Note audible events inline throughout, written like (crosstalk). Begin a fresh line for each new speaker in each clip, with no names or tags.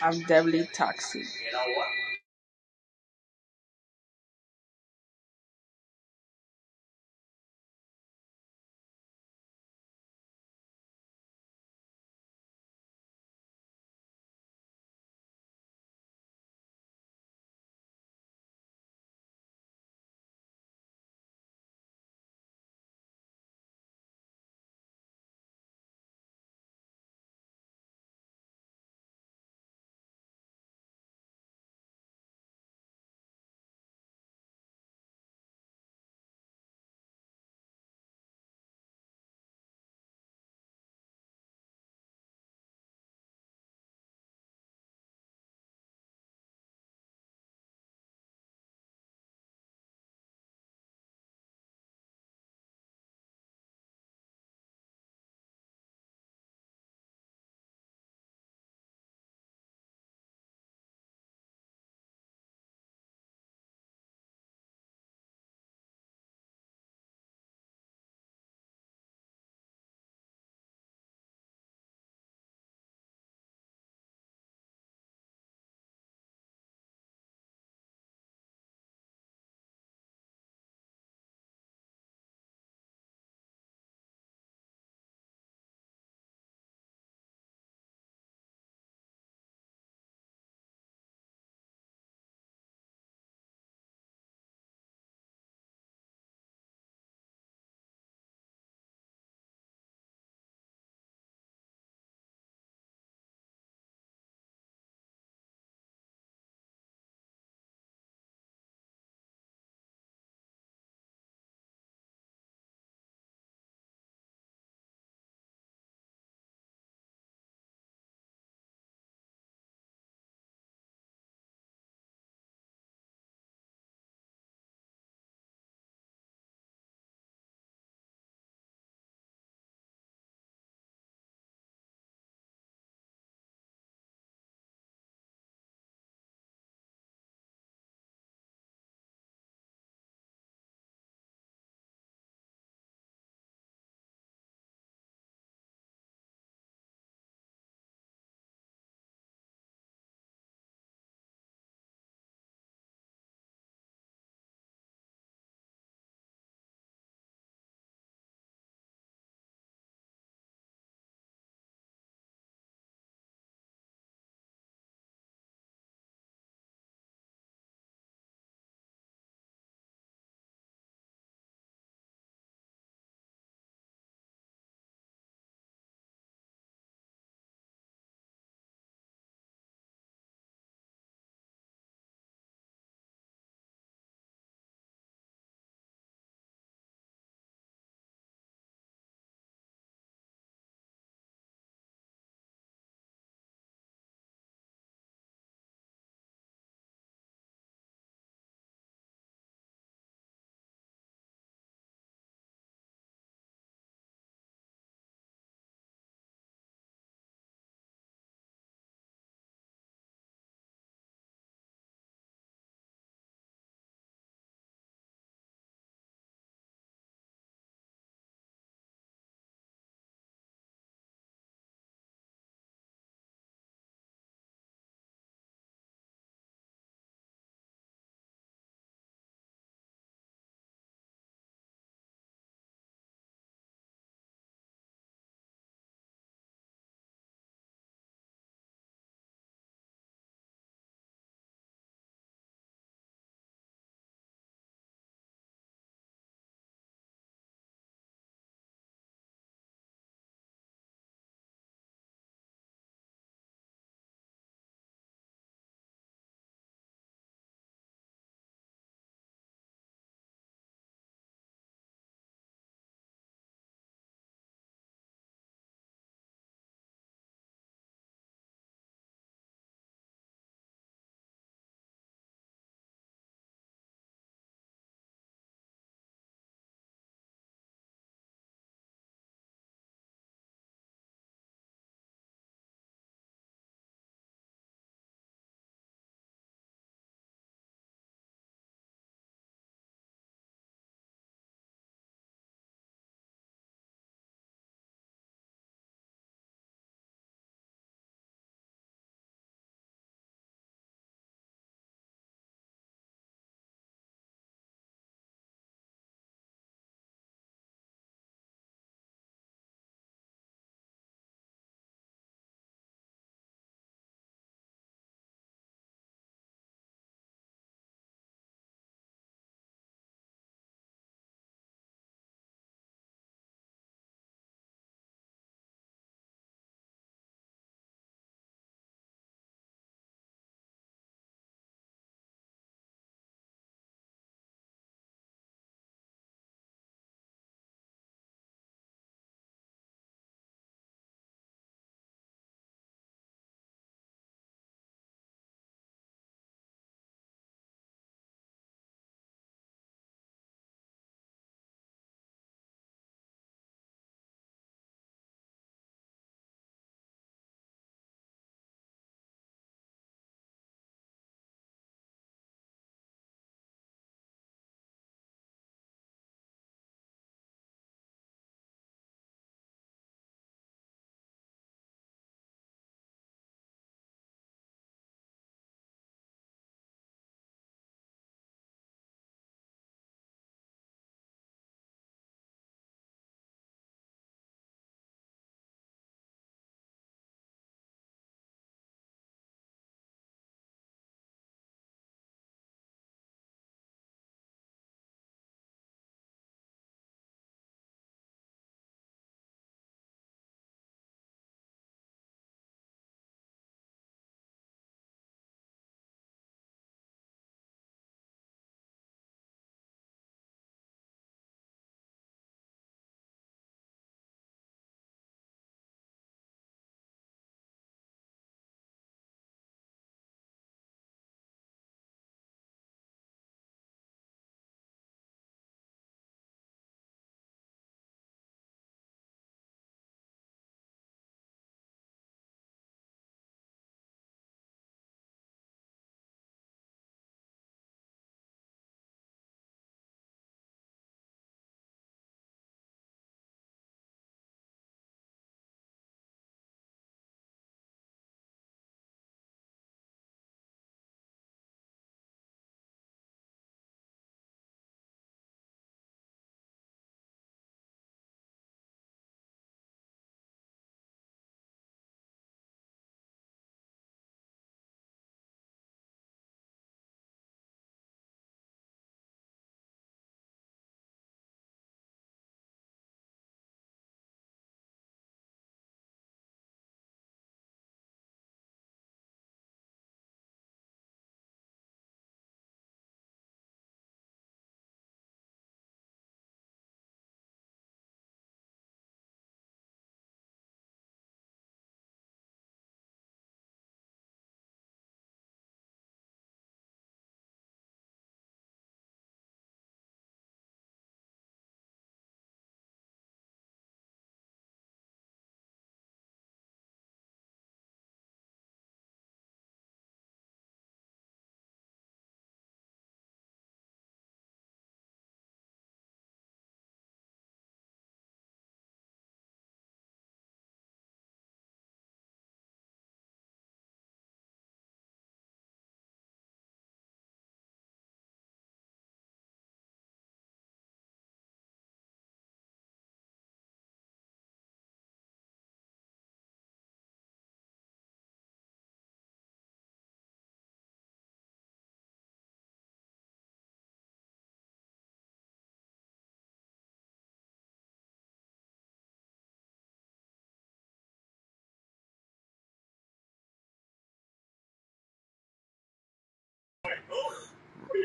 I.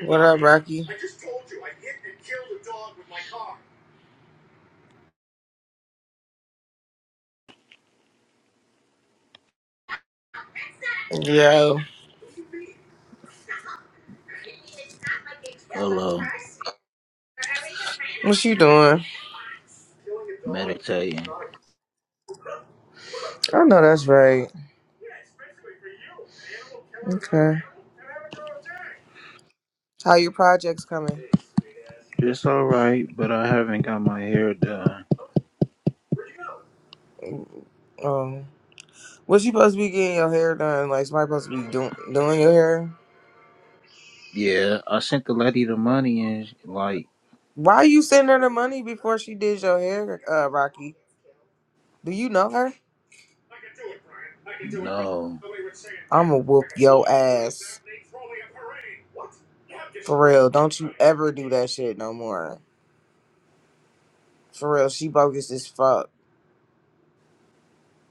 What up, Rocky? Yo.
Hello,
What you doing?
meditating.
I know that's right. Okay. How your projects coming?
It's all right, but I haven't got my hair done.
Um, what you supposed to be getting your hair done? Like somebody supposed to be doing doing your hair?
Yeah, I sent the lady the money and sh- like
Why you sending her the money before she did your hair, uh, Rocky? Do you know her?
no.
I'ma whoop your ass. For real, don't you ever do that shit no more. For real, she bogus as fuck.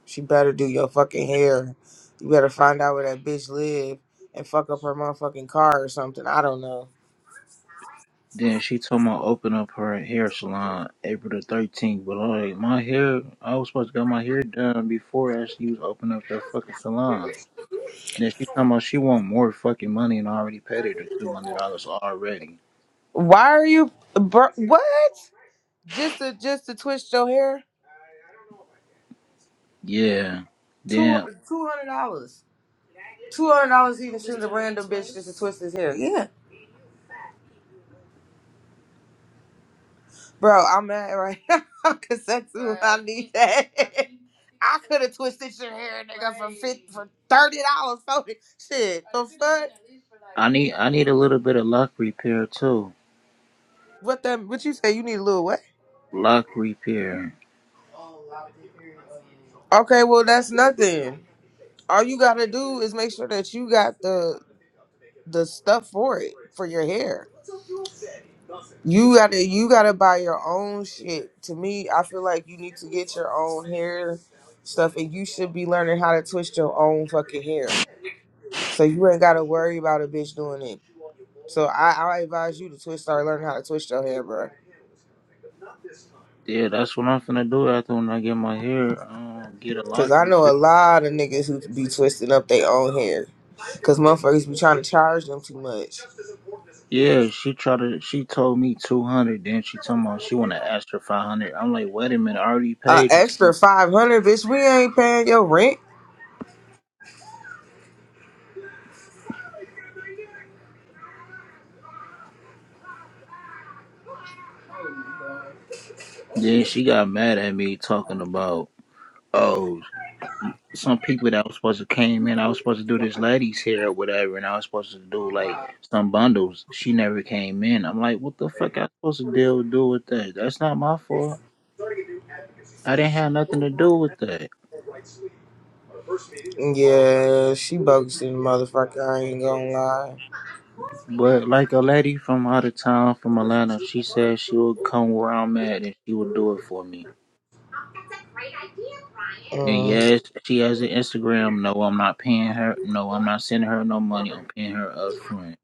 She better do your fucking hair. You better find out where that bitch live and fuck up her motherfucking car or something. I don't know.
Then she told me to open up her hair salon April the 13th, but like my hair, I was supposed to get my hair done before I actually was opening up that fucking salon. Then she talking about she want more fucking money and I already paid her the $200 already.
Why are you, bro? What? Just to just to twist your hair?
Yeah.
Two
Then
two hundred dollars. Two hundred dollars even sends a random bitch just to twist his hair. Yeah. Bro, I'm mad right (laughs) now because that's who I need that. (laughs) I could have twisted your hair, nigga, for fifty, for thirty dollars. So shit, the fuck?
I need I need a little bit of lock repair too.
What that? What you say? You need a little what?
Lock repair.
Okay, well that's nothing. All you gotta do is make sure that you got the the stuff for it for your hair. You gotta you gotta buy your own shit. To me, I feel like you need to get your own hair stuff, and you should be learning how to twist your own fucking hair. So you ain't gotta worry about a bitch doing it. So I, I advise you to twist start learning how to twist your hair, bro.
Yeah, that's what I'm finna do after when I get my hair, um, get a life
Cause I know
repair.
a lot of niggas who be twisting up their own hair. Cause motherfuckers be trying to charge them too much.
Yeah, she tried to. She told me two hundred. Then she told me she wanna ask for five hundred. I'm like, wait a minute, I already
A
paid you. so-"
extra five hundred, bitch. We ain't paying your rent.
Then she got mad at me talking about oh, some people that was supposed to came in. I was supposed to do this lady's hair or whatever, and I was supposed to do like some bundles. She never came in. I'm like, what the fuck? I supposed to deal do with that? That's not my fault. I didn't have nothing to do with that.
Yeah, she bogus in the motherfucker. I ain't gonna lie.
But like a lady from out of town from Atlanta, she said she would come where I'm at and she would do it for me. And
Mm.
yes, she has an Instagram. No, I'm not paying her. No, I'm not sending her no money. I'm paying her upfront.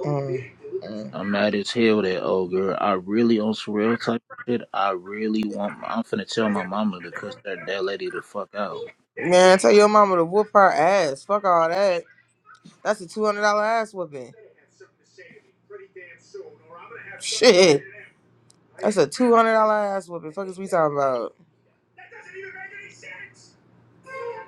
Mm. Mm.
I'm mad as hell that old girl. I really on some real type of shit. I really want. I'm finna tell my mama to cuss that that lady the fuck out.
Man, tell your mama to whoop her ass. Fuck all that. That's a two hundred dollar ass whooping. Shit. That's a two hundred dollar ass whooping. Fuck is we talking about?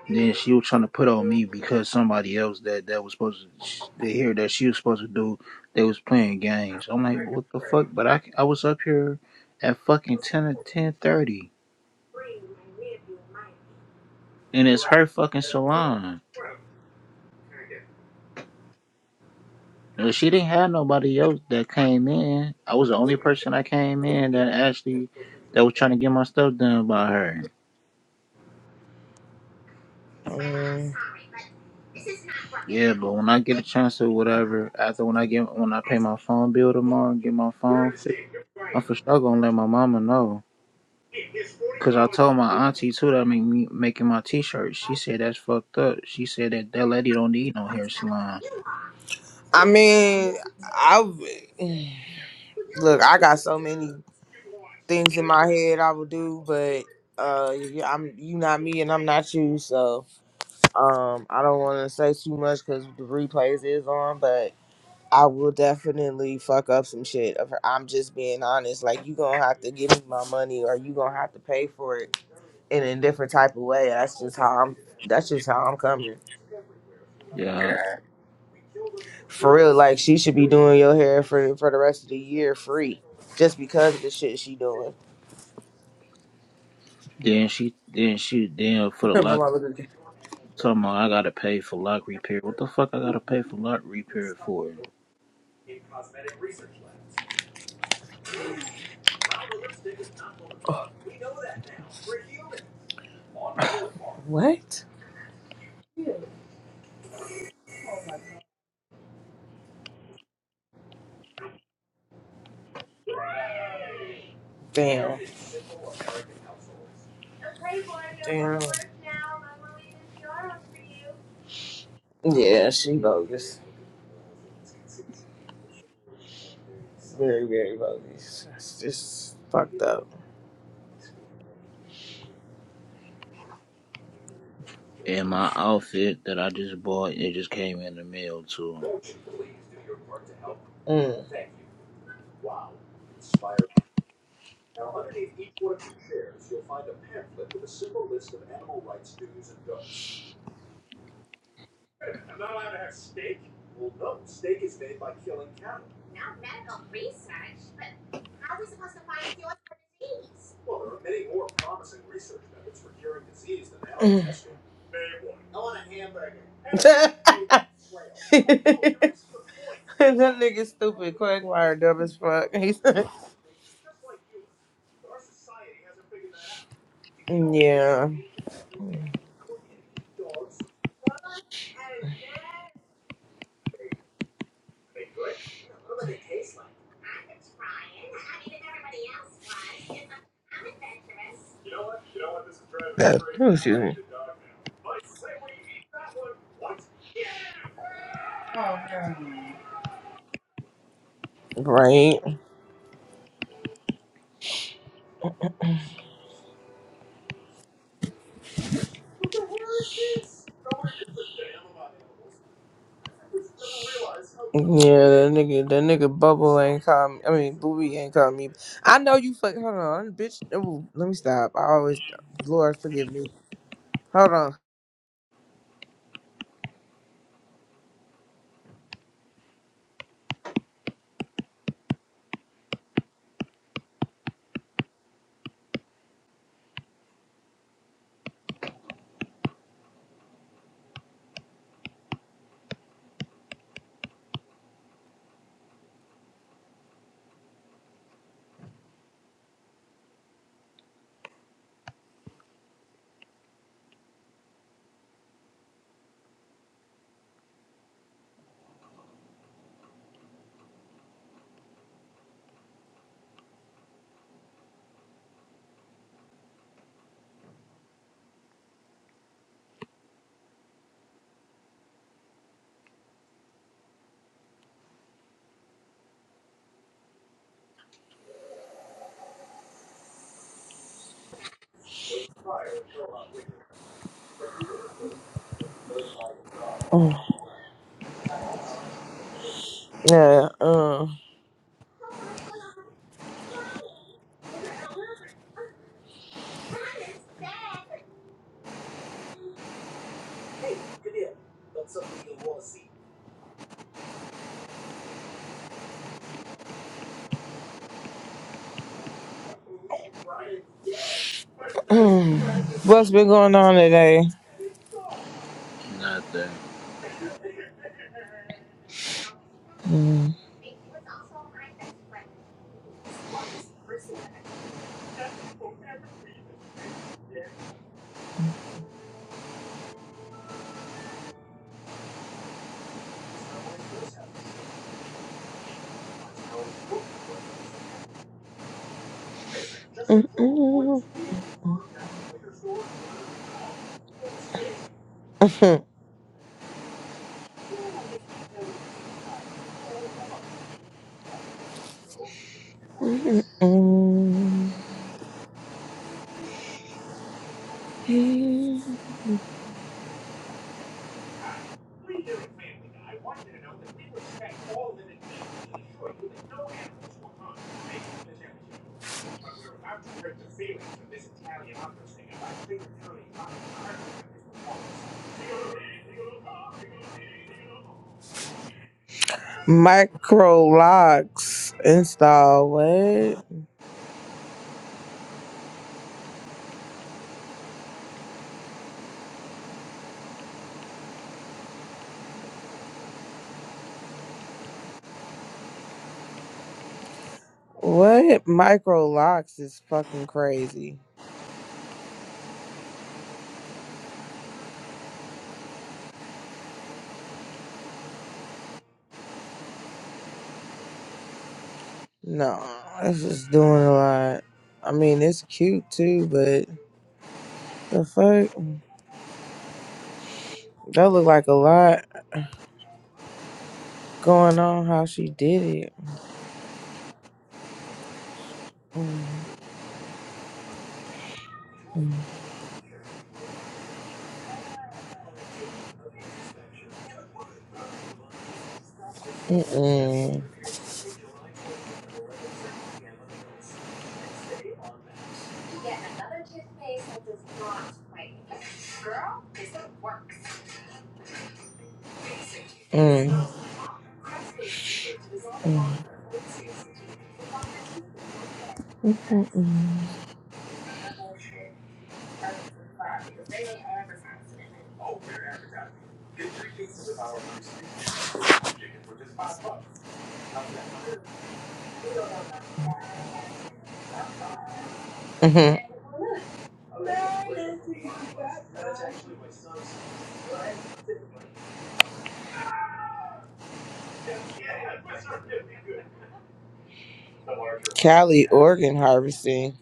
Then she was trying to put on me because somebody else that that was supposed to sh- to hear that she was supposed to do. They was playing games. I'm like, what the fuck? But I I was up here at fucking ten or ten thirty, and it's her fucking salon. Uh, She didn't have nobody else that came in. I was the only person that came in that actually that was trying to get my stuff done by her.
Um,
Yeah, but when I get a chance or whatever, after when I get when I pay my phone bill tomorrow and get my phone fixed, I'm for sure gonna let my mama know. Cause I told my auntie too that make me making my t-shirt. She said that's fucked up. She said that that lady don't need no hair salon.
I mean, I w- look. I got so many things in my head I would do, but uh, you- I'm you not me and I'm not you, so um, I don't want to say too much because the replays is on, but I will definitely fuck up some shit. Of her, I'm just being honest. Like you gonna have to give me my money, or you gonna have to pay for it in a different type of way. That's just how I'm. That's just how I'm coming.
Yeah.
For real, like she should be doing your hair for for the rest of the year free, just because of the shit she doing.
Then she then she then for
(laughs)
the
my
lock.
mama looked at-
Talking about I gotta pay for lock repair. What the fuck I gotta pay for lock repair for?
what? Damn. Damn. Yeah, she bogus. Very, very buggy. It's just fucked up.
And my outfit that I just bought, it just came in the mail too.
Mm. Mm. (laughs) that nigga stupid. Quagmire dumb as fuck. (laughs) He's yeah. Oh, excuse me. Right. Yeah, that nigga, that nigga Bubble ain't call me. I mean, Booby ain't call me. I know you fuck. Hold on, bitch. Ooh, let me stop. I always, Lord forgive me. Hold on. Mm, Yeah. Um. mm. (clears throat) what's been going on today? (laughs)
Nothing.
Mm. Mm, mm, mm, mm, mm, mm. Micro locks install. What? What micro locks is fucking crazy. No, that's just doing a lot. I mean, it's cute too, but the fuck, that look like a lot going on. How she did it. Mm, mm, mm, mm, mm, mm, mm, mm. Mhm. Cali organ harvesting.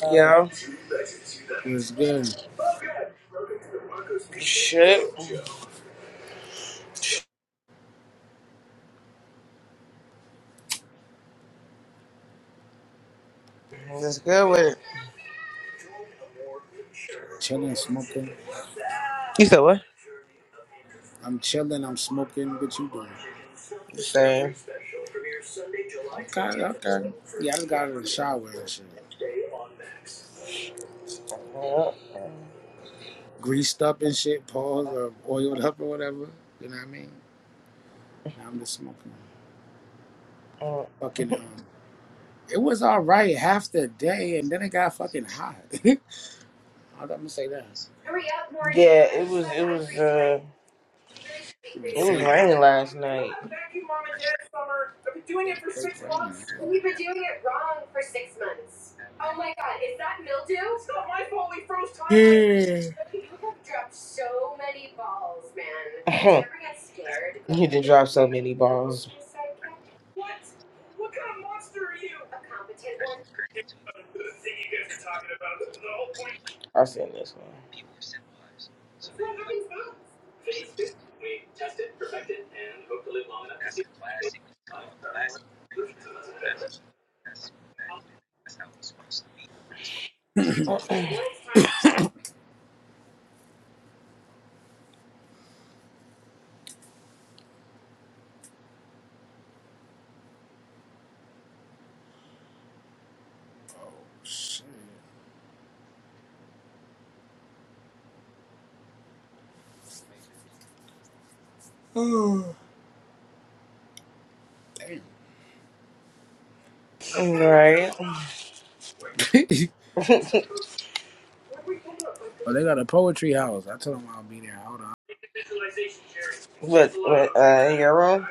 What's
Yeah.
good?
Shit. That's good with it.
Chilling, smoking.
You said what?
I'm chilling. I'm smoking. What you doing?
The same.
Okay, okay. Yeah, I just got out of the shower and shit.
Yeah.
Greased up and shit, paws or oiled up or whatever. You know what I mean? Now I'm just smoking.
Uh,
Fucking um, it was all right half the day, and then it got fucking hot. (laughs) I'm gonna say that.
Yeah, it was it was uh
The
it was
fake,
raining last night. (laughs)
fake rain. Yeah.
You did drop so many balls. I seen this one.
Oh shit. Oh damn.
(clears throat) right.
(laughs)
(laughs)
oh, they got a poetry house. I told them I'll be there. Hold on.
what what uh in your room?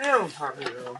Yeah, I'm talking to you.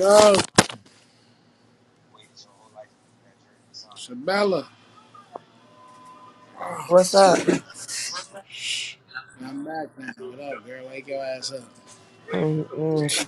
Yo. Shabella. Oh,
What's up?
I'm back man. What up, girl? Wake your ass up.
Mm-mm.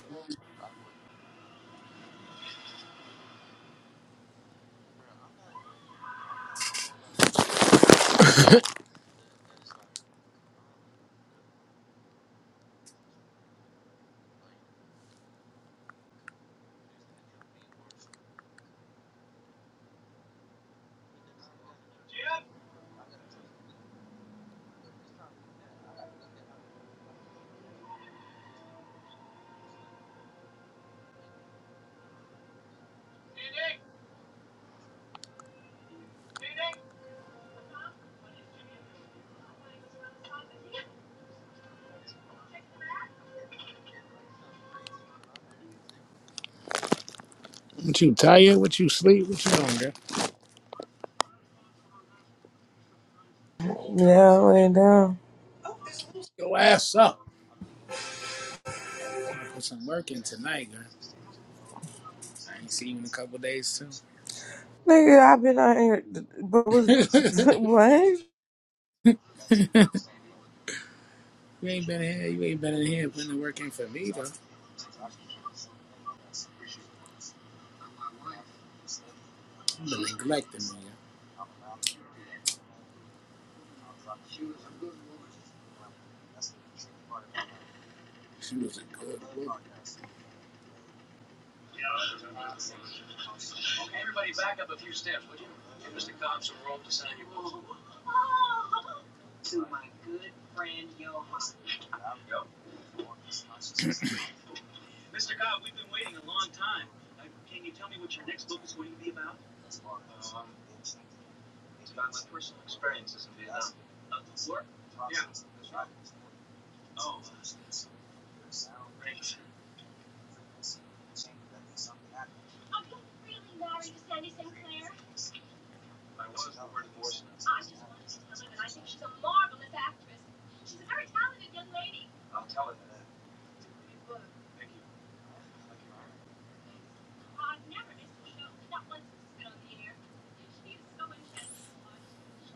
What you tired? What you sleep? What you doing, girl?
Yeah, I went down.
Your ass up. I put some work in tonight, girl. I ain't see you in a couple days too.
Nigga, I've been out here, but
(laughs)
was (laughs)
you
what?
ain't been in here. You ain't been in here putting the work in for me though. You been neglecting me. Girl. She was a good woman.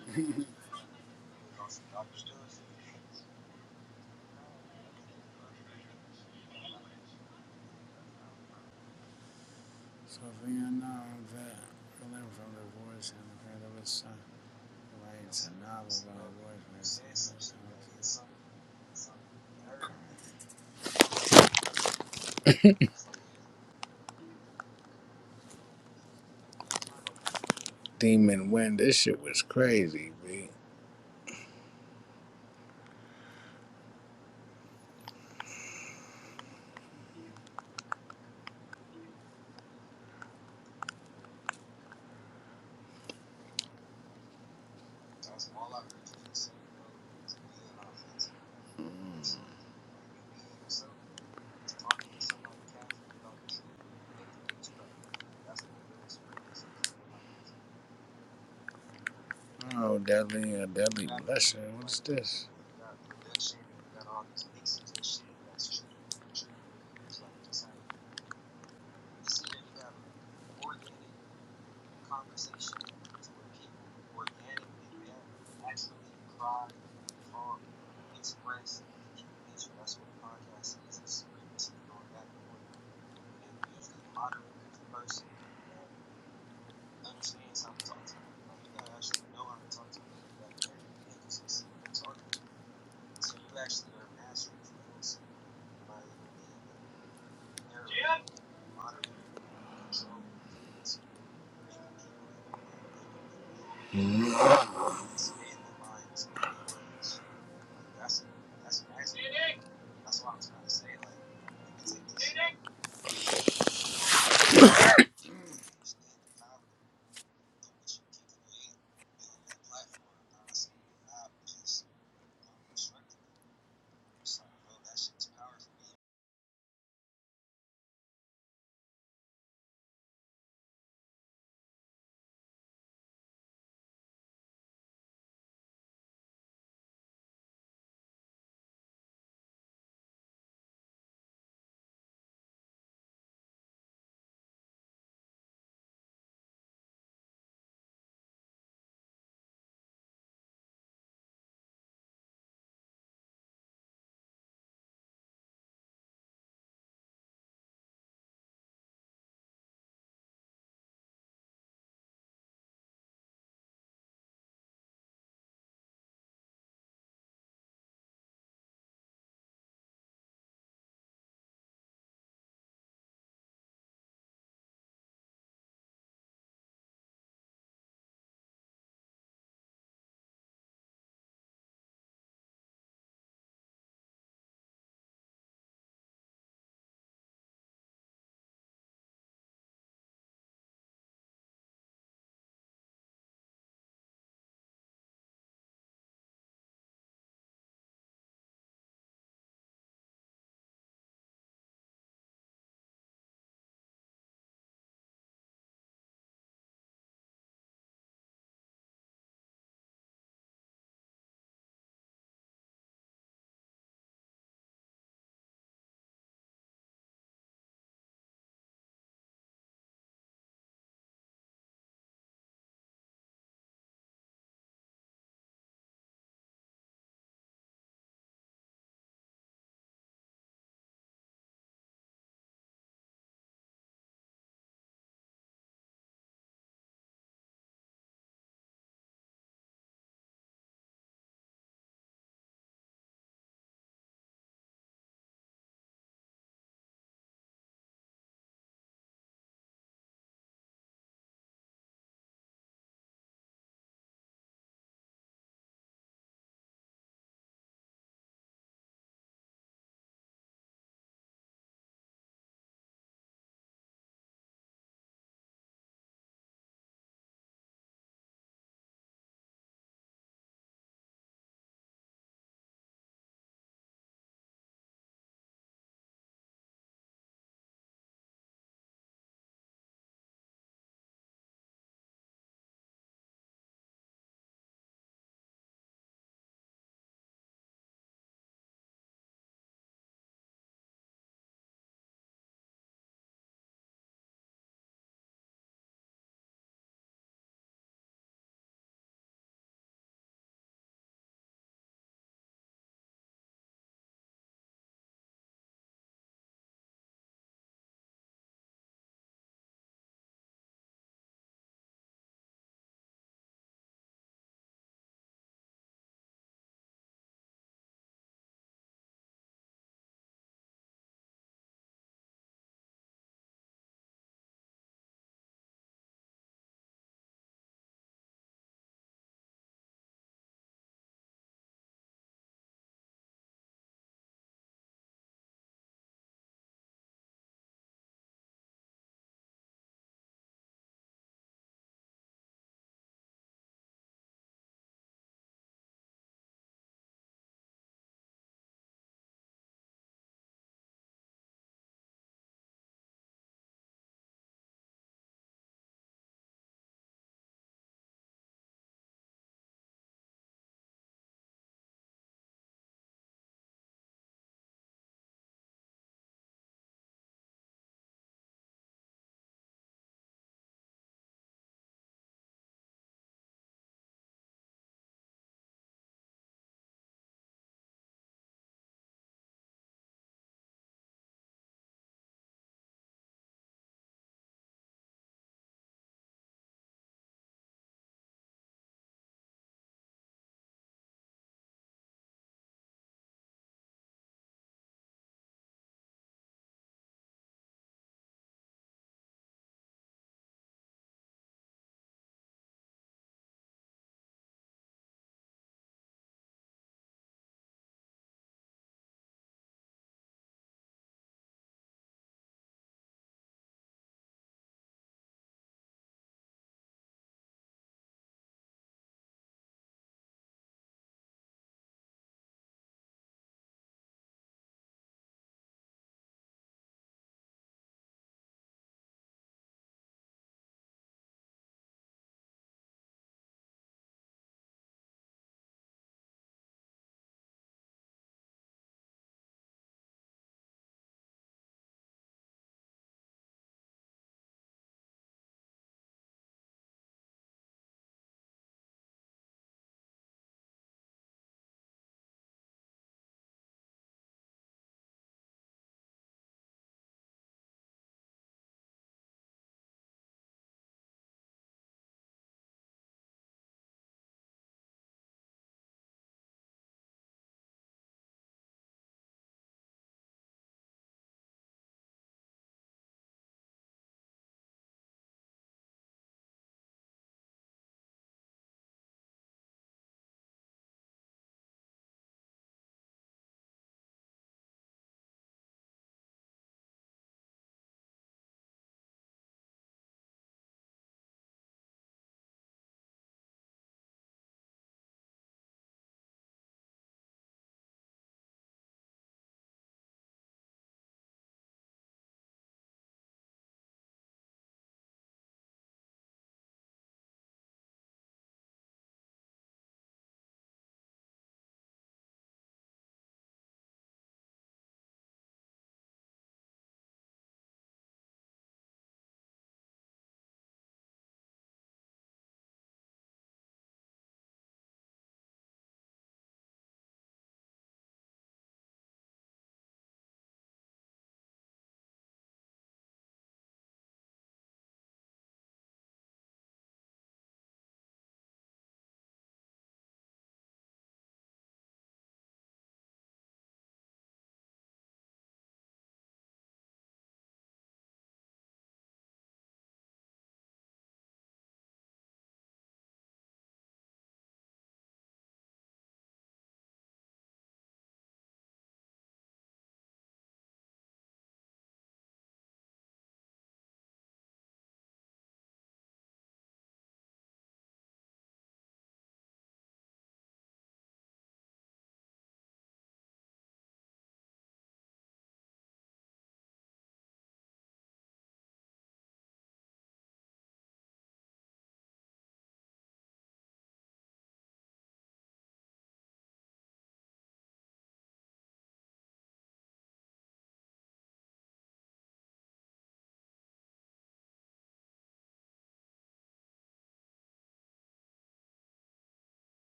(laughs) so Vietnam, that feeling from the voice and the friend of his son. Writes a novel about a voice. Demon Wind. This shit was crazy, B. Oh, Deadly, a Deadly Blessing. What's this? Yep.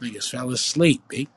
Niggas fell asleep, B.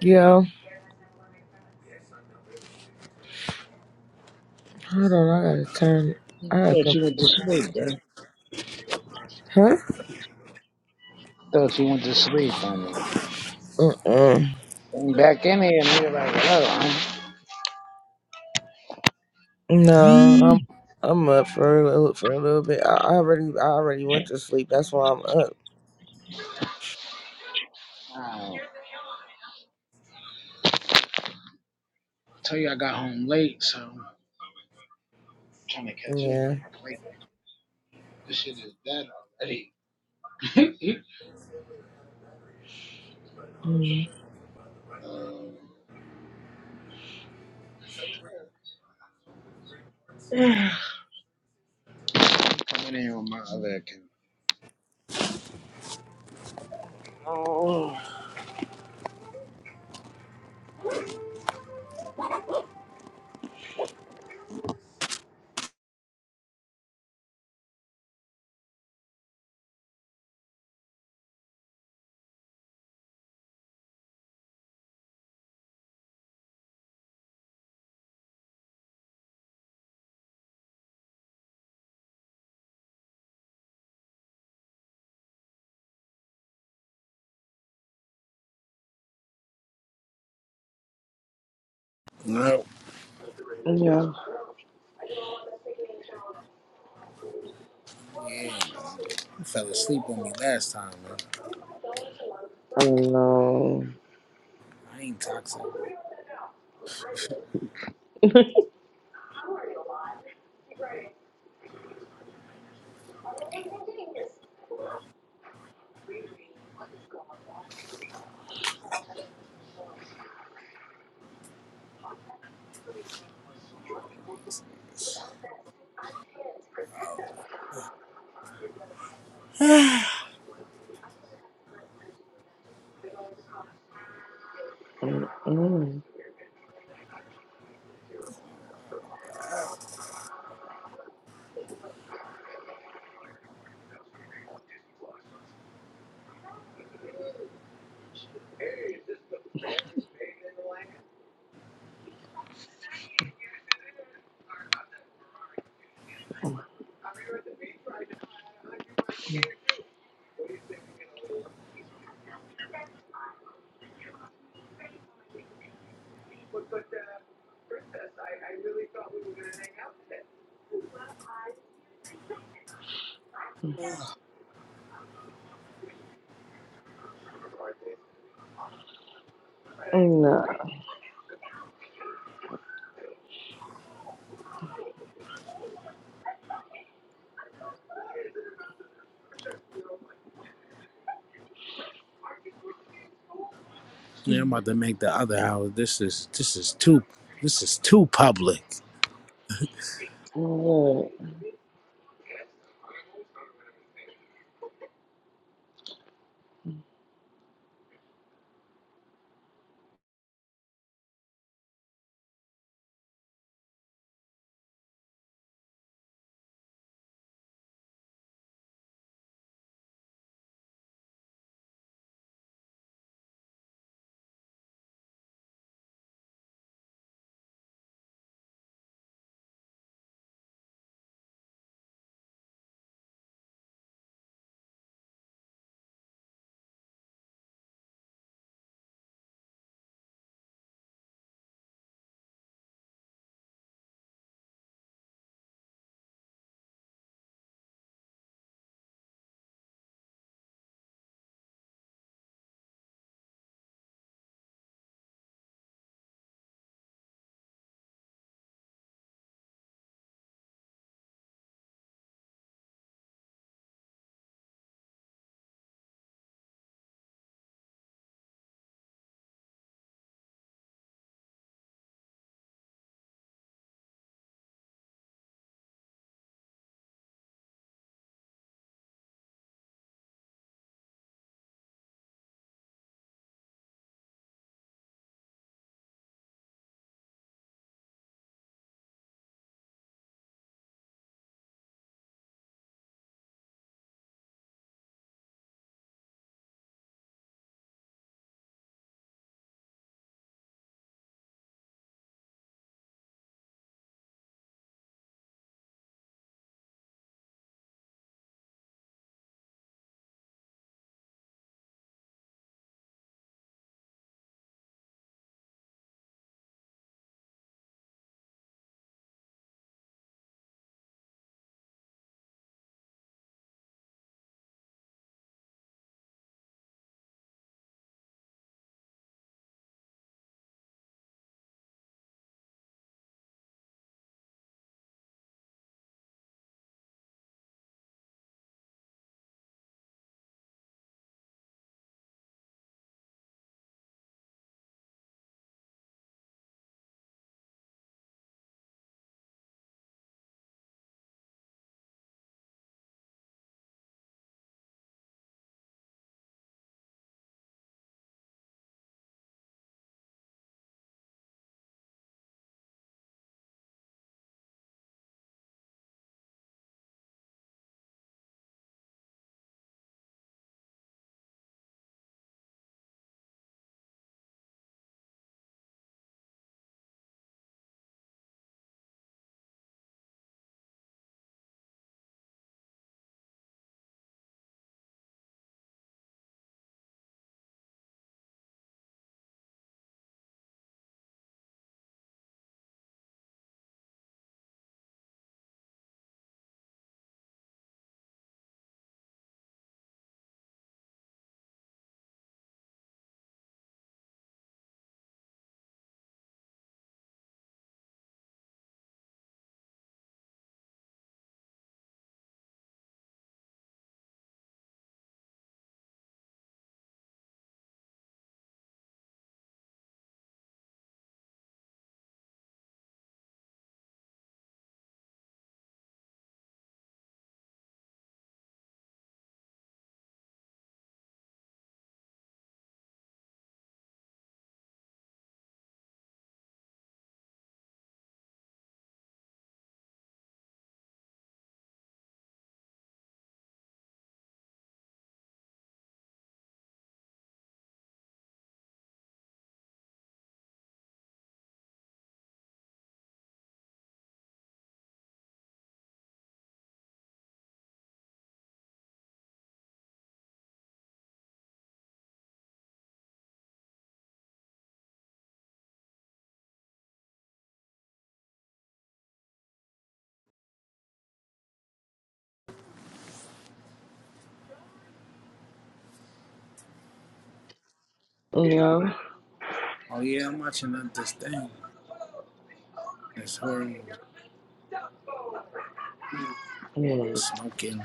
Yo, hold on. I gotta turn. it. I gotta
thought she went to
put.
sleep, bro.
Huh?
Thought she went to sleep on me.
Mm-mm.
Came back in here, and nigga, like, hello, i
No, I'm I'm up for a little for a little bit. I I already I already went to sleep. That's why I'm up.
I tell you I got home late, so I'm trying to catch up.
Yeah.
My plate, this shit is dead already. (laughs)
Mm.
um, (sighs) coming in with my other account.
Oh,
No.
Yeah.
Yeah. man. You fell asleep on me last time, man.
No.
I ain't toxic. (sighs) yeah,
Mm-mm. No. Yeah.
I'm about to make the other hour. This is this is too this is too public.
No.
Oh yeah, I'm watching up this thing. This horrible
Mm.
smoking.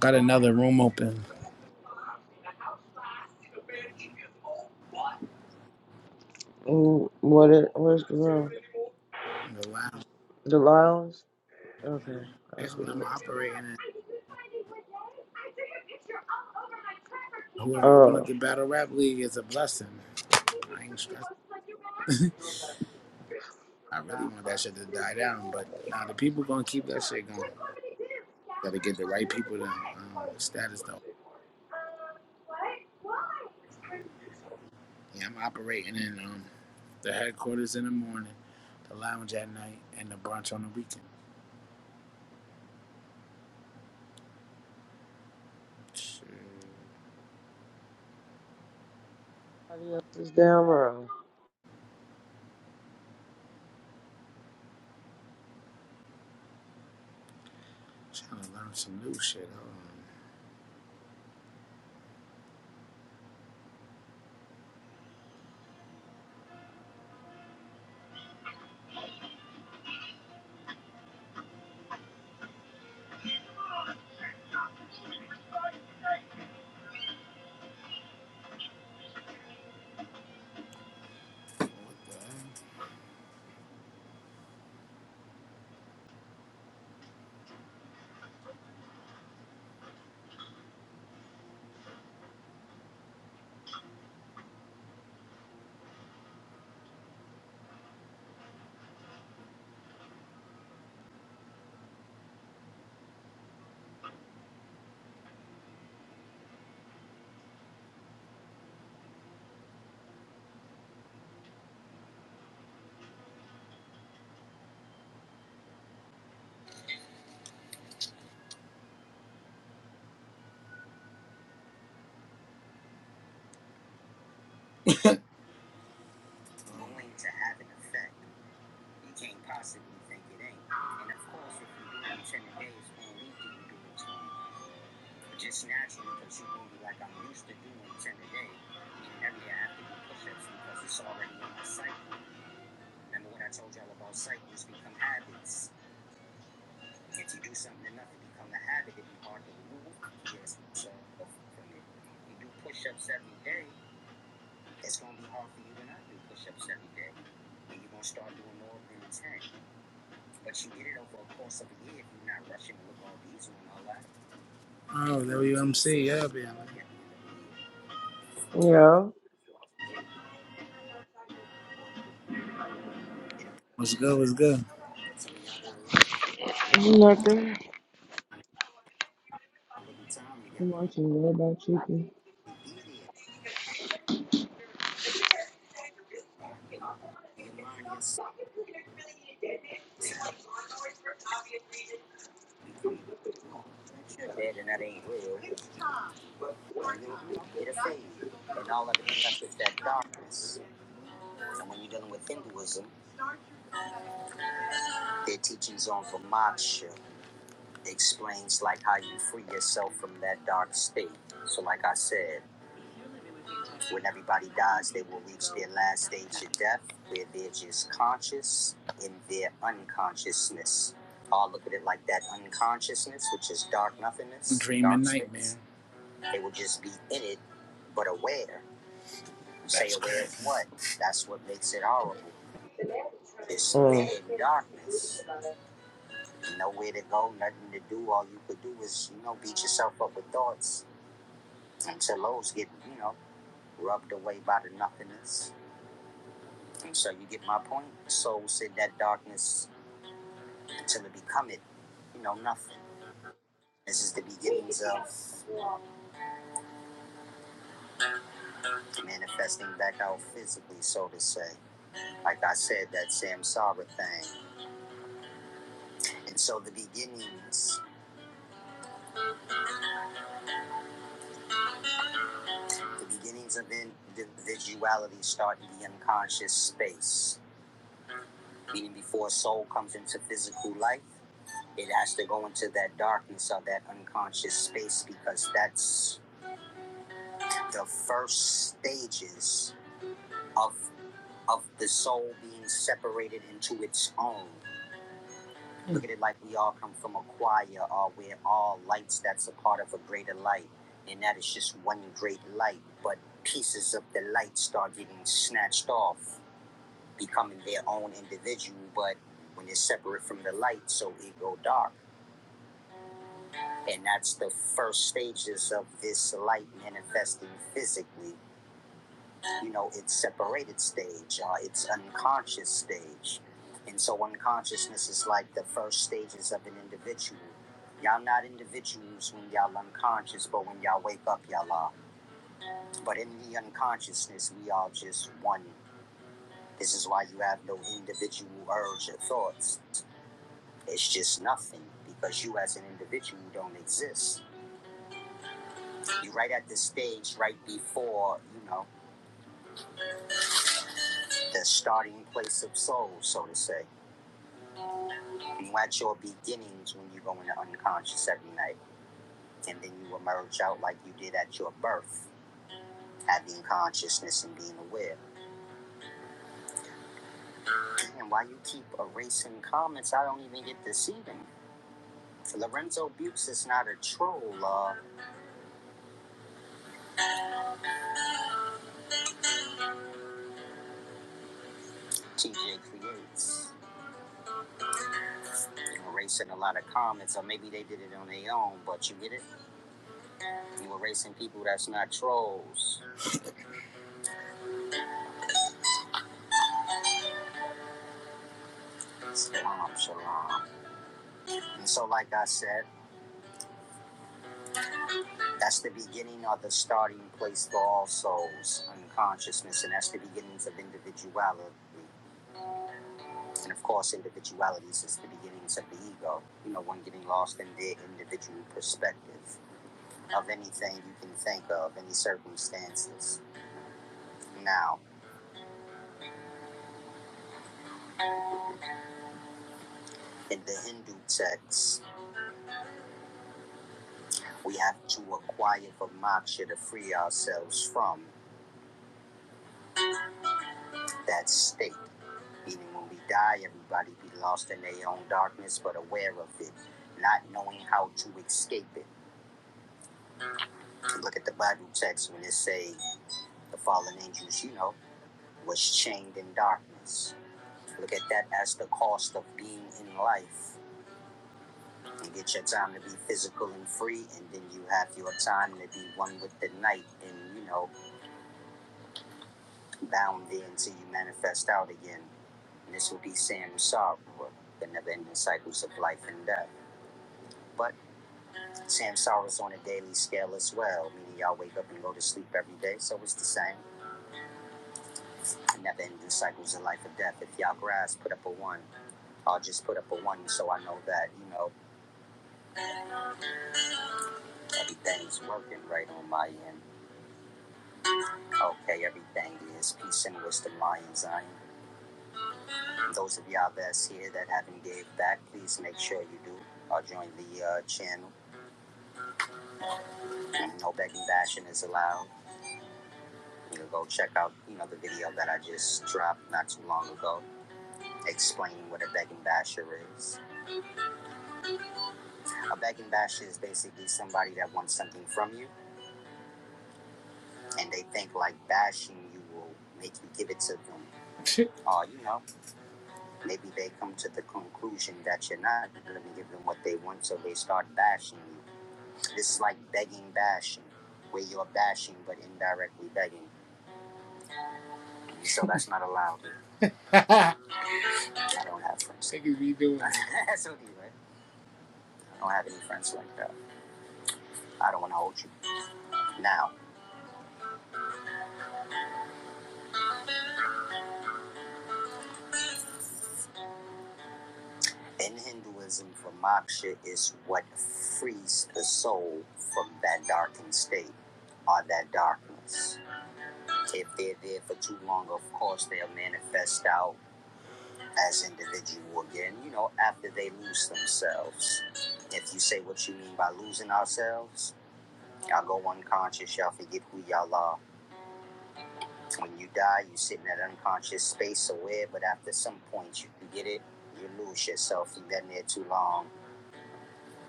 Got another room open.
Mm. What? It, where's the room?
The lounge.
The Laurels? Okay, I
That's
see
what I'm
it.
operating in. Whoever opened
Oh.
up the battle rap league is a blessing. I ain't stressing. I really want that shit to die down, but now nah, the people gonna keep that shit going. Gotta get the right people to um, status though. Yeah, I'm operating in um, the headquarters in the morning, the lounge at night, and the brunch on the weekend. Shit.
Somebody else's damn room.
Trying to learn some new shit. Hold on. What the heck? Going to have an effect. You can't possibly think it ain't. And of course, if you do it in 10 days, when we do do it Just naturally, because you will like I'm used to doing 10 a day. Every day I have to do push ups because it's already in my cycle. Remember what I told y'all about cycles become habits. If you do something enough, it become a habit. It'd be hard to remove. Yes, so from it. You do push ups every day, it's going to be hard for you to not do push ups every day. And you're going to start doing more than 10. But you get it over a course of a year if you're not rushing with all these and all that. Oh, WMC, yeah, man.
Yeah.
What's good? What's good?
Nothing. I'm watching Robot Chicken.
When everybody dies, they will reach their last stage of death, where they're just conscious in their unconsciousness. I'll look at it like that unconsciousness, which is dark nothingness. Dream and nightmare. They will just be in it, but aware. say aware of what? That's what makes it horrible. Just
Mm.
there in darkness. Nowhere to go, nothing to do. All you could do is, you know, beat yourself up with thoughts until those get, you know, rubbed away by the nothingness. So you get my point? Soul said that darkness until it become it, you know, nothing. This is the beginnings of manifesting back out physically, so to say. Like I said, that samsara thing. And so the beginnings, the beginnings of individuality start in the unconscious space. Meaning before soul comes into physical life, it has to go into that darkness or that unconscious space because that's the first stages of of the soul being separated into its own. Mm. Look at it like we all come from a choir, or we're all lights that's a part of a greater light, and that is just one great light. But pieces of the light start getting snatched off, becoming their own individual. But when it's separate from the light, so it go dark, and that's the first stages of this light manifesting physically. you know it's separated stage uh, it's unconscious stage and so unconsciousness is like the first stages of an individual y'all not individuals when y'all unconscious but when y'all wake up y'all are but in the unconsciousness we are just one this is why you have no individual urge or thoughts it's just nothing because you as an individual don't exist you're right at the stage right before you know the starting place of soul so to say You at your beginnings when you go into unconscious every night, and then you emerge out like you did at your birth, having consciousness and being aware. And why you keep erasing comments, I don't even get to see them. Lorenzo Bukes is not a troll, uh, TJ Creates. You're erasing a lot of comments, or maybe they did it on their own, but you get it? You're erasing people that's not trolls. Shalom, shalom. And so, like I said, That's the beginning or the starting place for all souls and consciousness, and that's the beginnings of individuality. And of course, individualities is the beginnings of the ego. You know, one getting lost in their individual perspective of anything you can think of, any circumstances. Now, in the Hindu texts, we have to acquire for moksha to free ourselves from that state. Meaning when we die, everybody be lost in their own darkness, but aware of it, not knowing how to escape it. Look at the Bible text when it say the fallen angels, you know, was chained in darkness. Look at that as the cost of being in life. You get your time to be physical and free, and then you have your time to be one with the night, and you know, bound there until you manifest out again. And this will be samsara, the never-ending cycles of life and death. But Sam sorrows on a daily scale as well, meaning y'all wake up and go to sleep every day, so it's the same. It never ending cycles of life or death. If y'all grasp. put up a one. I'll just put up a one so I know that, you know, everything's working right on my end. Okay, everything is peace and wisdom, Lion Zion. And those of y'all that's here that haven't gave back, please make sure you do. Or join the uh, channel. No begging, bashing is allowed. You know, go check out, you know, the video that I just dropped not too long ago explaining what a begging basher is. A begging basher is basically somebody that wants something from you, and they think like bashing you will make you give it to them. (laughs) Or, uh, you know, maybe they come to the conclusion that you're not going to give them what they want, so they start bashing you. This is like begging bashing, where you're bashing but indirectly begging. So that's not allowed. (laughs) I don't have friends. be doing. That's (laughs) okay, right? I don't have any friends like that. I don't want to hold you. Now, in Hinduism, for moksha is what frees the soul from that darkened state or that darkness. If they're there for too long, of course, they'll manifest out as individual again, you know, after they lose themselves. If you say what you mean by losing ourselves, y'all go unconscious, y'all forget who y'all are. When you die, you sit in that unconscious space aware, but after some point, you forget it, you lose yourself, you've been there too long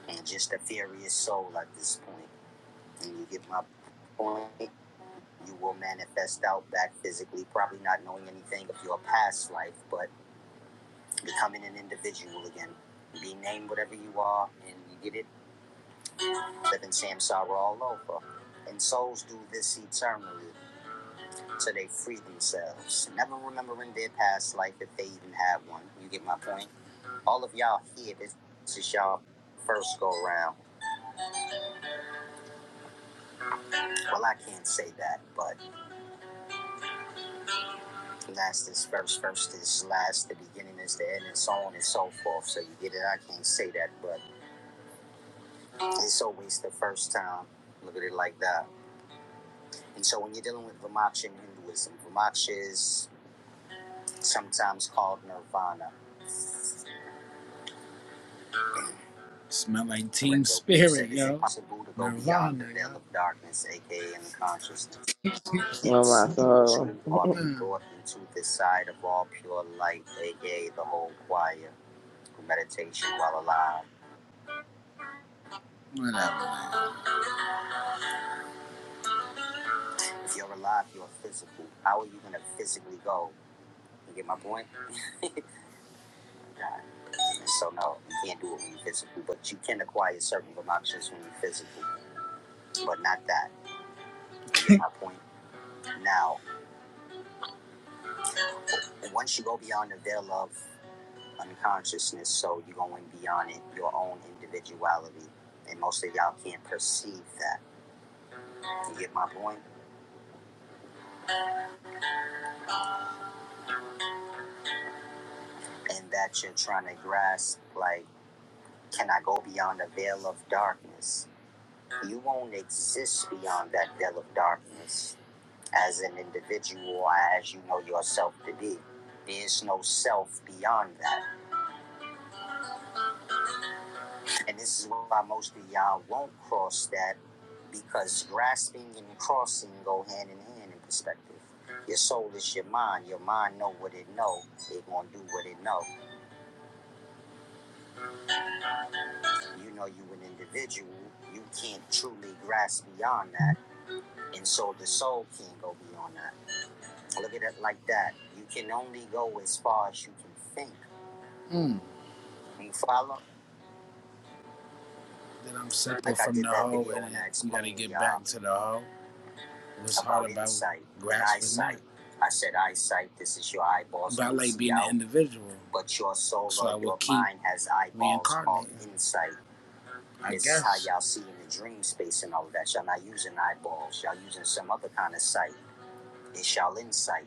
and just a furious soul at this point. And you get my point. You will manifest out back physically, probably not knowing anything of your past life, but becoming an individual again. Be named whatever you are, and you get it. Living samsara all over. And souls do this eternally so they free themselves. Never remembering their past life if they even have one. You get my point? All of y'all here, this is y'all first go round. Well, I can't say that, but last is first, first is last, the beginning is the end, and so on and so forth. So you get it? I can't say that, but it's always the first time. Look at it like that. And so when you're dealing with Vimaksha in Hinduism, Vimaksha is sometimes called Nirvana. Smell like team spirit, Is it yo. possible to go beyond the veil of darkness, aka unconsciousness, (laughs)
I'm
and see
not so.
into or be Mm. brought into the side of all pure light, aka the whole choir, meditation while alive? What Whatever. If you're alive, you're physical. How are you going to physically go? You get my point? So, no, you can't do it when you're physical, but you can acquire certain relaxations when you're physical, but not that. You get (laughs) my point? Now, once you go beyond the veil of unconsciousness, so you're going beyond it, your own individuality, and most of y'all can't perceive that. You get my point? And that you're trying to grasp, like, can I go beyond the veil of darkness? You won't exist beyond that veil of darkness as an individual, or as you know yourself to be. There's no self beyond that. And this is why most of y'all won't cross that because grasping and crossing go hand in hand in perspective. Your soul is your mind. Your mind know what it know. It gonna do what it know. You know you an individual. You can't truly grasp beyond that, and so the soul can't go beyond that. look at it like that. You can only go as far as you can think. Mm. You follow? Then I'm separate Like from the that hoe, and I you gotta get uh, back to the hoe. What's hard about insight and grasping eyesight. I said eyesight. This is your eyeballs But I like see being out, an individual, but your soul so or your mind has eyeballs called insight. I This guess. is how y'all see in the dream space and all of that. Y'all not using eyeballs. Y'all using some other kind of sight. It's y'all insight.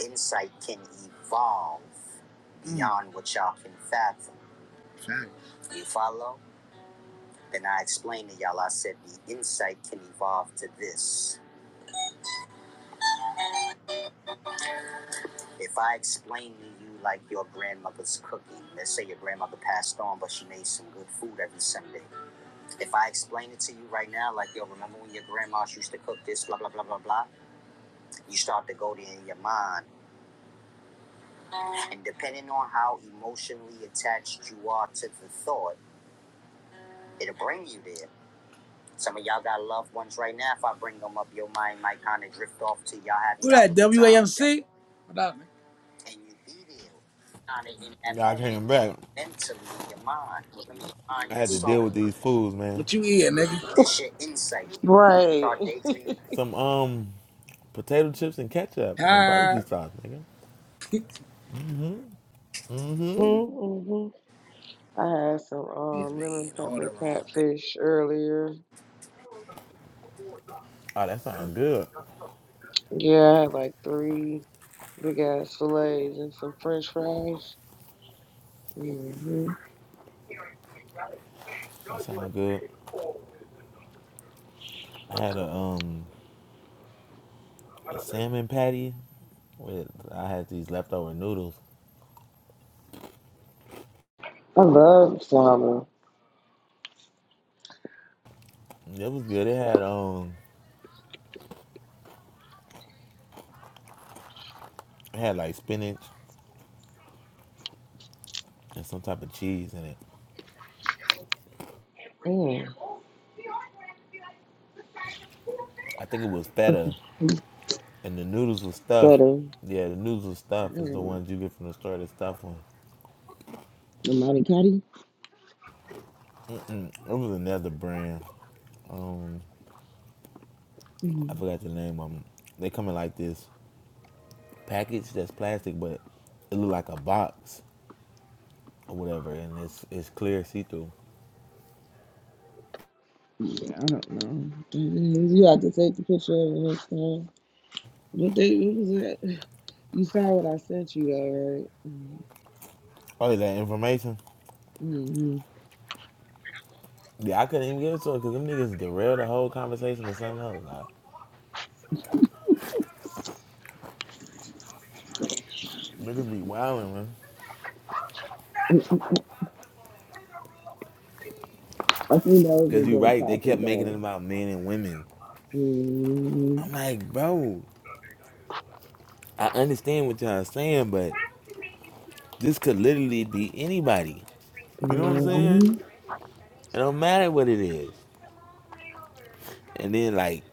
insight can evolve Mm. beyond mm. what y'all can fathom. Facts. You follow? Then I explained to y'all, I said the insight can evolve to this. If I explain to you like your grandmother's cooking, let's say your grandmother passed on, but she made some good food every Sunday. If I explain it to you right now, like yo, remember when your grandmas used to cook this, blah blah blah blah blah, you start to go there in your mind, and depending on how emotionally attached you are to the thought, it'll bring you there. Some of y'all got loved ones right now. If I bring them up, your mind might kind of drift off to y'all having Who that? WAMC? What up, man? And you be there, kind of in that
Yeah, I
moment,
came back.
mentally in your mind. Remember your mind,
I
your
had to deal with
soul.
these fools, man.
What you eating, nigga? This your insight.
Right.
start daydreaming
Some um potato chips and ketchup and barbecue
Hi.
sauce, nigga.
(laughs)
(laughs) mm-hmm. I had some
He's
um,
been
lemon
eating all the
pepper
wrong
catfish earlier.
Oh, that sounds good.
Yeah, I had like three big ass fillets and some french fries. mm hmm
That sounds good. I had a um a salmon patty with I had these leftover noodles.
I love salmon.
It was good. It had um it had like spinach and some type of cheese in it.
Mm.
I think it was
For
feta and the noodles were stuffed.
the
Yeah, the noodles were stuffed. It's the
mm,
ones you get from the store. They stuffed one.
the Monte Cardi?
Mm-mm. It was another brand. Um, I
Mm,
forgot the name of them. They come in like this package that's plastic, but it look like a box or whatever, and it's it's clear see through.
Yeah, I don't know. You have to take the picture of it next time. What they what was that? You saw what I sent you though, right?
Oh, that information.
Mm-hmm.
Yeah, I couldn't even give it to her because them niggas derailed the whole conversation to something else. Like, niggas be wildin', man.
I think that was
Cause
a
you you're
good
right, they kept
topic
making it
though.
about men and women.
Mm-hmm.
I'm like, bro, I understand what y'all saying, but this could literally be anybody. You know what I'm saying? It don't matter what it is. And then like,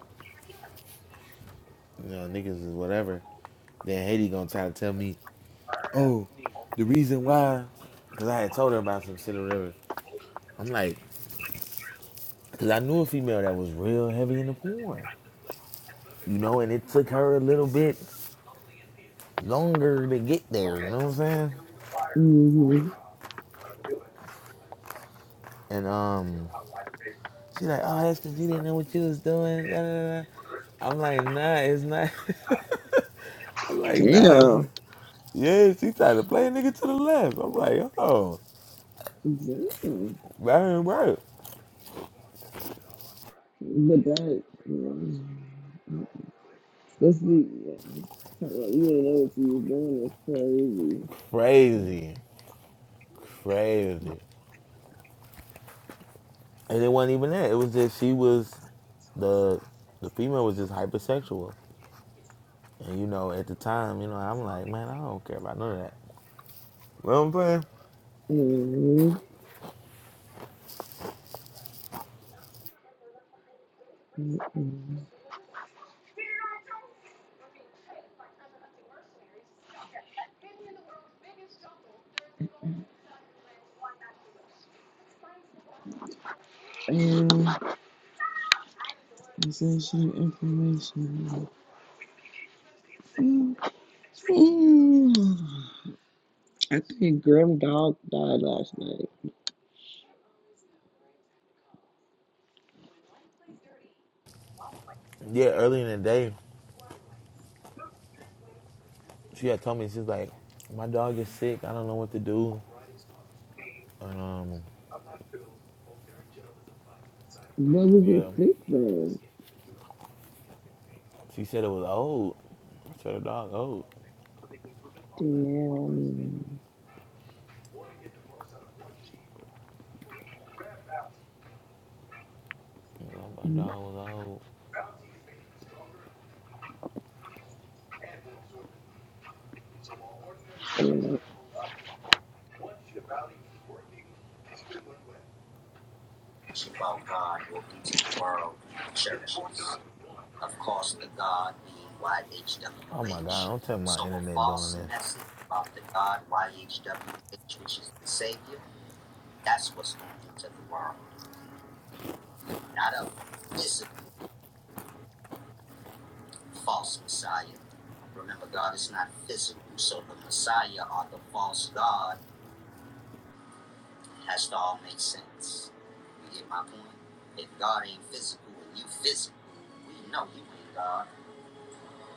you know, niggas is whatever. Then Haiti gonna try to tell me Oh, the reason why, because I had told her about some shit or whatever. I'm like, because I knew a female that was real heavy in the porn, you know, and it took her a little bit longer to get there, you know what I'm saying?
Mm-hmm.
And um, she like, oh, that's because you didn't know what you was doing. Da, da, da. I'm like, nah, it's not. (laughs) I'm like, nah. it's
Yeah.
not." Yeah, she tried to play a nigga to the left. I'm like, oh,
Damn.
right, right.
But that, you know, this week, yeah. Talk about you didn't know what you was doing. That's crazy.
Crazy. Crazy. and it wasn't even that. It was just she was the the female was just hypersexual, and you know at the time, you know I'm like, man, I don't care about none of that. You know what I'm saying?
Mhm. Mhm. And Sensation information. Mhm. I think Grim Dog died last night.
Yeah, early in the day, she had told me she's like, my dog is sick. I don't know what to do, and um,
What was
yeah,
it sick from?
she said it was old. I said the dog old.
Damn.
my dog was old.
Yeah.
things. about God, what to the world, churches. of course, the God being
Oh my god,
YHWH.
don't tell me my
So a
internet doing
false
this.
message about the God YHWH, which is the Savior, that's what's going into the world, not a physical false Messiah. Remember, God is not physical, so the Messiah or the false God has to all make sense. You get my point? If God ain't physical and you physical, we know you ain't God.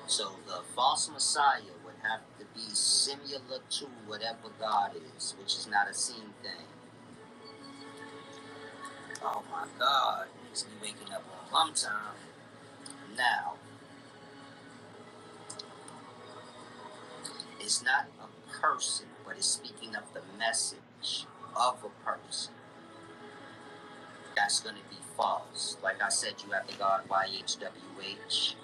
So the false Messiah would have to be similar to whatever God is, which is not a seen thing. Oh my God, niggas be waking up on rum time. Now, it's not a person, but it's speaking of the message of a person. That's going to be false. Like I said, you have the God YHWH.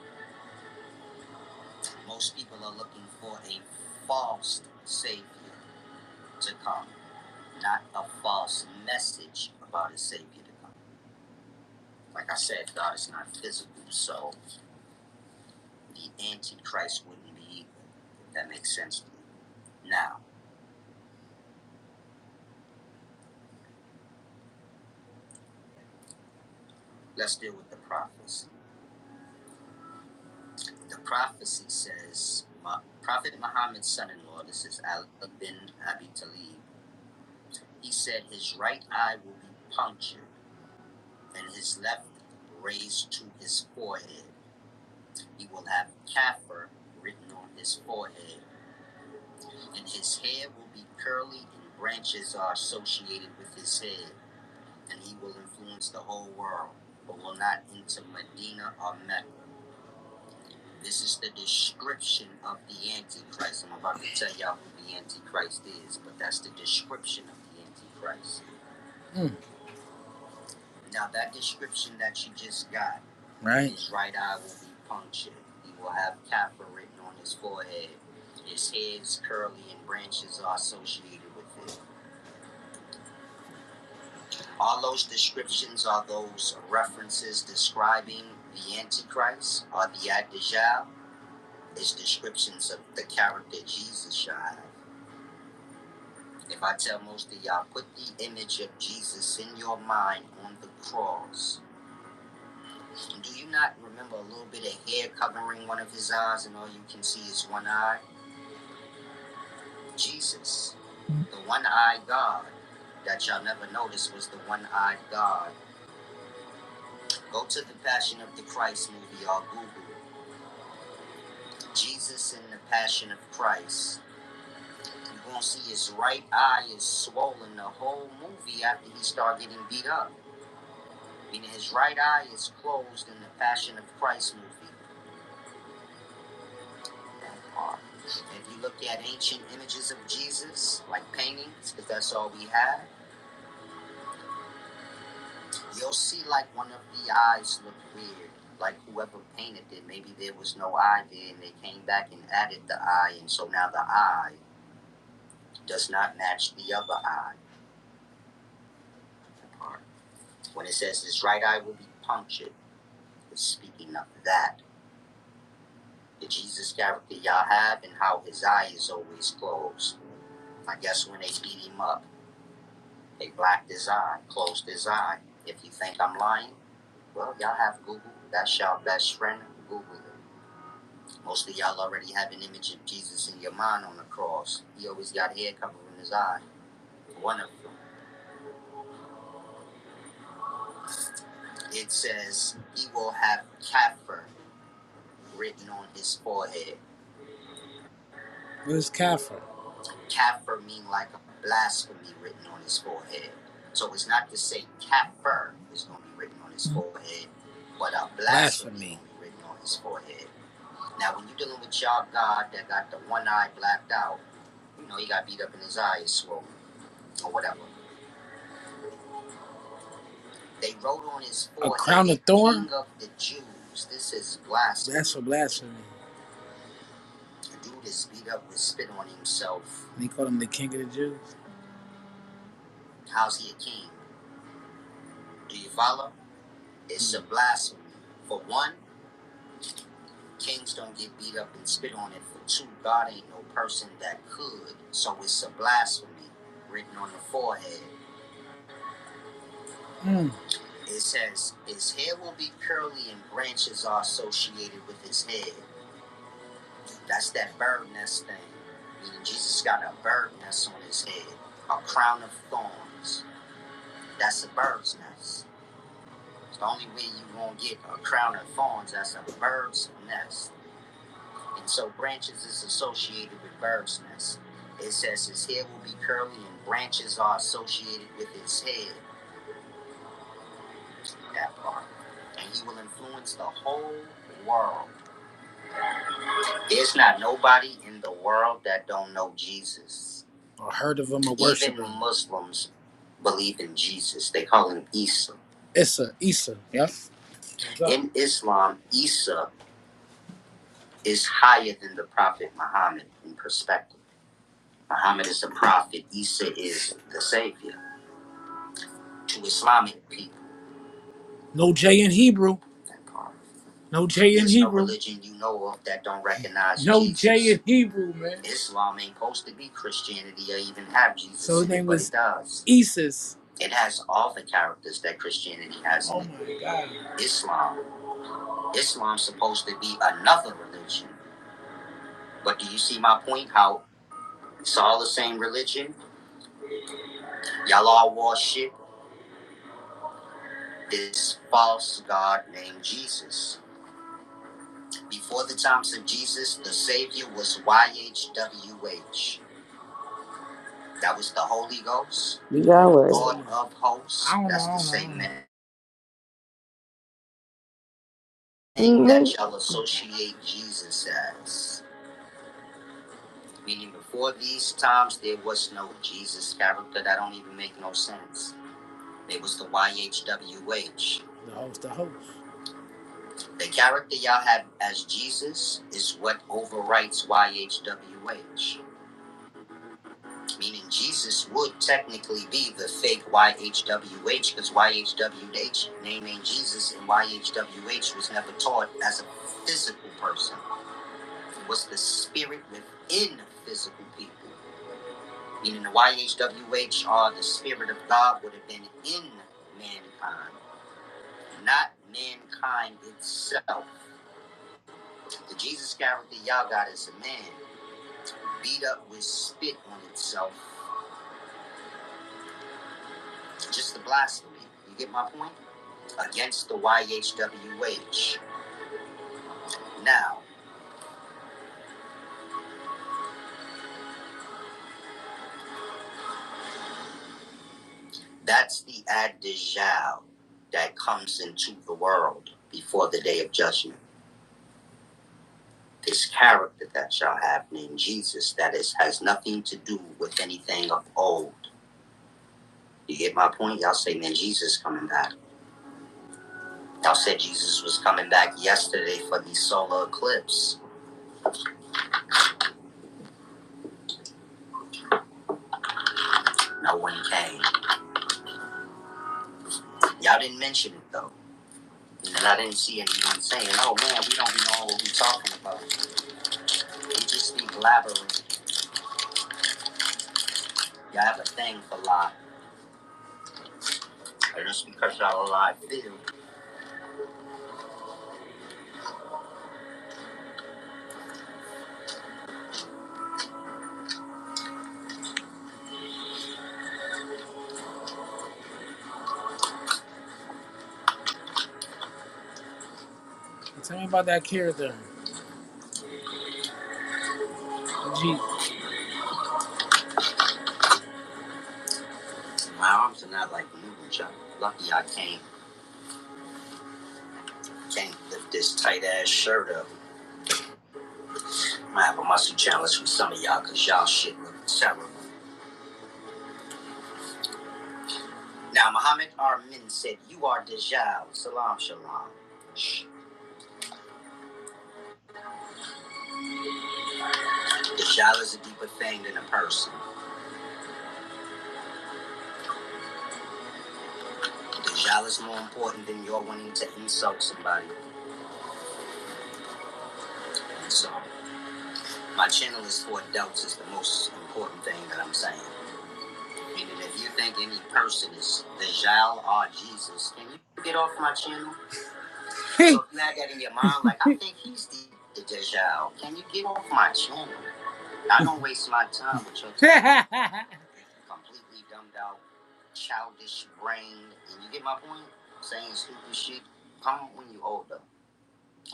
Most people are looking for a false Savior to come, not a false message about a Savior to come. Like I said, God is not physical, so the Antichrist wouldn't be evil. that makes sense to you. Now, let's deal with the prophecy. The prophecy says, Prophet Muhammad's son-in-law, this is Ali bin Abi Talib, he said his right eye will be punctured and his left raised to his forehead. He will have kafir written on his forehead, and his hair will be curly and branches are associated with his head. and he will influence the whole world, but will not enter Medina or Mecca. This is the description of the Antichrist. I'm about to tell y'all who the Antichrist is, but that's the description of the Antichrist. Mm, Now, that description that you just got, right? his right eye will be punctured. He will have Kappa written on his forehead. His heads, curly, and branches are associated with it. All those descriptions are those references describing the Antichrist or the Adijah. It's descriptions of the character Jesus shall have. If I tell most of y'all, put the image of Jesus in your mind on the cross. Do you not remember a little bit of hair covering one of his eyes and all you can see is one eye? Jesus, the one eyed God that y'all never noticed was the one eyed God. Go to the Passion of the Christ movie or Google Jesus in the Passion of Christ. You gonna see his right eye is swollen the whole movie after he start getting beat up. Meaning his right eye is closed in the Passion of Christ movie. That part. If you look at ancient images of Jesus, like paintings, because that's all we have, you'll see like one of the eyes look weird. Like whoever painted it, maybe there was no eye there, and they came back and added the eye, and so now the eye does not match the other eye. That part. When it says his right eye will be punctured, it's speaking of that. The Jesus character y'all have and how his eye is always closed. I guess when they beat him up, they blacked his eye, closed his eye. If you think I'm lying, well, y'all have Google. That's y'all best friend. Google it. Most of y'all already have an image of Jesus in your mind on the cross. He always got hair covering his eye. One of them. It says he will have Kaffir written on his forehead. What is Kaffir? Kafir mean like a blasphemy written on his forehead. So it's not to say kafir is going to be written on his Mhm. forehead, but a blasphemy, blasphemy. written on his forehead. Now, when you're dealing with y'all God that got the one eye blacked out, you know, he got beat up in his eye, swollen, or whatever. They wrote on his forehead, a crown of thorns. of the Jews. This is blasphemy. That's for blasphemy. The dude is beat up with spit on himself. And They call him the king of the Jews. How's he a king? Do you follow? It's a blasphemy. For one, kings don't get beat up and spit on it. For two, God ain't no person that could. So it's a blasphemy written on the forehead. Mm. It says, His hair will be curly and branches are associated with his head. That's that bird nest thing. Meaning Jesus got a bird nest on his head, a crown of thorns. That's a bird's nest. It's the only way you won't get a crown of thorns. That's a bird's nest. and so branches is associated with bird's nest. It says his head will be curly and branches are associated with his head, that part. And he will influence the whole world. There's not nobody in the world that don't know Jesus. Or heard of him or worship him. Even Muslims believe in Jesus. They call him Isa. Isa, Isa. yep. In Islam, Isa is higher than the Prophet Muhammad in perspective. Muhammad is the prophet. Isa is the savior to Islamic people. No J in Hebrew. That part. No J in There's Hebrew. no religion you know of that don't recognize No Jesus. No J in Hebrew, man. Islam ain't supposed to be Christianity or even have Jesus. So his name was Isis. It has all the characters that Christianity has in Oh it. Islam. Islam's supposed to be another religion. But do you see my point? How it's all the same religion. Y'all all wore shit. this false God named Jesus. Before the times of Jesus, the Savior was YHWH. That was the Holy Ghost,
Yahweh.
Lord of hosts. That's the same thing that
No.
y'all associate Jesus as. Meaning, before these times, there was no Jesus character. That don't even make no sense. It was the YHWH. The host, the host. The character y'all have as Jesus is what overwrites YHWH. meaning Jesus would technically be the fake YHWH because YHWH naming Jesus and YHWH was never taught as a physical person. It was the spirit within physical people, meaning the YHWH or the spirit of God would have been in mankind, not mankind itself. The Jesus character y'all got is a man beat up with spit on itself, just the blasphemy. You get my point? against the YHWH. Now, that's the ad Dijal that comes into the world before the day of judgment. This character that shall have named Jesus that is has nothing to do with anything of old. You get my point? Y'all say, man, Jesus coming back. Y'all said Jesus was coming back yesterday for the solar eclipse. No one came. Y'all didn't mention it though. And I didn't see anyone saying, oh man, we don't know what we are talking about. We just be blabbering Y'all have a thing for life, I just because y'all do lie, feel. Tell me about that character. Jeep. My arms are not like moving junk. Lucky I can't can't lift this tight ass shirt up. I'm gonna have a muscle challenge from some of y'all cause y'all shit look terrible. Now Muhammad Armin said you are Dajjal. Salam shalom. Shh. Dajjal is a deeper thing than a person. Dajjal is more important than your wanting to insult somebody. So my channel is for adults is the most important thing that I'm saying. Even if you think any person is the Jal or Jesus, can you get off my channel? (laughs) so if you had that in your mind, like I think he's the, the Jal, can you get off my channel? I don't waste my time with your completely dumbed out, childish brain. And you get my point? Saying stupid shit. Come when you older.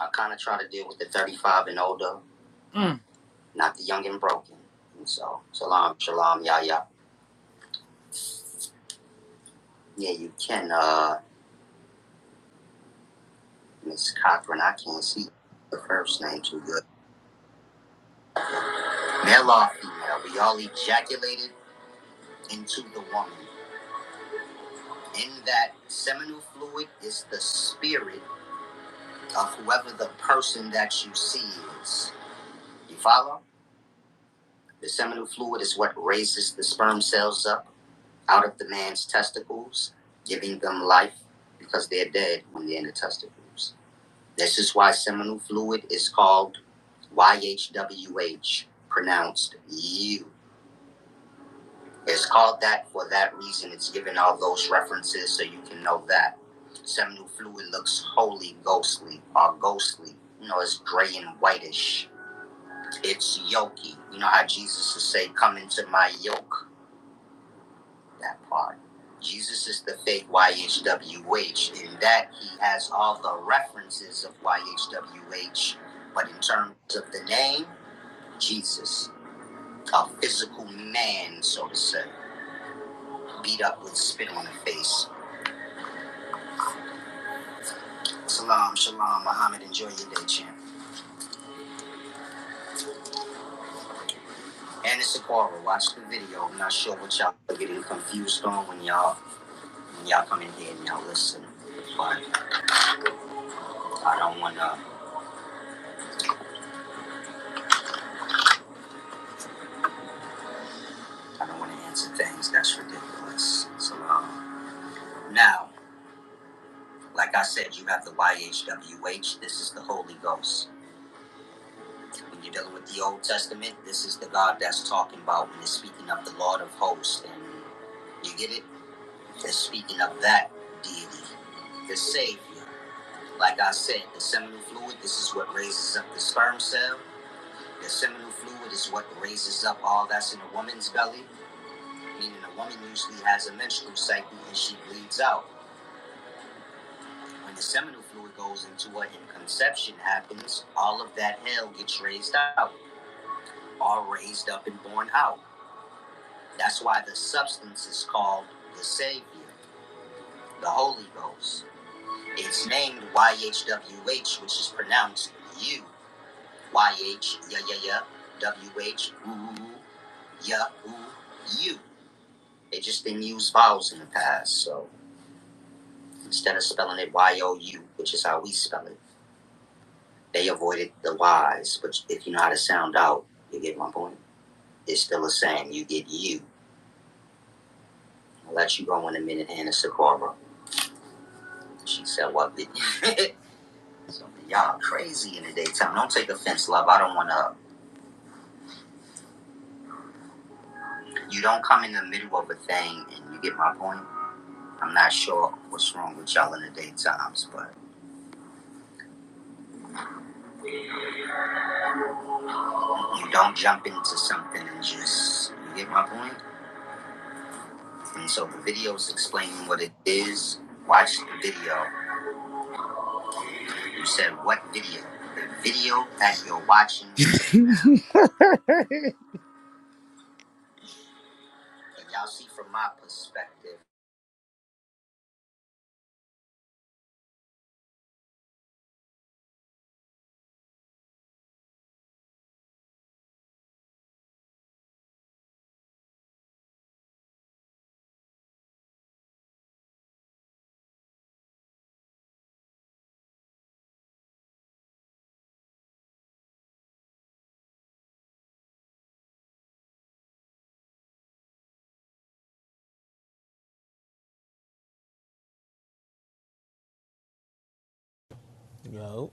I kind of try to deal with the 35 and older, not the young and broken. And so, salam, shalom, yah, yah. Yeah, you can. Uh, Miss Cochran, I can't see the first name too good. Male or female, we all ejaculated into the woman. In that seminal fluid is the spirit of whoever the person that you see is. You follow? The seminal fluid is what raises the sperm cells up out of the man's testicles, giving them life because they're dead when they're in the testicles. This is why seminal fluid is called YHWH, pronounced you. It's called that for that reason. It's given all those references so you can know that. Seminal fluid looks wholly ghostly or ghostly. You know, it's gray and whitish. It's yoky. You know how Jesus would say, Come into my yoke? That part. Jesus is the fake YHWH. In that, he has all the references of YHWH, but in terms of the name, Jesus, a physical man, so to say, beat up with spit on the face Salam, shalom, Muhammad. Enjoy your day, champ. And it's Aquara. Watch the video. I'm not sure what y'all are getting confused on when y'all when y'all come in here and y'all listen. But I don't wanna I don't wanna answer things that's ridiculous. Salam. Now, like I said, you have the YHWH. This is the Holy Ghost. When you're dealing with the Old Testament, this is the God that's talking about when it's speaking of the Lord of Hosts. And you get it? It's speaking of that deity, the Savior. Like I said, the seminal fluid, this is what raises up the sperm cell. The seminal fluid is what raises up all that's in a woman's belly, meaning a woman usually has a menstrual cycle and she bleeds out. When the seminal fluid goes into her and conception happens, all of that hell gets raised out, all raised up and born out. That's why the substance is called the Savior, the Holy Ghost. It's named YHWH, which is pronounced you. YH, yeah, yeah, yeah, WH, ooh, yeah, ooh, you. They just didn't use vowels in the past, so instead of spelling it Y-O-U, which is how we spell it, they avoided the Y's, which if you know how to sound out, you get my point? It's still the same. You get you. I'll let you go in a minute, Hannah Sakura. She said, what? bitch?" (laughs) so, y'all crazy in the daytime. Don't take offense, love. I don't want to. You don't come in the middle of a thing, and you get my point? I'm not sure what's wrong with y'all in the daytimes, but you don't jump into something and just you get my point? And so the video's explaining what it is. Watch the video. You said what video? The video that you're watching. (laughs) And y'all see from my perspective.
Yo,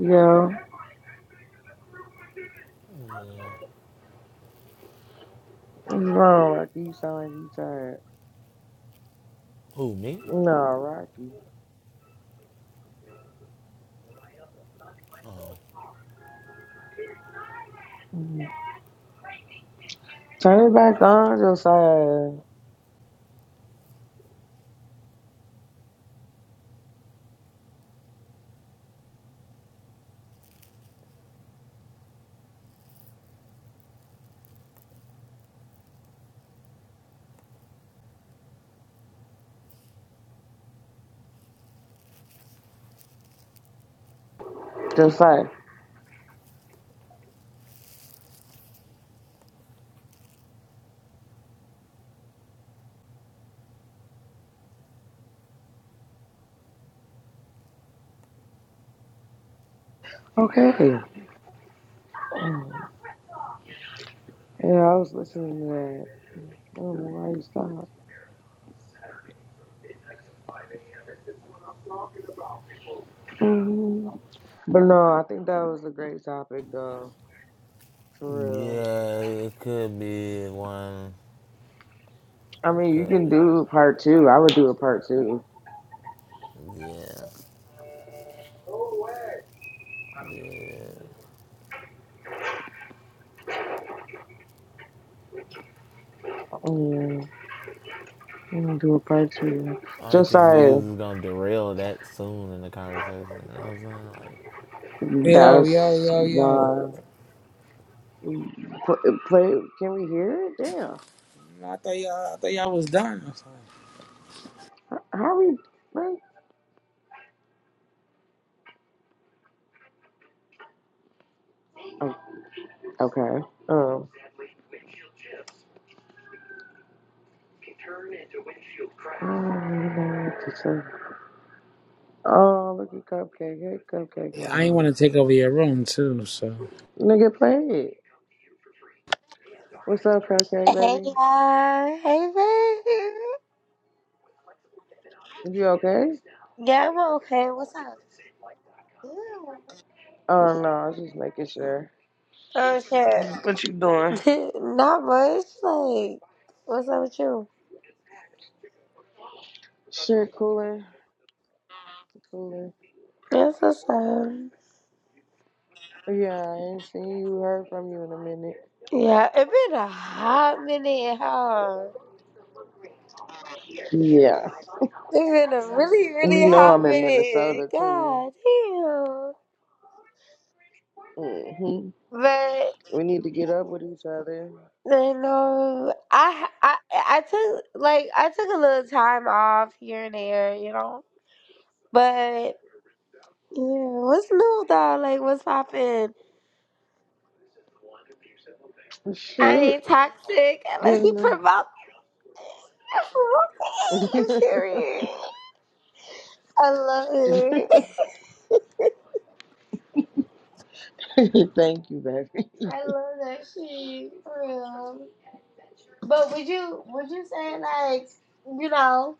Yo. No, Rocky, you sound like you tired.
who me?
No, Rocky.
Oh,
Mm. Turn it back on, Josiah. Josiah. Okay. Mm. Yeah, yeah, I was listening to that. I don't know why you stopped. hmm But no, I think that was a great topic, though. For real.
yeah, it could be one.
I
It
mean, you
could
can
be.
do part two. I would do a part two.
Yeah, yeah.
Yeah, I'm gonna do a part two.
I don't think
Josiah,
niggas is gonna derail that soon in the conversation. You know what I'm saying? Like,
Yo, yo,
that's
yo, yo.
why. Pl- Play. Can we hear it? Damn.
I thought y'all I thought y'all was done. I thought-
How how we? Right? Oh, okay. Um. Oh, to Oh, look at Cupcake. Hey, Cupcake
Yeah, I ain't wanna
Mom.
take over your room too, so
Nigga, play it. What's up, Cupcake,
Hey
baby?
y'all, hey baby.
You okay?
Yeah, I'm okay. What's up? Ew.
Oh, no, I was just making sure.
Oh shit,
What you doing?
(laughs) not much. Like, what's up with you?
Shit, cooling. Cooling.
Yes, what's up?
Yeah, I ain't seen you, heard from you in a minute.
Yeah, it been a hot minute, huh?
Yeah.
It's been a really,
You
really
know
hot
I'm in
minute.
Minnesota, too.
God
hmm
damn. But
We need to get up with each other.
you know, I I I took like I took a little time off here and there, you know, but. Yeah, what's new though? Like, what's poppin'? I
Shit.
ain't toxic unless you
Getting
promote me.
the...
(laughs)
(laughs)
Period. I love it.
Thank you, baby.
(laughs) I love that shit for real. But would you would you say like you know?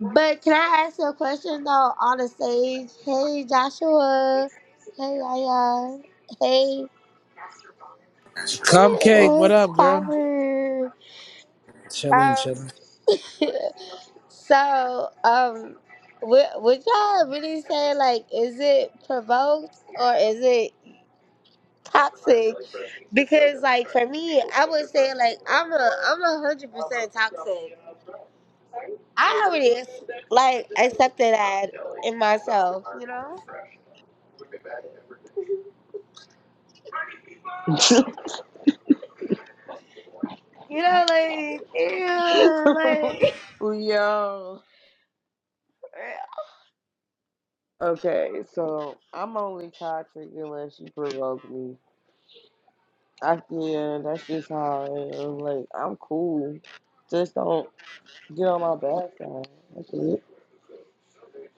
But can I ask you a question though on the stage? Hey Joshua. Hey Yaya. Hey. (laughs) Hey,
Cupcake, what
What's
up, girl?
poppin'?
Chillin',
Um,
chillin'.
(laughs) So, um, would, would y'all really say like, is it provoked or is it toxic? Because like for me, I would say like I'm a I'm a hundred percent toxic. I already ex- like accepted that in myself, you know.
(laughs)
You know, like, yeah, like,
(laughs) Yo. Okay, so I'm only toxic unless you provoke me. I yeah, that's just how I am. Like I'm cool. Just don't get on my bad side. That's it.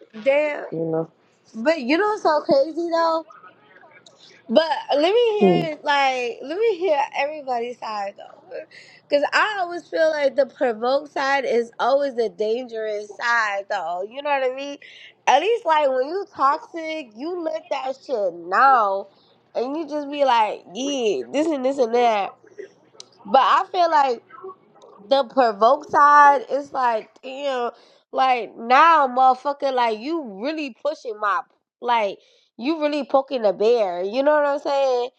(laughs) damn.
You know.
But you know, what's so crazy though. But let me
Hmm.
hear, like, let me hear everybody's side though, because I always feel like the provoked side is always the dangerous side though. You know what I mean? At least like when you toxic, you let that shit know, and you just be like, yeah, this and this and that. But I feel like the provoked side is like, damn, like now, motherfucker, like you really pushing my, like you really poking the bear. You know what I'm saying?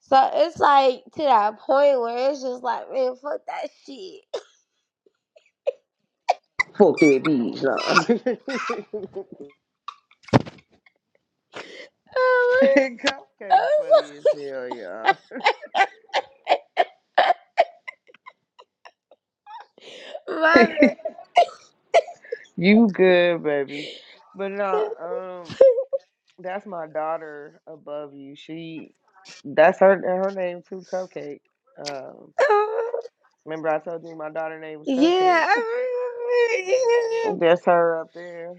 So it's like to that point where it's just like, man, fuck that shit.
Fuck that bitch. Nah. (laughs)
(laughs) I
Cupcake
was
funny as
like,
hell, y'all.
(laughs) my
(laughs) you good, baby. But no,
man.
um, That's my daughter above you. She, that's her. Her name too, Cupcake. Um,
(laughs)
remember I told you my daughter name was Cupcake.
Yeah,
(laughs)
I
That's her up there.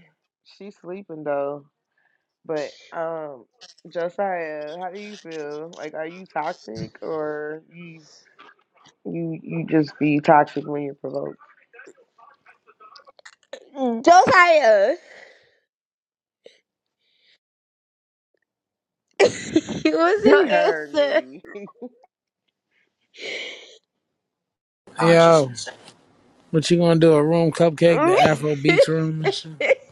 She's sleeping though. But um, Josiah, how do you feel? Like, are you toxic or you you you just be toxic when you're provoked?
remember. Yeah. Josiah, (laughs) he
(laughs) He
was
heard
your answer.
me. (laughs)
Yo. What you gonna do? A room cupcake, the Afro Beats room and shit.
(laughs)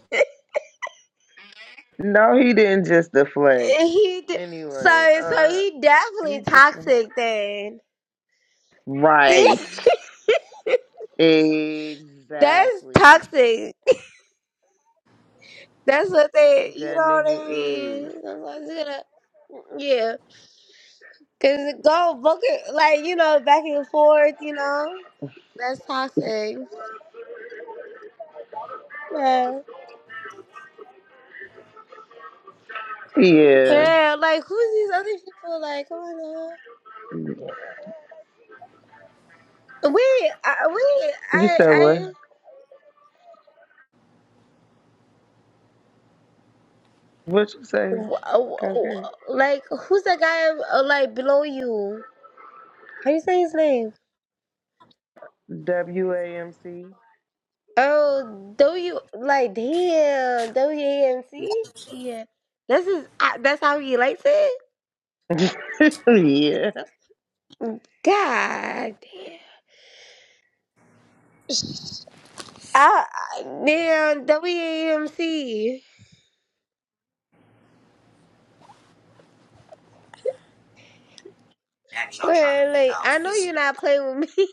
no, he didn't just deflect.
he d-
Anyway,
so so
uh,
he definitely
he deflect.
toxic then.
Right.
(laughs) That's
Exactly.
toxic. That's what they. You
That
know what
nigga
I
is.
mean? I'm like, yeah. Cause it go book it like you know back and forth. You know that's toxic. Yeah,
Yeah.
yeah. Like who's these other people? Like come on now. Wait, I, wait.
You
I
said what?
I
What you say?
w- w- w-
Concur.
like who's that guy uh, like below you? How you say his name?
WAMC.
Oh, W like damn W A M C. Yeah, that's is I- That's how he likes it.
(laughs) yeah.
Mm, God damn. I damn WAMC.
Now y'all trying to
Man,
figure
like
out
I know you're
physical
not playing with me,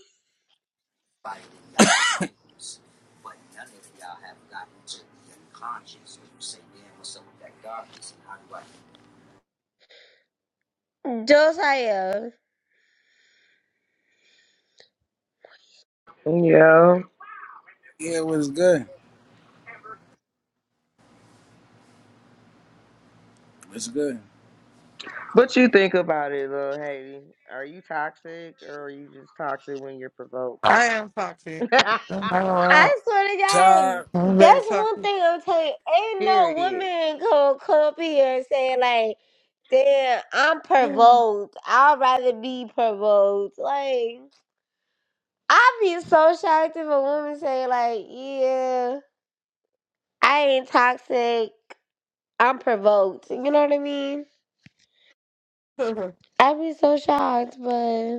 body and (coughs) not rules, but none of y'all have gotten to the conscious. You say, damn, what's up with that darkness and how do I?
(laughs) Josiah.
Yeah.
Yeah, it was good. It was good.
What you think about it, little Haiti? Are you toxic or are you just toxic when you're provoked?
I am toxic.
(laughs)
I'm not gonna lie.
I swear to
Tired?
God,
I'm very
that's one
toxic.
thing I'm telling you. Ain't no
Period.
woman gonna come up here and say like, "Damn, I'm
(laughs)
provoked. I'd rather be provoked." Like, I'd be so shocked if a woman say like, "Yeah, I ain't toxic. I'm provoked." You know what I mean? I'd be so shocked, but.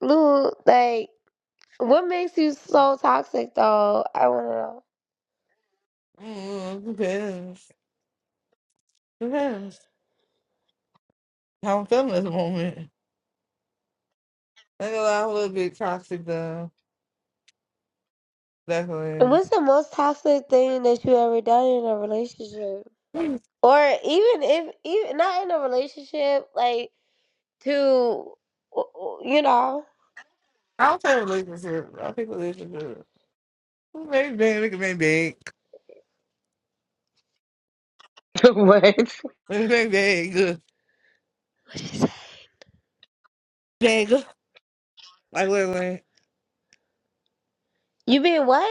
Lou, like, what makes you so toxic, though? I want to know.
Mm, depends. Depends. (laughs) How I'm feeling at the moment. I ain't gonna lie, I'm a little bit toxic though.
And
Definitely.
What's the most toxic thing that you ever done in a relationship,
I
or even if even not in a relationship, like to you know,
don't say relationship. I think relationship. Make it big, make it make big.
(laughs) what?
Make it make big. good. Big. Like wait, wait.
you been what?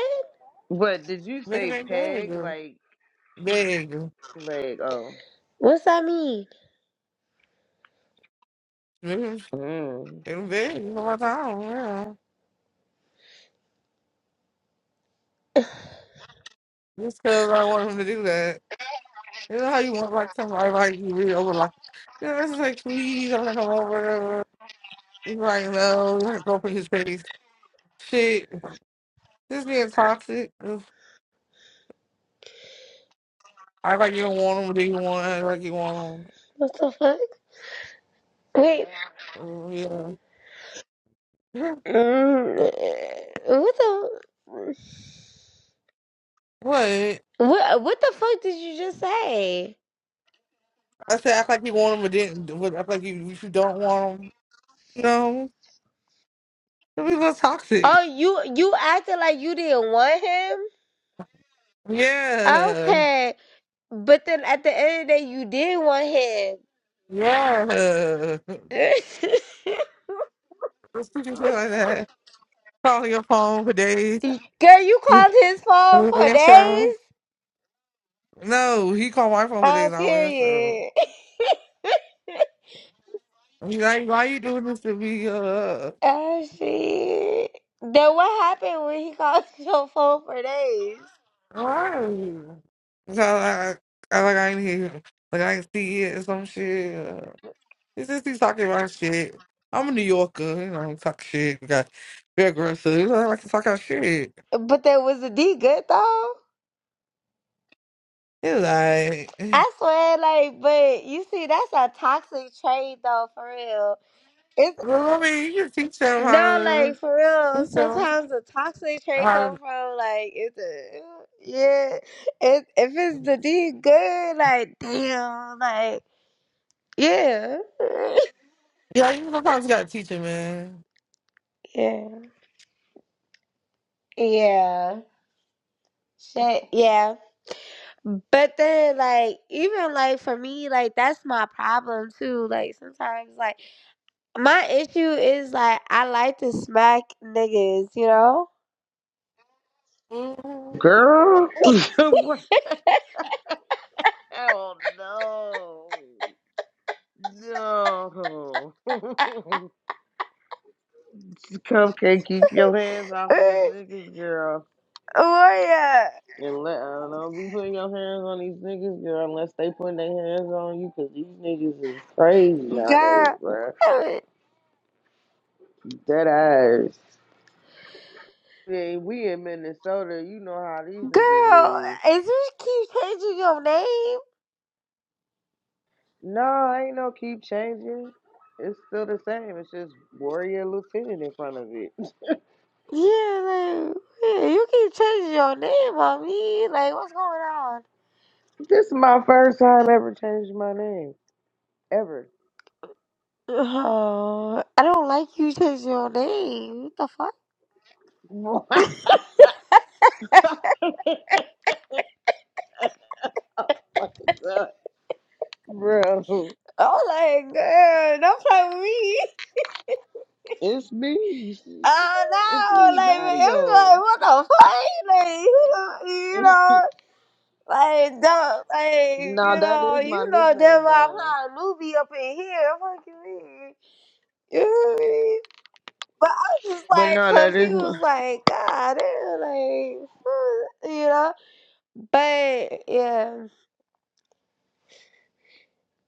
What did you
Make it
say?
make big.
Peg
good.
like Pete
Big.
leg? Oh,
What's that mean?
Make it make
mm.
it big. All my time. Yeah. Just cause I want him to do that. You know how you want like somebody like you read over like you know, this is like please I'm gonna come over He's like no, you like to in his face. Shit. just being toxic. Ugh. I like you don't want him, do you want I like you want him.
What the fuck? Wait,
Oh, yeah. (laughs) Yeah.
mm, what the
What? I
what? What the fuck did you just say?
said act like you want him but didn't but act like you if you don't want him. No. Some people are toxic.
Oh, you you acted like you didn't want him.
Yeah.
Okay, but then at the end of the day, you did want
Yeah. Let's
him.
do shit like that. Calling your phone for days.
(laughs) Girl, you
(laughs)
called his phone for
Answer.
days?
No, he called my phone for days.
Oh,
I don't answer.
period. (laughs)
He's like, why you doing this to me? Uh,
oh, shit. Then what happened when he called (laughs) your phone for days?
why? So I, I like I ain't here. Like I ain't see it or some shit. Uh, it's just he's talking about shit. I'm a New Yorker. You know, I don't talk shit. We got very aggressive. You know, I like to talk about shit.
But that was a D good though.
He's like,
I swear, like, but you see, that's a toxic trait though, for real. It's.
well, I mean, you can teach them how
No, like
to.
for real.
Teach them
Sometimes the toxic trait
how
come
to.
from like it's a, yeah. If if it's the D good, like damn, like yeah, (laughs)
Yeah, you sometimes you gotta teach them, man.
yeah, yeah, shit, yeah. But then like even like for me, like that's my problem too. Like sometimes like my issue is like I like to smack niggas, you know.
Mhm.
girl. (laughs) What? Oh no. No. (laughs) Cupcake, keep your hands off of these
(laughs)
niggas, girl.
Oh yeah,
And let, uh, don't be putting your hands on these niggas, girl, unless they putting their hands on you, because these niggas is crazy nowadays, bruh.
girl. (laughs)
Dead ass. Yeah, we in Minnesota, you know how these
Girl,
niggas is.
if you keep changing your name,
No, ain't no keep changing. It's still the same. It's just warrior lieutenant in front of it.
yeah, like, yeah, you keep changing your name on me. Like, what's going on?
This is my first time ever changing my name. Ever.
Oh, I don't like you changing your name. What the fuck?
(laughs) What, God. Bro.
Oh, like, girl, don't play with me. (laughs)
It's me.
Oh,
It's
no,
me,
like, man, it was like,
Mario.
what the fuck? Like, (laughs) you
(laughs)
know, you
no,
know like, don't, like, you
that
know,
is my
you know, them,
nickname
I'm
though.
not a newbie up in here. Fuck you, mean? You know what I mean? But I was just
But
like
no, that is my
confused, like, God damn, like, (laughs) what?" you know? But yeah.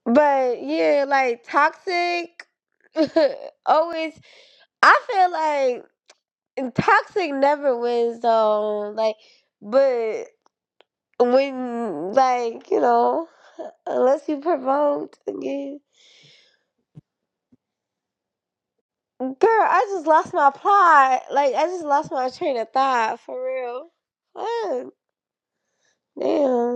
But yeah, like, toxic (laughs) always, I feel like toxic never wins, though. Like, but when, like, you know, (laughs) unless you provoked again. Girl, I just lost my plot. Like, I just lost my train of thought, for real. What? Damn.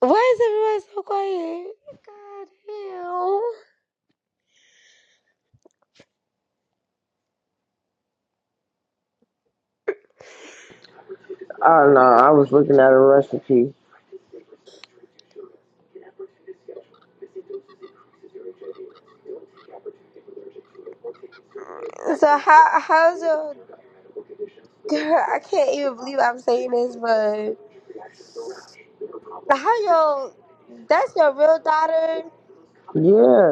Why is everyone so quiet? God
I do know. I was looking at a recipe.
damn. So how how's your girl? I can't even believe I'm saying this, but how your that's your real daughter?
Yeah,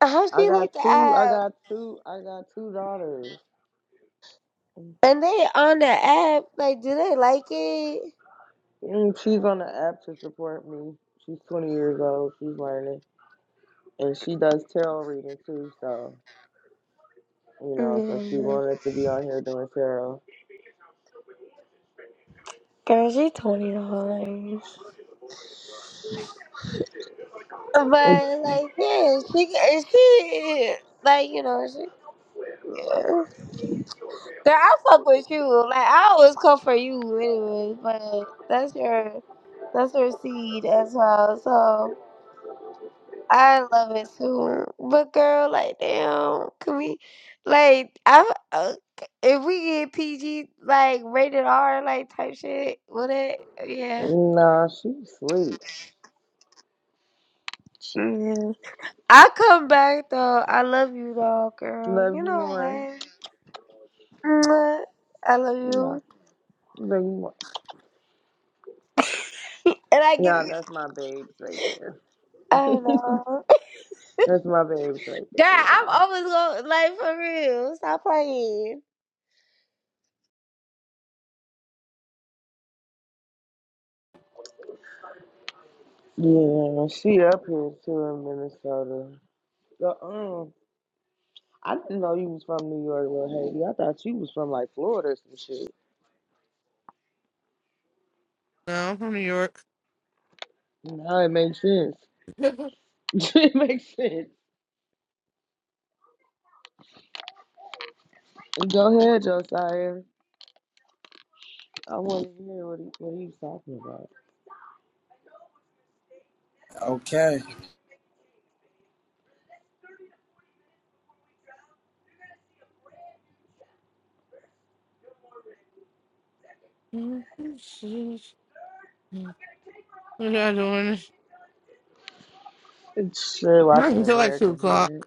How
I
she
got
like the
two. I
app?
got two. I got two daughters.
And they on the app? Like, do they like it?
Mm, She's on the app to support me. She's 20 years old. She's learning, and she does tarot reading too. So. You know, so she
No,
wanted to be on here doing tarot.
girl, she twenty dollars. But like, yeah, she and she like you know she. Yeah. Girl, I fuck with you. Like I always come for you, anyway. But that's your that's your seed as well. So I love it too. But girl, like damn, can we like I uh, if we get PG like rated R like type shit, would it? Yeah.
No, she sleep. She
Yeah. I come back though. I love you, though, girl.
love
You
you
know
more.
what? Mwah. I love you,
Love you more.
and I give
Yeah,
you.
that's my babes right there. (laughs)
I know.
That's my babes right there.
Girl, I'm
Yeah.
always going like for real. Stop playing.
Yeah, she up here too in Minnesota. The, um, I didn't know you was from New York, little Haiti. I thought you was from like Florida or some shit.
No, I'm from New York.
No, it makes sense. (laughs) it makes sense. Go ahead, Josiah. I want to hear what he what he's talking about.
Okay.
(laughs) What y'all doing?
It's sure
Not
watching
until like two
American
o'clock.
Dad.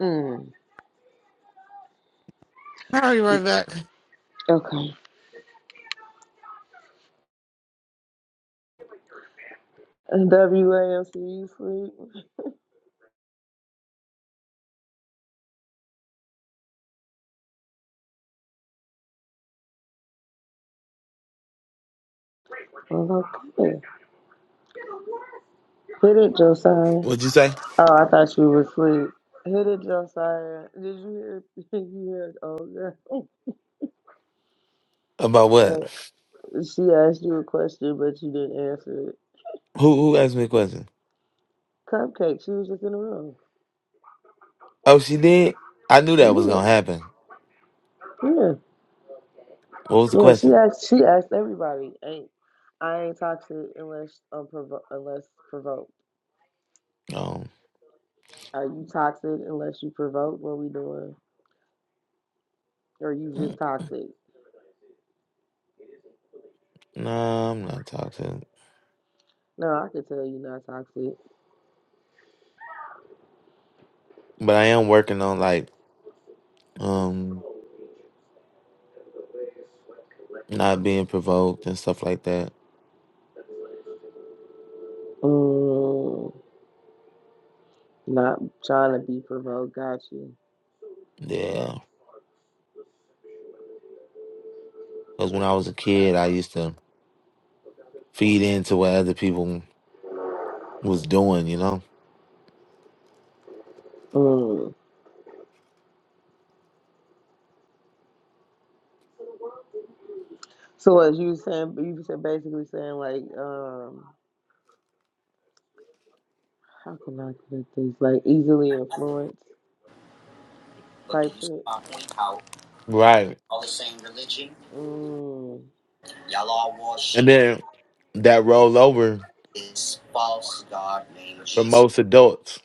Mm.
I'll be right back.
Okay. WAMC, sleep? Well, okay. Hit it, Josiah. Oh,
What'd you say
I thought you were asleep. Hit it, Josiah. Did you hear? (laughs) Did you hear? Oh,
about
yeah.
what?
Uh, she asked you a question, but you didn't answer it.
Who who asked me a question?
Cupcake. She was just in the room.
Oh, she did. I knew that was
Yeah,
gonna happen.
yeah,
What was the
yeah. She
question?
asked. She asked everybody. Ain't I ain't toxic unless um provo- unless provoked.
Um,
Are you toxic unless you provoke? What we doing? Or you
mm,
just toxic?
no, I'm not toxic,
No, I could tell you not toxic.
but I am working on like um not being provoked and stuff like that.
Mm, not trying to be provoked. Got you.
Yeah, because when I was a kid, I used to feed into what other people was doing, you know.
Mm. So as you saying, you said basically saying like, um, how can I put this? Like easily influenced
But do
type
you see
shit.
my point? How
Right,
all the same religion,
Mm,
y'all all
and
worship
then that rollover.
this false god named
for
Jesus.
most adults.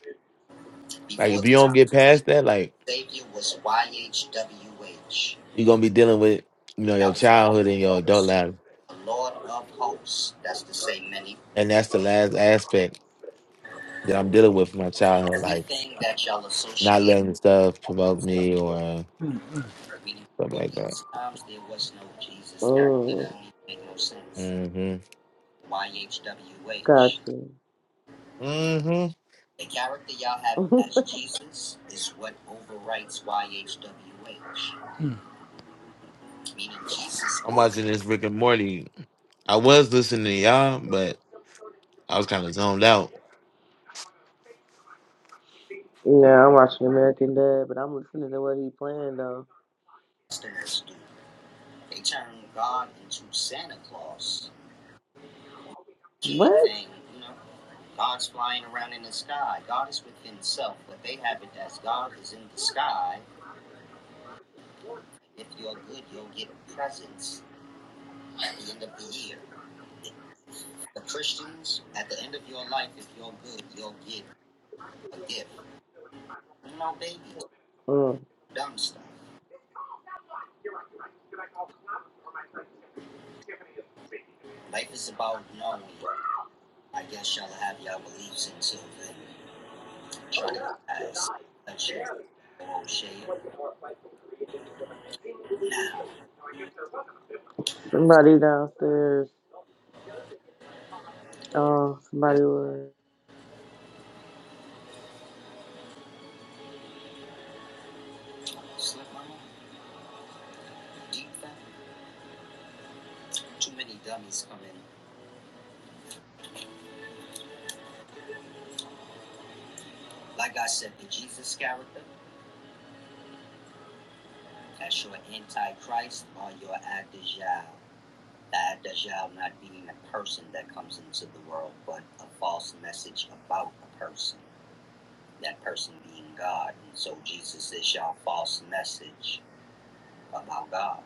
Like
Before
if
the
you
time
don't get
of Jesus
past that, like
Savior was Y H W H.
you're gonna be dealing with you know
That
your
was the
childhood
Holy
and your adult
Ghost,
life,
the Lord of hosts. That's to say, many.
and that's the last aspect that I'm dealing with from my childhood, like
Everything that y'all
not
associate,
letting stuff provoke me or
Mm-hmm. meaning
stuff
before
like that.
these times, there was no Jesus character. That
mm,
don't even make no sense.
hmm
got
YHWH.
you.
hmm
The character y'all have
(laughs)
as Jesus is what overwrites YHWH, meaning Jesus
I'm
would
watching this Rick and Morty. I was listening to y'all, but I was kind of zoned out.
yeah, I'm watching American Dad, but I'm listening to what he playing though.
customers do. They turn God into Santa Claus gee
What?
thing, you know. God's flying around in the sky. God is with himself. What they have it as God is in the sky. If you're good, you'll get presents at the end of the year. The Christians, at the end of your life, if you're good, you'll get a gift. No babies,
Mm.
dumb stuff. Life is about knowing. I guess y'all have y'all beliefs until then. Try to guys let you go, O'Shea. Now,
Somebody downstairs. Oh, somebody was.
slip my mind. Deep thought. Too many dummies come in Like I said, the Jesus character, that's your antichrist or your Ad Adajal. The Adajal not being a person that comes into the world, but a false message about a person. That person being God. And so Jesus is your false message about God.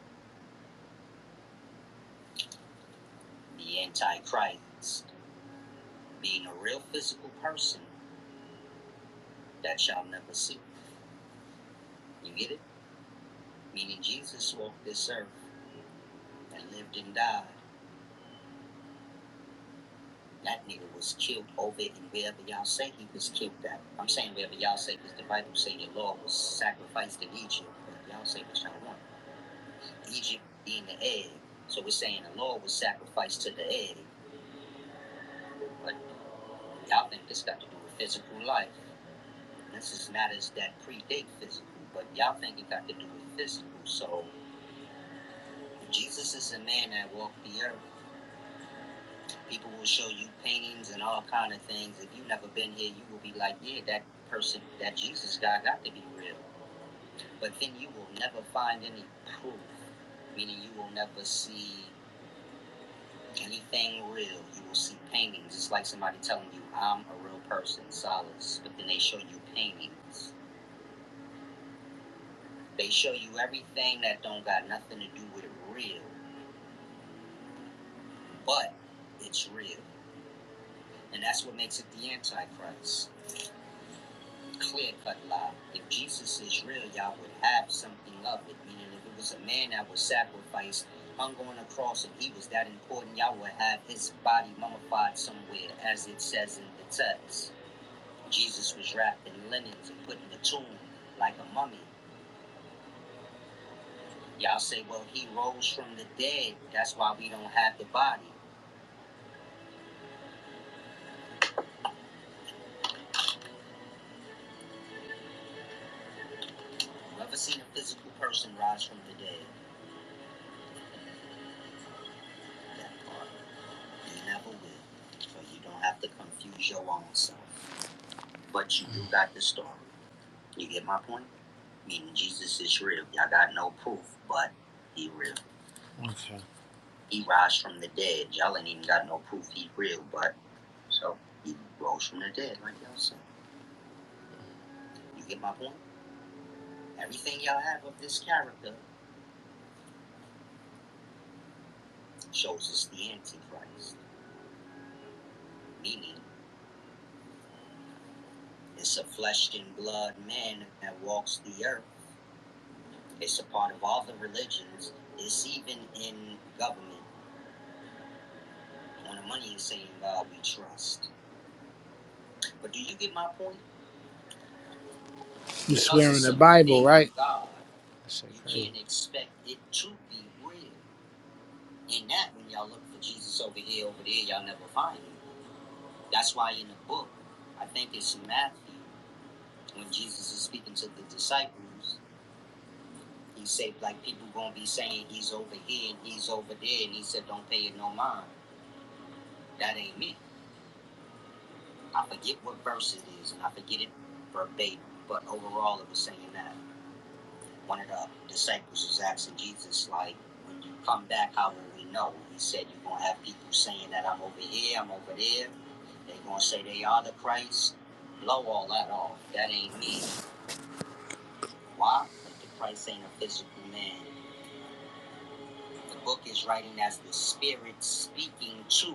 The antichrist being a real physical person that shall never see. You get it? Meaning Jesus walked this earth and lived and died. That nigga was killed over it, and wherever y'all say he was killed at. I'm saying wherever y'all say, because the Bible say your Lord was sacrificed in Egypt. But y'all say what y'all want. Egypt being the egg. So we're saying the Lord was sacrificed to the egg. But y'all think this got to do with physical life. This is matters that predate physical, but y'all think it got to do with physical. So if Jesus is a man that walked the earth. People will show you paintings and all kind of things. If you've never been here, you will be like, yeah, that person, that Jesus guy got to be real. But then you will never find any proof, meaning you will never see anything real. You will see paintings. It's like somebody telling you, I'm a real person, solace, but then they show you paintings. They show you everything that don't got nothing to do with it real, but it's real. And that's what makes it the Antichrist. clear cut lie. If Jesus is real, y'all would have something of it. Meaning, if it was a man that was sacrificed, hung on a cross, and he was that important, y'all would have his body mummified somewhere, as it says in the text. Jesus was wrapped in linens and put in the tomb like a mummy. Y'all say, well, he rose from the dead. That's why we don't have the body. Have You ever seen a physical person rise from the dead? That part. You never will. So you don't have to confuse your own self. But you do got the story. You get my point? Meaning Jesus is real. Y'all got no proof, but he real. Okay. He rose from the dead. Y'all ain't even got no proof he real, but so he rose from the dead, like y'all said. You get my point? Everything y'all have of this character shows us the Antichrist. Meaning it's a flesh and blood man that walks the earth. It's a part of all the religions. It's even in government. When the money is saying God we trust. But do you get my point? You Because swearing the Bible, right? God, you can't expect it to be real. And that when y'all look for Jesus over here, over there, y'all never find him. That's why in the book, I think it's in Matthew, when Jesus is speaking to the disciples, he said like people gonna be saying he's over here and he's over there, and he said don't pay it no mind. That ain't me. I forget what verse it is, and I forget it verbatim. But overall, it was saying that. One of the disciples was asking Jesus, like, when you come back, how will we know? He said, You're going to have people saying that I'm over here, I'm over there. They're going to say they are the Christ. Blow all that off. That ain't me. Why? Because the Christ ain't a physical man. The book is writing as the Spirit speaking to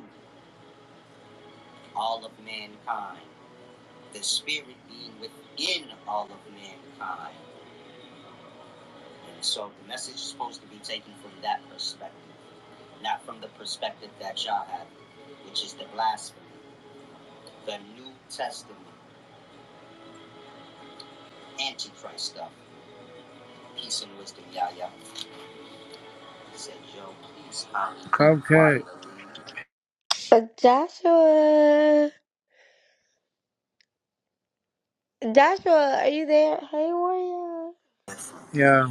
all of mankind. The Spirit being within all of mankind. And so the message is supposed to be taken from that perspective. not from the perspective that y'all have, which is the blasphemy, the New Testament, Antichrist stuff. Peace and wisdom, y'all, y'all. Said, yo, please Cupcake.
But Joshua, Joshua, are you there? Hey, warrior.
Yeah.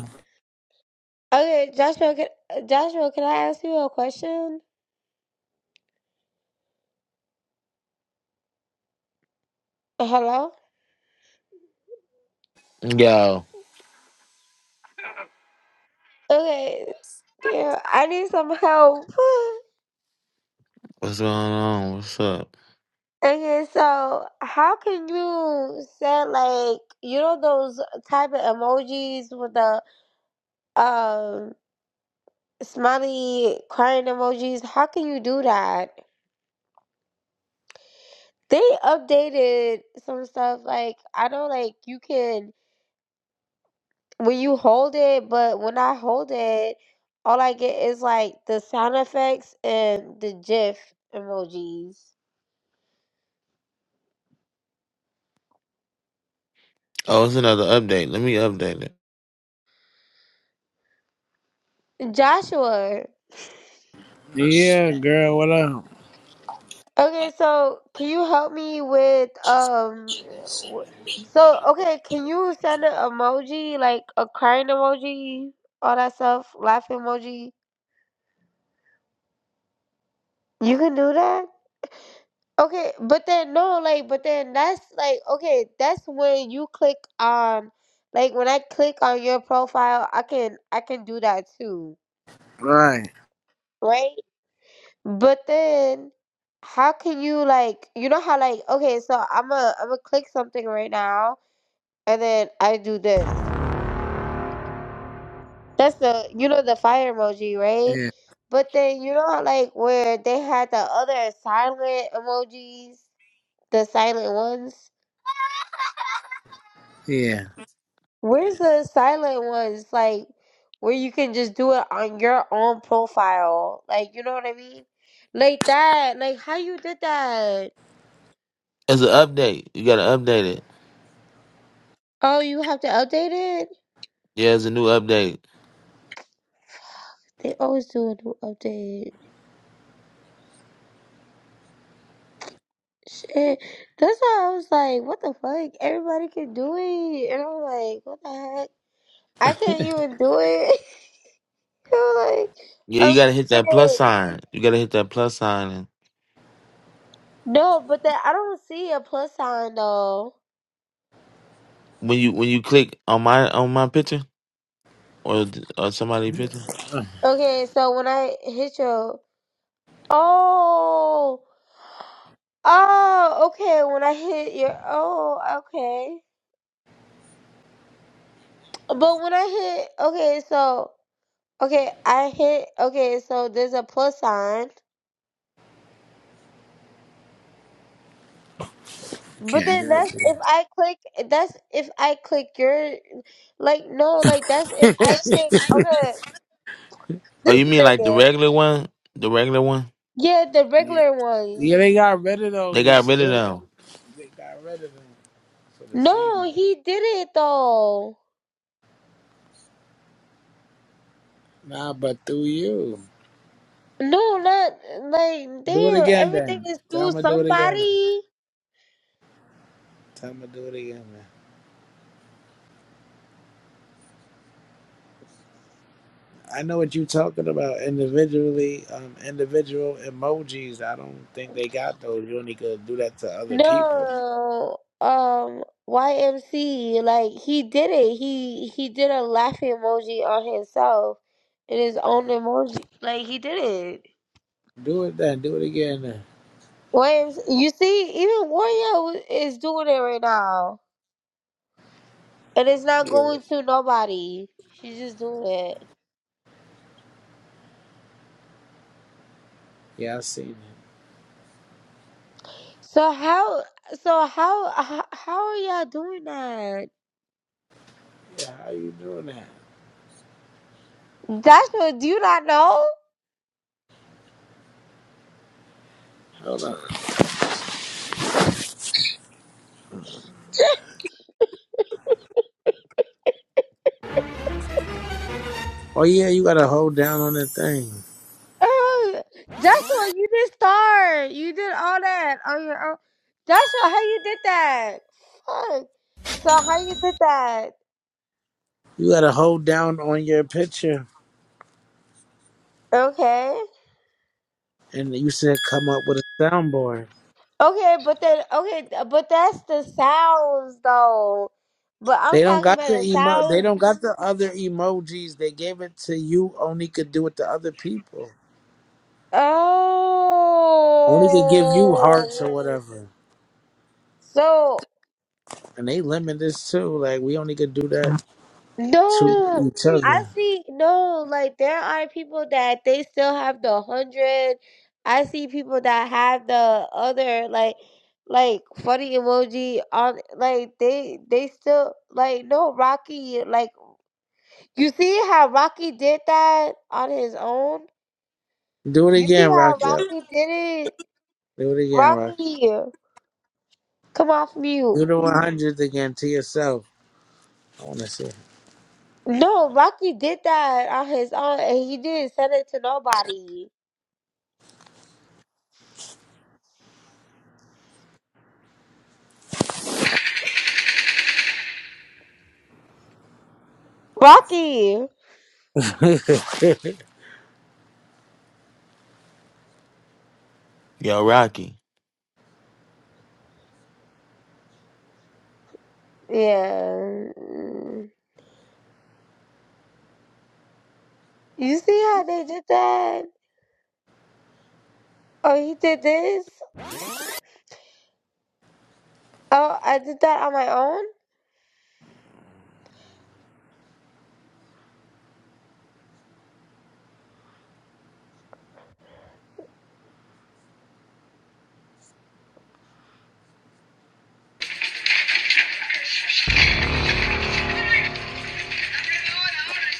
Okay, Joshua, can, Joshua, can I ask you a question? Hello.
Yo,
Okay. Yeah, I need some help. (laughs)
what's going on? What's up?
Okay, so how can you send like you know those type of emojis with the um smiley crying emojis? How can you do that? They updated some stuff. Like I know, like you can when you hold it, but when I hold it, all I get is like the sound effects and the GIF emojis.
Oh, it's another update. Let me update it.
Joshua.
Yeah, girl, what up?
Okay, so can you help me with um? w- So okay, can you send an emoji like a crying emoji, all that stuff, laughing emoji? You can do that. Okay, but then no, like, but then that's like, okay, that's when you click on, like, when I click on your profile, I can, I can do that too,
Right.
right? But then, how can you like, you know how like, okay, so I'm a, I'm gonna click something right now, and then I do this. That's the, you know, the fire emoji, right?
Yeah.
But then you know, how, like, where they had the other silent emojis, the silent ones.
Yeah.
Where's the silent ones? Like, where you can just do it on your own profile. Like, you know what I mean? Like that. Like, how you did that?
It's an update. You gotta update it.
Oh, you have to update it?
Yeah, it's a new update.
They always do a new update. Shit. That's why I was like, what the fuck? Everybody can do it. And I'm like, what the heck? I can't even do it. (laughs) I'm like,
Yeah, you
I'm
gotta hit that plus
clicking it.
sign. You gotta hit that plus sign, and
No, but that I don't see a plus sign though.
when you when you click on my on my picture or th- or somebody's picture.
Okay, so when I hit your Oh, oh, okay. When I hit your, oh, okay. But when I hit, okay, so, okay, I hit, okay, so there's a plus sign. But
Can't
then
do it.
that's if I click, that's if I click your, like, no, like, that's if
For
I click, okay,
Oh, you
this
mean like the
nigga.
regular one? The regular one?
Yeah, the
(laughs) you.
regular ones.
yeah, they got rid of
They got
those.
rid of
They,
them.
they got rid of them for the seed
No,
money.
he did it though.
Nah, but through you.
No, not, like,
Do it
damn,
again
everything
then.
is
Tell
through
me, to do it again.
somebody.
Time to do it again, man. I know what you talking about individually. Um, individual emojis. I don't think they got those. You only could do that to other people.
No, um, YMC, like he did it. He he did a laughing emoji on himself in his own emoji. Like he did it.
Do it then. Do it again. Then.
YMC, you see, even Warrior is doing it right now, and it's not
Yeah,
going to nobody. She's just doing it.
yeah, I seen it.
So how? So how? How, how are y'all doing that?
Yeah, how you doing that?
That's what. Do you not know?
Hold on. Oh yeah, you gotta hold down on the thing.
Oh, Joshua, you did start. You did all that on your own. Joshua, how you did that? Fuck. So how you did that?
You gotta hold down on your picture,
Okay.
and you said come up with a soundboard.
Okay, but then okay, but that's the sounds though. But I'm
They don't
talking
got
about
the
the
emo. They
sounds.
don't got the other emojis. They gave it to you. Only could do it to other people. only could give you hearts or
Oh.
whatever.
So
And they limit this too. Like we only could do that to
No,
each
I
other.
see. No, like there are people that they still have the hundred. I see people that have the other, like, like funny emoji on. Like they, they still like no Rocky. Like you see how Rocky did that on his own.
Do it
You see
again, Rock.
how
Yep.
Rocky did it.
Do it again, Rock.
Rocky, come off mute.
Do the one hundred again to yourself. I wanna see.
No, Rocky did that on his own, and he didn't send it to nobody. Rocky.
(laughs)
Yo, Rocky.
Yeah. mm. You see how they did that? Oh, he did this? Oh, I did that on my own?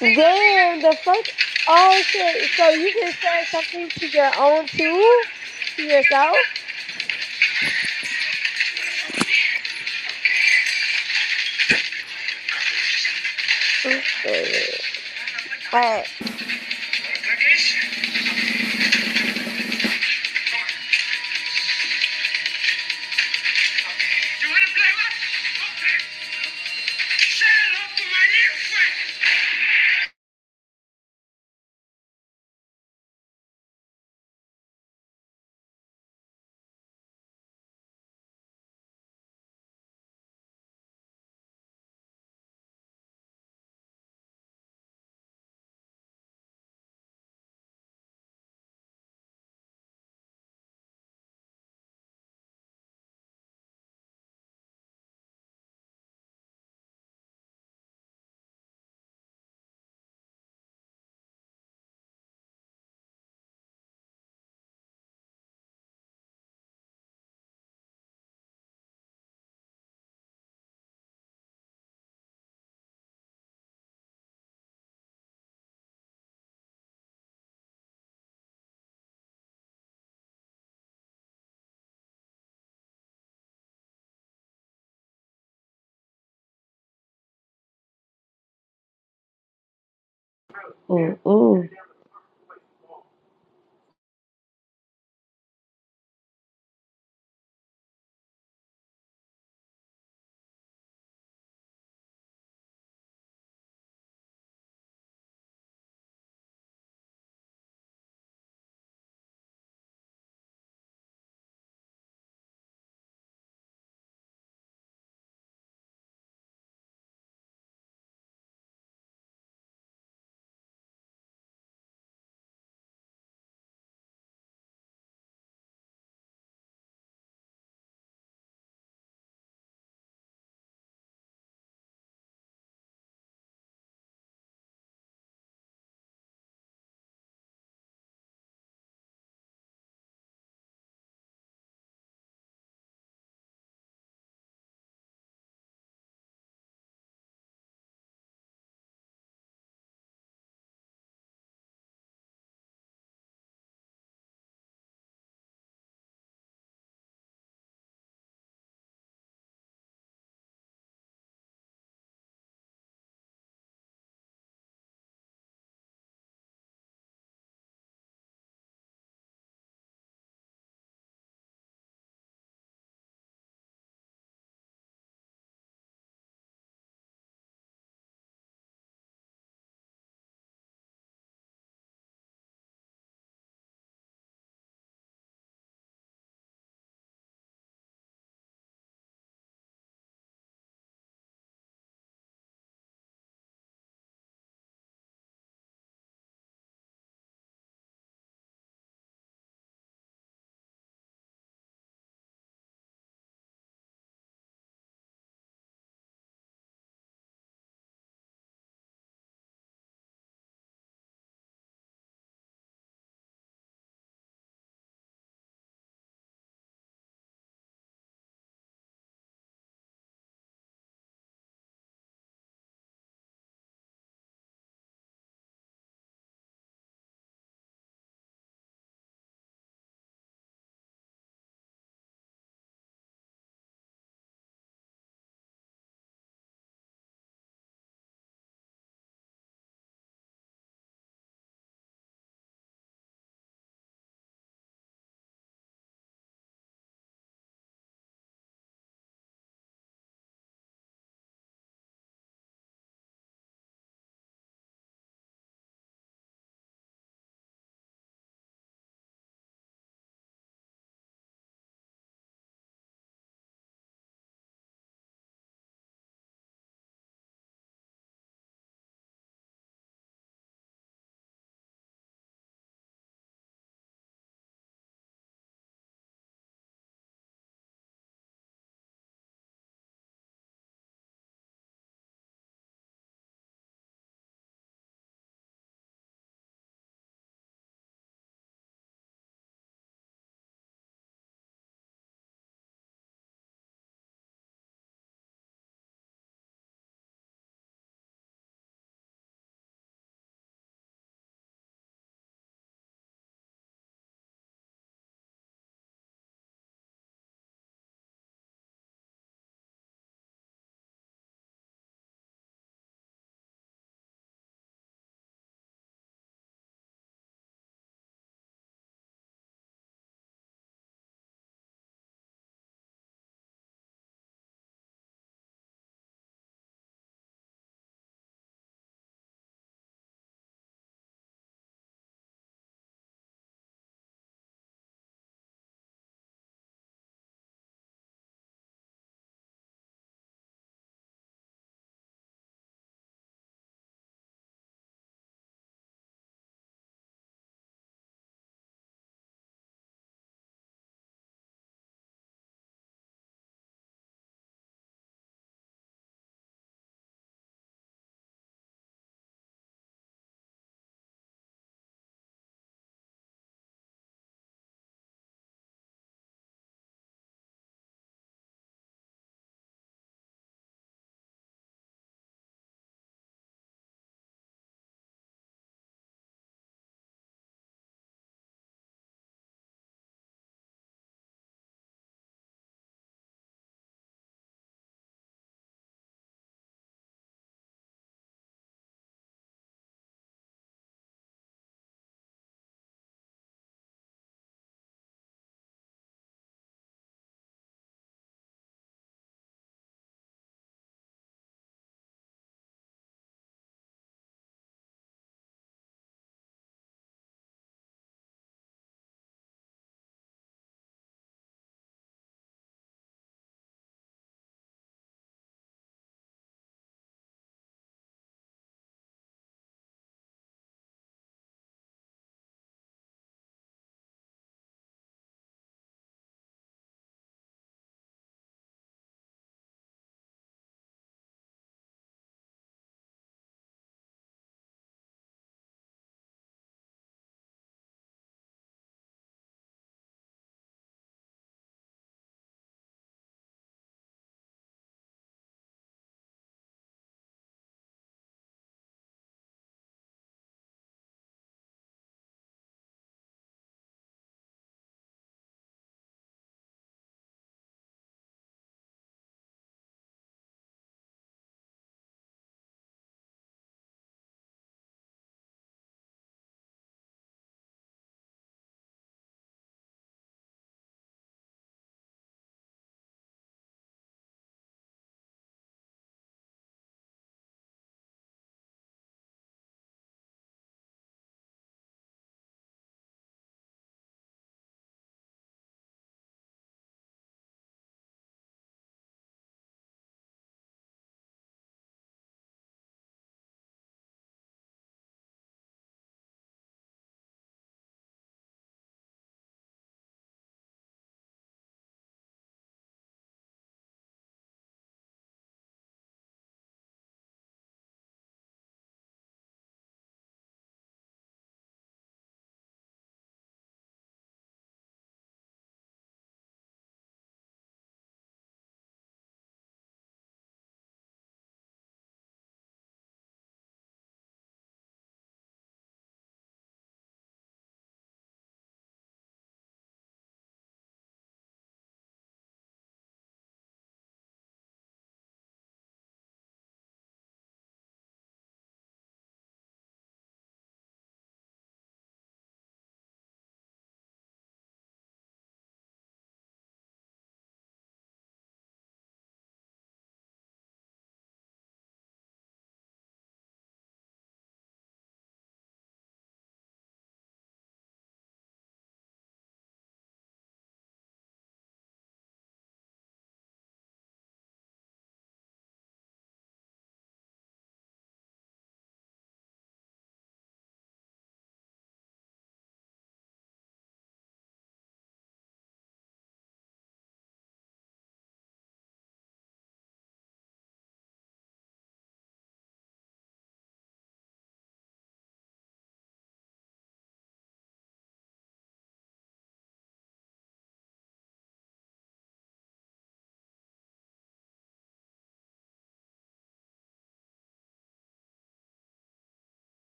Damn, the fuck? Oh, shit. So you can send something to your own too? To yourself? Alright,
You want to play what? Okay. Say hello to my little friend.
Mm-mm.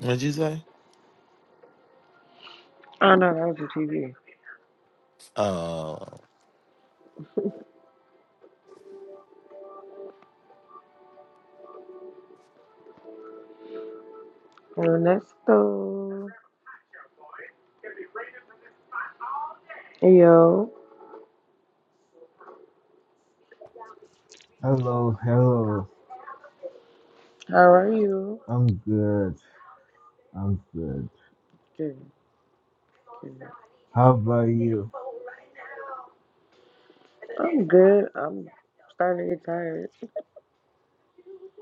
What'd you say?
I know that was the TV.
Uh,
Ernesto. Hey, yo.
Hello, hello.
How are you?
I'm good. I'm good.
Good, good.
How about you?
I'm good. I'm starting to get tired.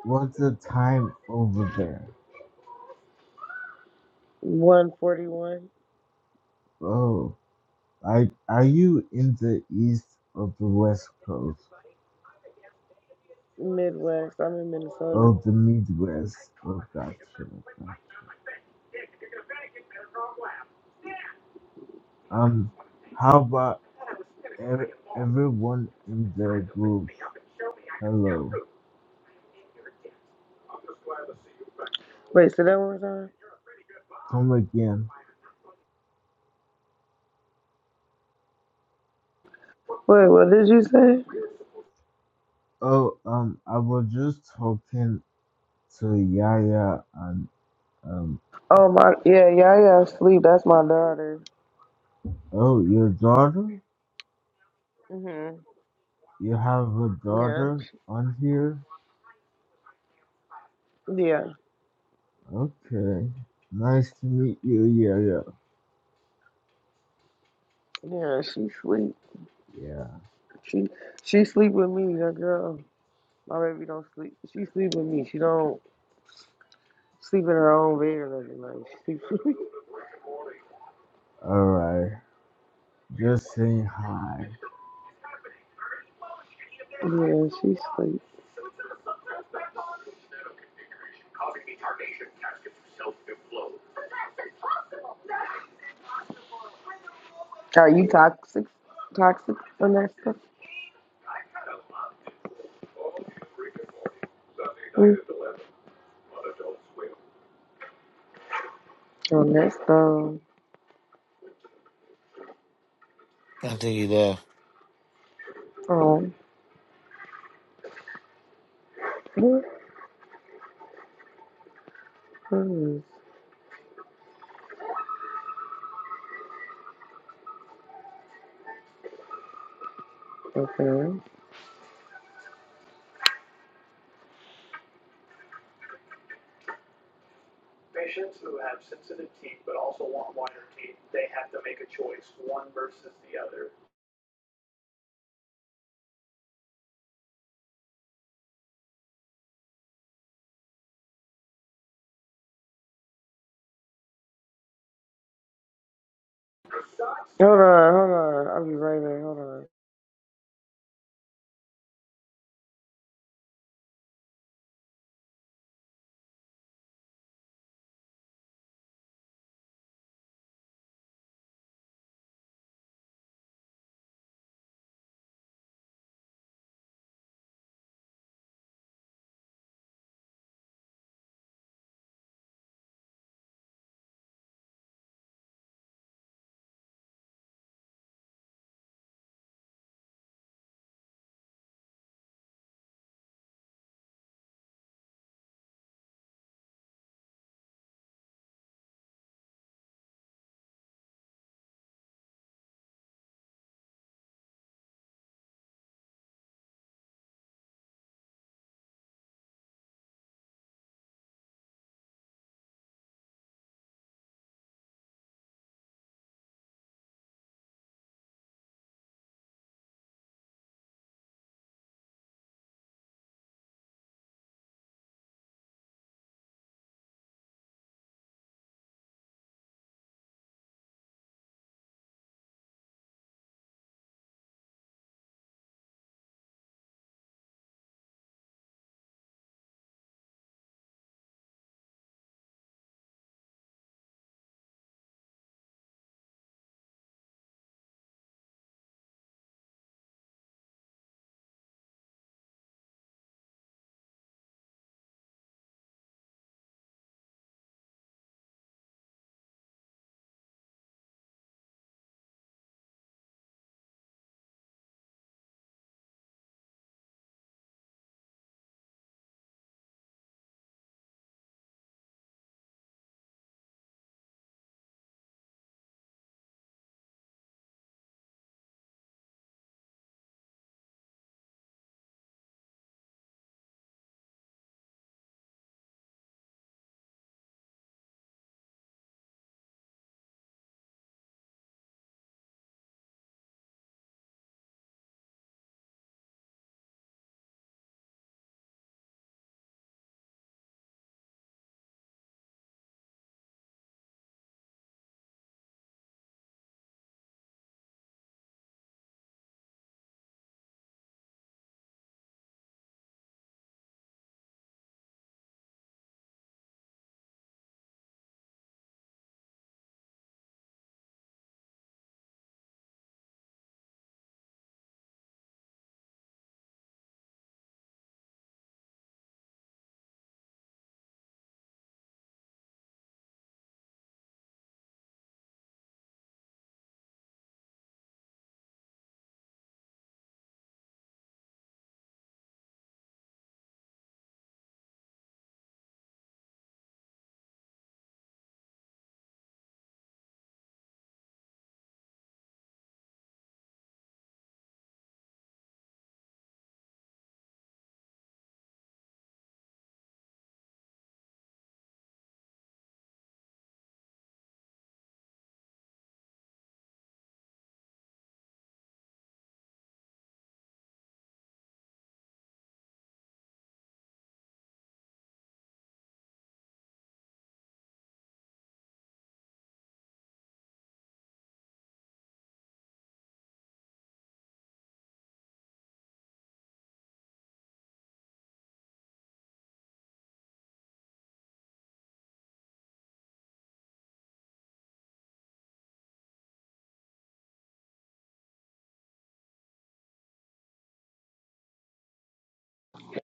What's the time over there?
141
Oh, I are you in the east of the west coast?
Midwest. I'm in Minnesota.
Oh, the Midwest. Oh, gotcha, gotcha. Um, how about ev- everyone in the group? Hello.
Wait, say that one more time.
Come again.
Wait, what did you say?
Oh, um, I was just talking to Yaya and um.
Oh my, yeah, yeah, yeah. Sleep. That's my daughter.
Oh, your daughter?
Mhm.
You have a
Yeah,
daughter on here?
yeah,
Okay. Nice to meet you, Yo Yo.
yeah. She sleep.
Yeah.
She she sleep with me. That girl. My baby don't sleep. She sleep with me. She don't. Sleep in her own bed every night. She sleep.
Alright. Just saying hi.
(laughs) yeah, she sleep. Are you toxic? Toxic on that stuff? Mm. On that stuff.
I think he left.
Oh. Mm. Okay. Hold on, hold on. I'll be right back. Hold on.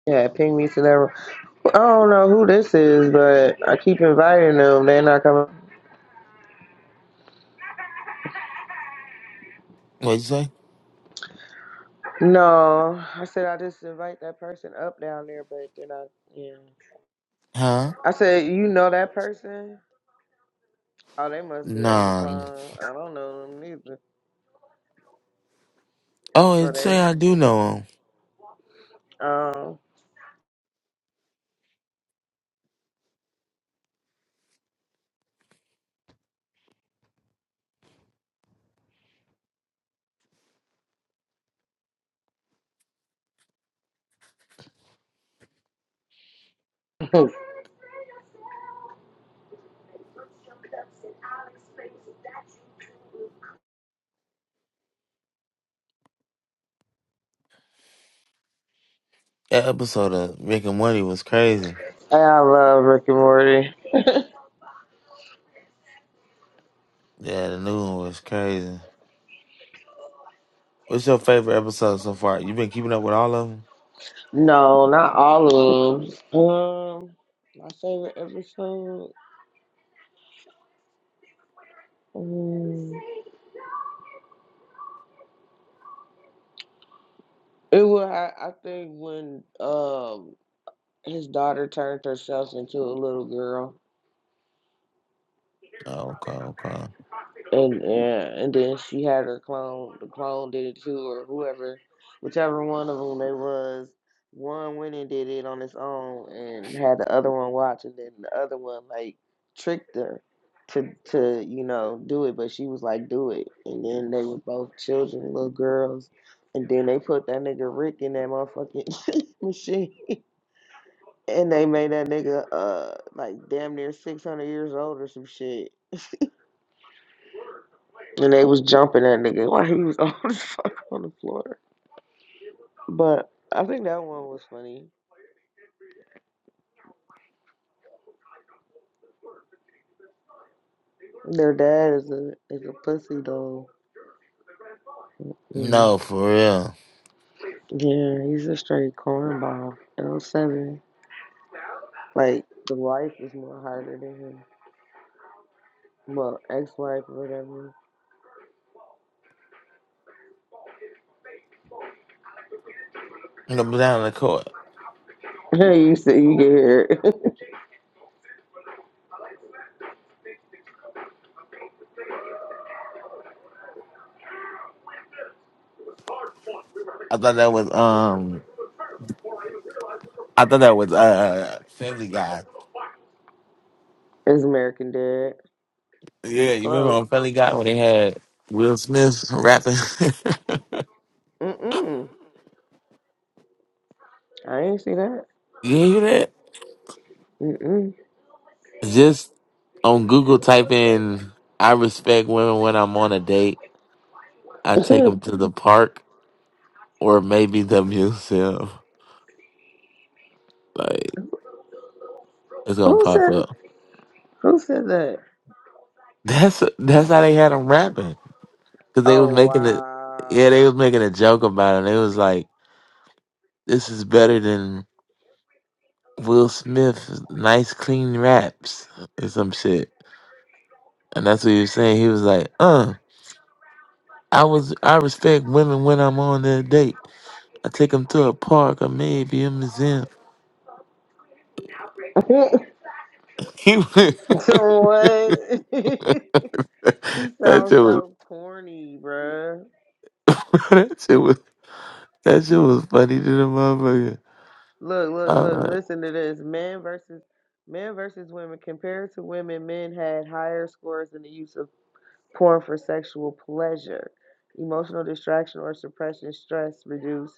Yeah, ping me to that room. I don't know who this is, but I keep inviting them. They're not coming.
What'd you say?
No, I said I just invite that person up down there, but they're not. Yeah.
Huh?
I said, you know that person? Oh, they must be on the
Nah.
phone. I don't know them neither.
Oh, it
Are
say I do know him.
they? Um,
That episode of Rick and Morty was crazy.
(laughs) I love Rick and Morty.
Yeah, the new one was crazy. What's your favorite episode so far? You been keeping up with all of them?
No, not all of them. Um, my favorite episode. Um, it was I, I think when um his daughter turned herself into a little girl.
Oh, okay, okay.
And yeah, and then she had her clone. The clone did it too, or whoever, whichever one of them they was. One went and did it on its own, and had the other one watch, and then the other one like tricked her to to you know do it, but she was like do it, and then they were both children, little girls, and then they put that nigga Rick in that motherfucking (laughs) machine, and they made that nigga uh like damn near six hundred years old or some shit. And they was jumping that nigga (laughs) while he was (laughs) on his fuck on the floor. But I think that one was funny. Their dad is a is a pussy though. Mm.
No, for real.
Yeah, he's a straight cornball. L seven. Like the wife is more harder than him. Well, ex wife or whatever.
No, but down the court.
Hey, (laughs) you see, you get here. (laughs)
I thought that was um. I thought that was uh Family Guy.
it's American Dad. He
Yeah,
was
you remember
close.
on Family Guy when they had Will Smith rapping? (laughs)
Mm mm. I ain't see that.
you hear that?
Mm
Just on Google, type in "I respect women when I'm on a date. I take
mm.
them to the park or maybe the museum." Like it's
(laughs)
gonna
Who
pop
said?
up.
Who said that?
That's that's how they had them rapping because they was
Oh
making it. Yeah, they was
wow.
making a joke about it. They was like. This is better than Will Smith's nice clean raps or some shit. And that's what he was saying. He was like, uh, I was I respect women when I'm on their date. I take them to a park or maybe a museum.
(laughs)
(laughs) He was, (laughs)
what? (laughs) he
that
sounds
shit was
so corny, bruh.
(laughs) that shit was that shit was funny to the motherfucker.
Look, look, look,
Uh,
listen to this. Men versus men versus women. Compared to women, men had higher scores in the use of porn for sexual pleasure. Emotional distraction or suppression, stress reduce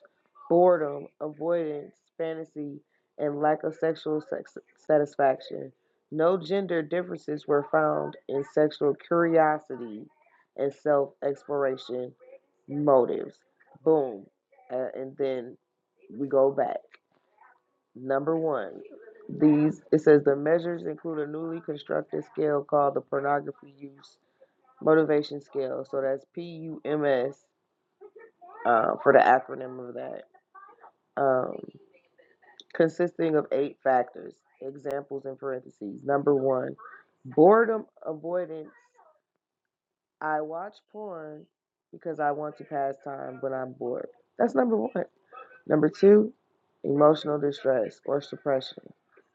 boredom, avoidance, fantasy, and lack of sexual sex- satisfaction. No gender differences were found in sexual curiosity and self exploration motives. Boom. Uh, and then we go back. Number one, these it says the measures include a newly constructed scale called the pornography use motivation scale. So that's P U M S uh, for the acronym of that, um, consisting of eight factors. Examples in parentheses. Number one, boredom avoidance. I watch porn because I want to pass time when I'm bored. That's number one. Number two, emotional distress or suppression.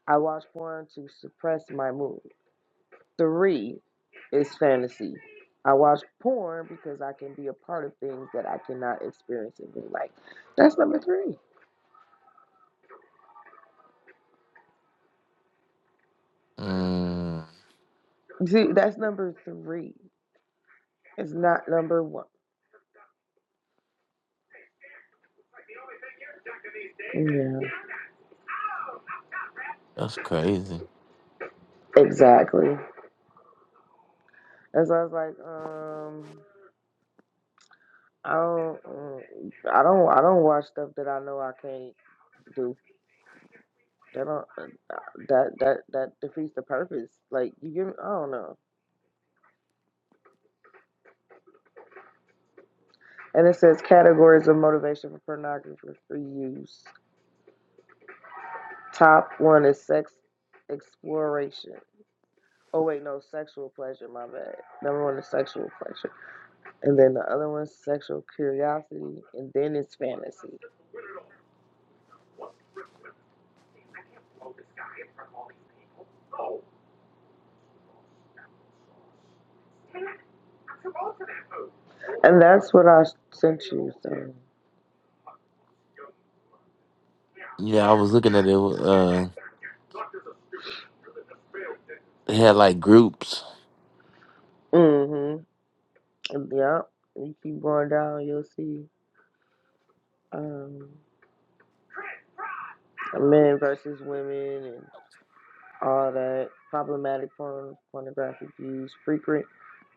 I watch porn to suppress my mood. Three is fantasy. I watch porn because I can be a part of things that I cannot experience in real life. That's number three.
mm,
See, that's number three. It's not number one. Yeah,
that's crazy.
exactly. And so I was like, um, I don't, mm, I don't, I don't watch stuff that I know I can't do. That don't uh, that that that defeats the purpose. Like you give, I don't know. And it says categories of motivation for pornographers for use. Top one is sex exploration. Oh wait, no, sexual pleasure. My bad. Number one is sexual pleasure, and then the other one's sexual curiosity, and then it's fantasy. And that's what I sent you. So,
Yeah, I was looking at it. Uh, they had like groups.
mm-hmm. Yeah, you keep going down, you'll see um, men versus women and all that problematic porn, pornographic views, frequent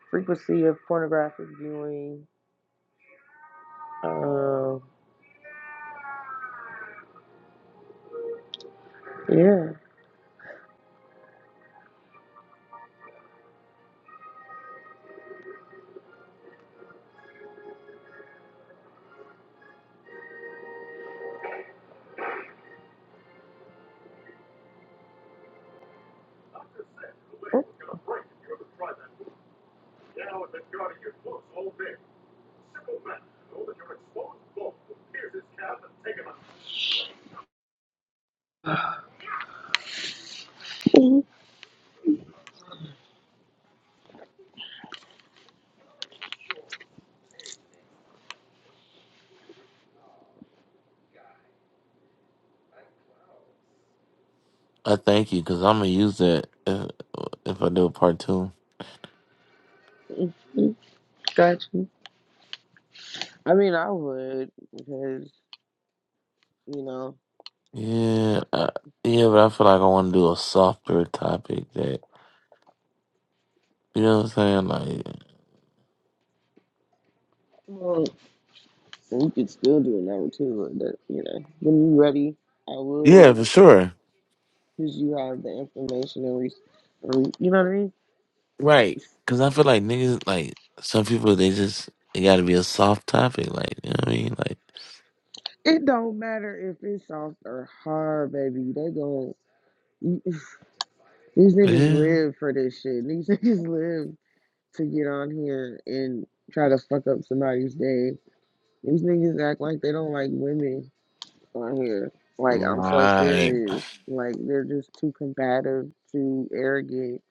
frequency of pornographic viewing. Um, yeah, Oh,
I thank you because I'm gonna use that if, if I do a part two.
got you. I mean, I would because you know,
Yeah, uh, yeah, but I feel like I want to do a softer topic that you know what I'm saying. Like,
well, you could still do it now too. But that, you know, when you are ready, I would
yeah, for sure,
because you have the information and re- you know what I mean.
right? Because I feel like niggas, like some people, they just it got to be a soft topic. Like, you know what I mean? Like,
It don't matter if it's soft or hard, baby. They going These niggas
yeah,
live for this shit. (laughs) These niggas live to get on here and try to fuck up somebody's day. These niggas act like they don't like women on here. Like, I'm so
right?
serious. Like, they're just too combative, too arrogant.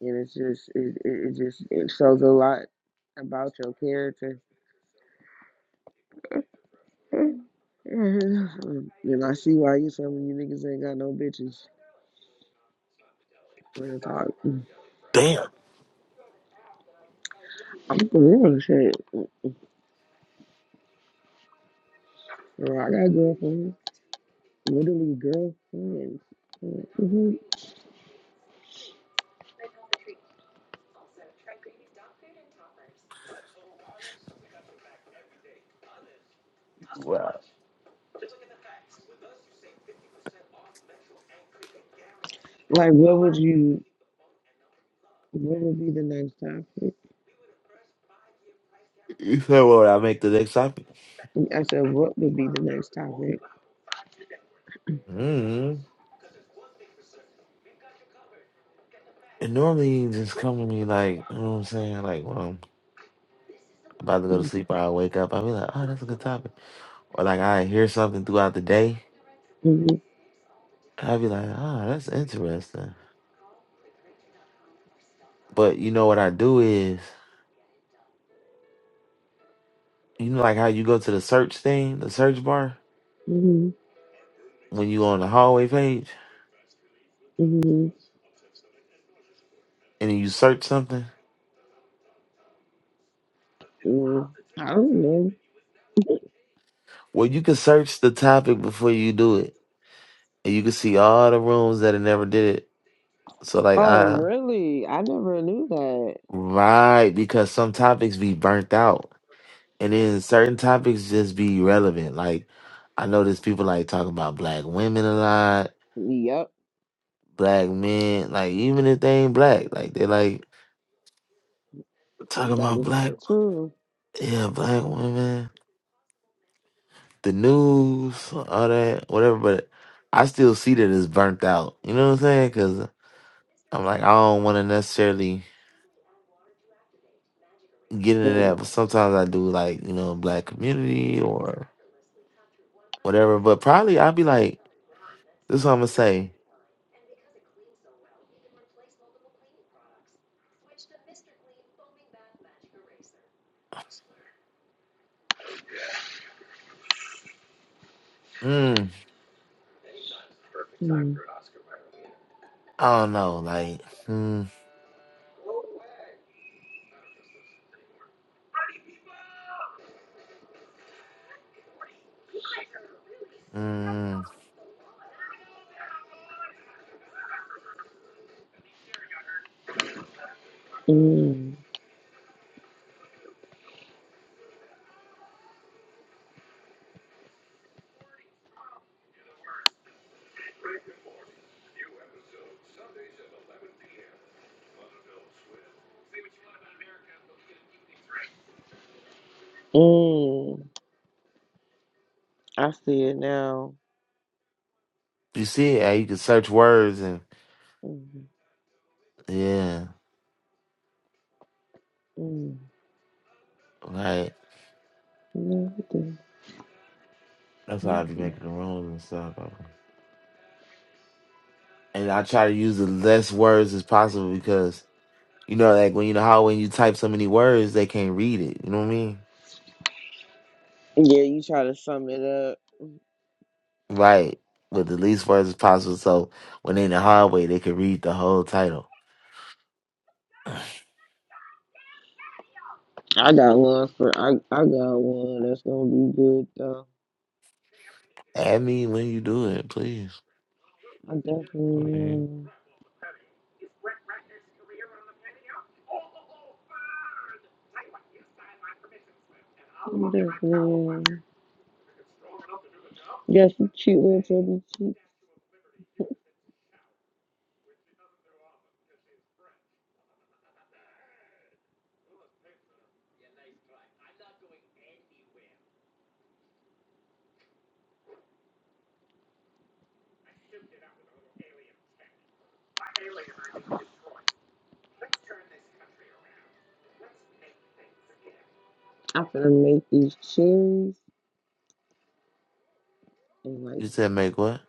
And it's just, it, it, it just, it shows a lot about your character. (laughs) and I see why you some of you niggas ain't got no bitches. Real talk.
Damn,
I'm for real shit. Bro, I gotta go for real. literally girlfriends. Mhm.
wow.
Like, what would you? What would be the next topic?
You said what I make the next topic?
I said, what would be the next topic?
hmm And normally you just come to me like, you know what I'm saying? Like, when I'm about to go to
Mm-hmm.
sleep, or I wake up, I'll be like, oh, that's a good topic. Or like I hear something throughout the day. I'd be like, ah, that's interesting. But you know what I do is, you know, like how you go to the search thing, the search bar, when you on the hallway page
hmm
and then you search something.
hmm I don't know.
Well, you can search the topic before you do it, and you can see all the rooms that have never did it. So, like,
Oh,
I
really? I never knew that.
right because some topics be burnt out, and then certain topics just be relevant. Like, I notice people like talking about black women a lot,
Yep.
black men. Like, even if they ain't black, like they like Talk
That
about
is
black,
true.
yeah, black women, the news, all that, whatever. But I still see that it's burnt out. You know what I'm saying? Because I'm like, I don't want to necessarily get into
Mm. Mm.
that. But sometimes I do, like you know, black community or whatever. But probably I'd be like, this is what I'm gonna say. Mm, I don't know, like, mm, mm.
Mm. Mm. I see it now.
You see it, eh, you can search words and
Mm.
yeah,
Mm.
like That's how I be
Mm.
making the rules and stuff. and I try to use the less words as possible because you know, like when you know how when you type so many words, they can't read it. You know what I mean?
Yeah, you try to sum it up.
Right. With the least words as possible, so when they in the hallway, they can read the whole title.
I got one for I I got one that's gonna be good though.
Add me when you do it, please.
I definitely
Mhm.
am. I definitely am. Yes, you cute little chubby cheap. I'm gonna make these cherries and like
You said make what?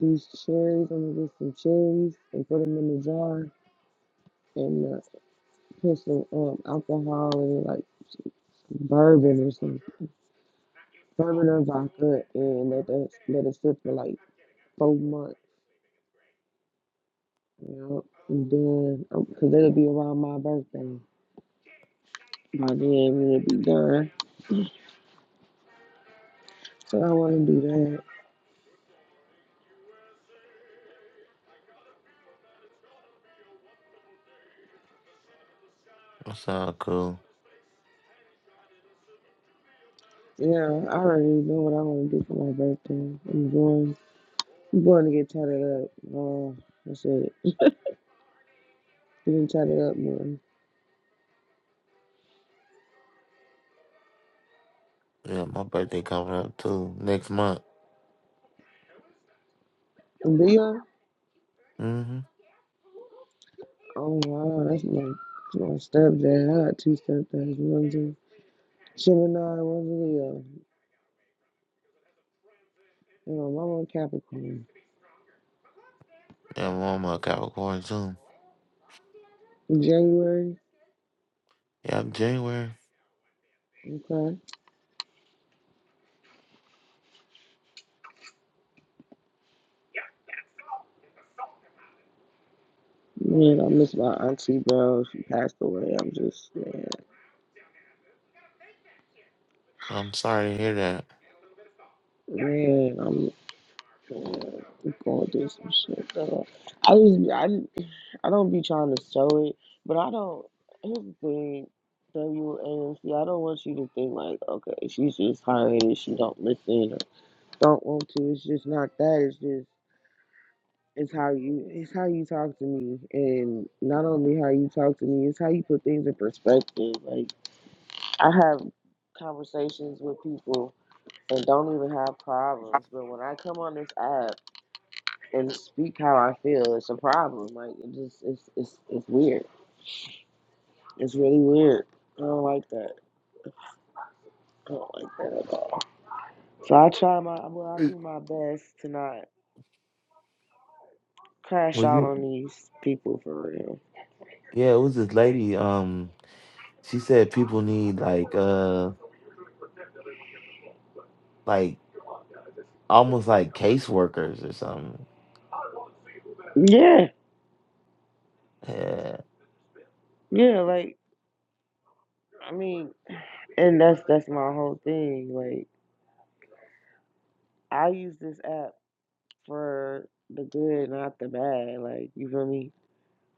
these cherries. I'm gonna get some cherries and put them in the jar and uh, put some um, alcohol and like bourbon or some bourbon or vodka and let that let it sit for like four months. You know, and then because it'll be around my birthday. my day ain't really be done. So I want to do that.
That sound cool.
Yeah, I already know what I want to do for my birthday. I'm going, I'm going to get tatted up. Oh, that's it. Getting tatted up more.
Yeah, my birthday coming up too next month.
And Leo,
Mm-hmm.
oh wow, that's my, my stepdad. I got two stepdads. One's a Gemini, one's a Leo. And my mama a Capricorn.
Yeah, I'm on my Capricorn too.
In January,
Yeah, I'm January.
okay. Man, I miss my auntie, bro. She passed away. I'm just, man,
I'm sorry to hear that.
man I'm we going through some shit though. I was I, I don't be trying to show it, but I don't. Here's the thing, WAMC. I don't want you to think like, okay, she's just hard headed. She don't listen or don't want to. It's just not that. It's just it's how you it's how you talk to me, and not only how you talk to me, it's how you put things in perspective. Like I have conversations with people and don't even have problems, but when I come on this app. and speak how I feel. It's a problem. Like it just it's it's it's weird. It's really weird. I don't like that. I don't like that at all. So I try my well, I
Hey,
do my best to not crash
Was
out
you?
on these people for real.
Yeah, it was this lady. Um. She said people need like uh like almost like caseworkers or something.
Yeah,
Yeah.
yeah. Like I mean, and that's that's my whole thing. Like I use this app for the good, not the bad. Like you feel me?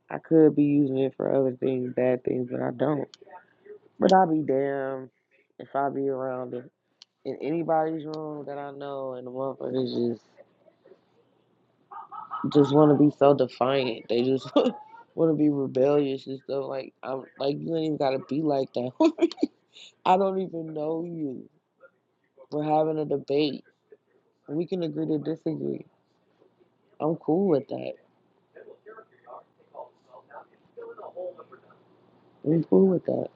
I could be using it for other things, bad things, but I don't. But I'll be damned if I be around it. in anybody's room that I know, and the motherfuckers just just want to be so defiant. They just (laughs) want to be rebellious and stuff. Like I'm like you ain't even gotta be like that. (laughs) I don't even know you. We're having a debate. We can agree to disagree. I'm cool with that. I'm cool with that.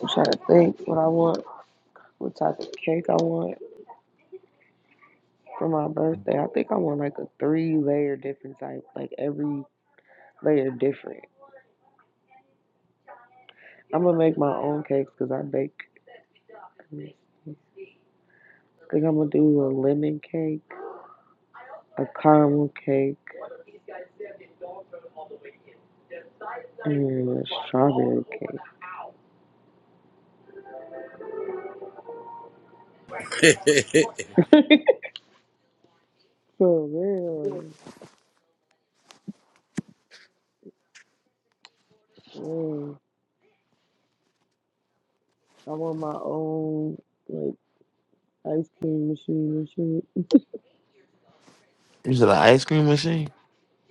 I'm trying to think what I want, what type of cake I want for my birthday. I think I want like a three layer different type, like every layer different. I'm gonna make my own cakes because I bake. I mean, I think I'm gonna do a lemon cake, a caramel cake, and a strawberry cake. (laughs) so real. Man, I want my own like ice cream machine and shit.
Is it an ice cream machine?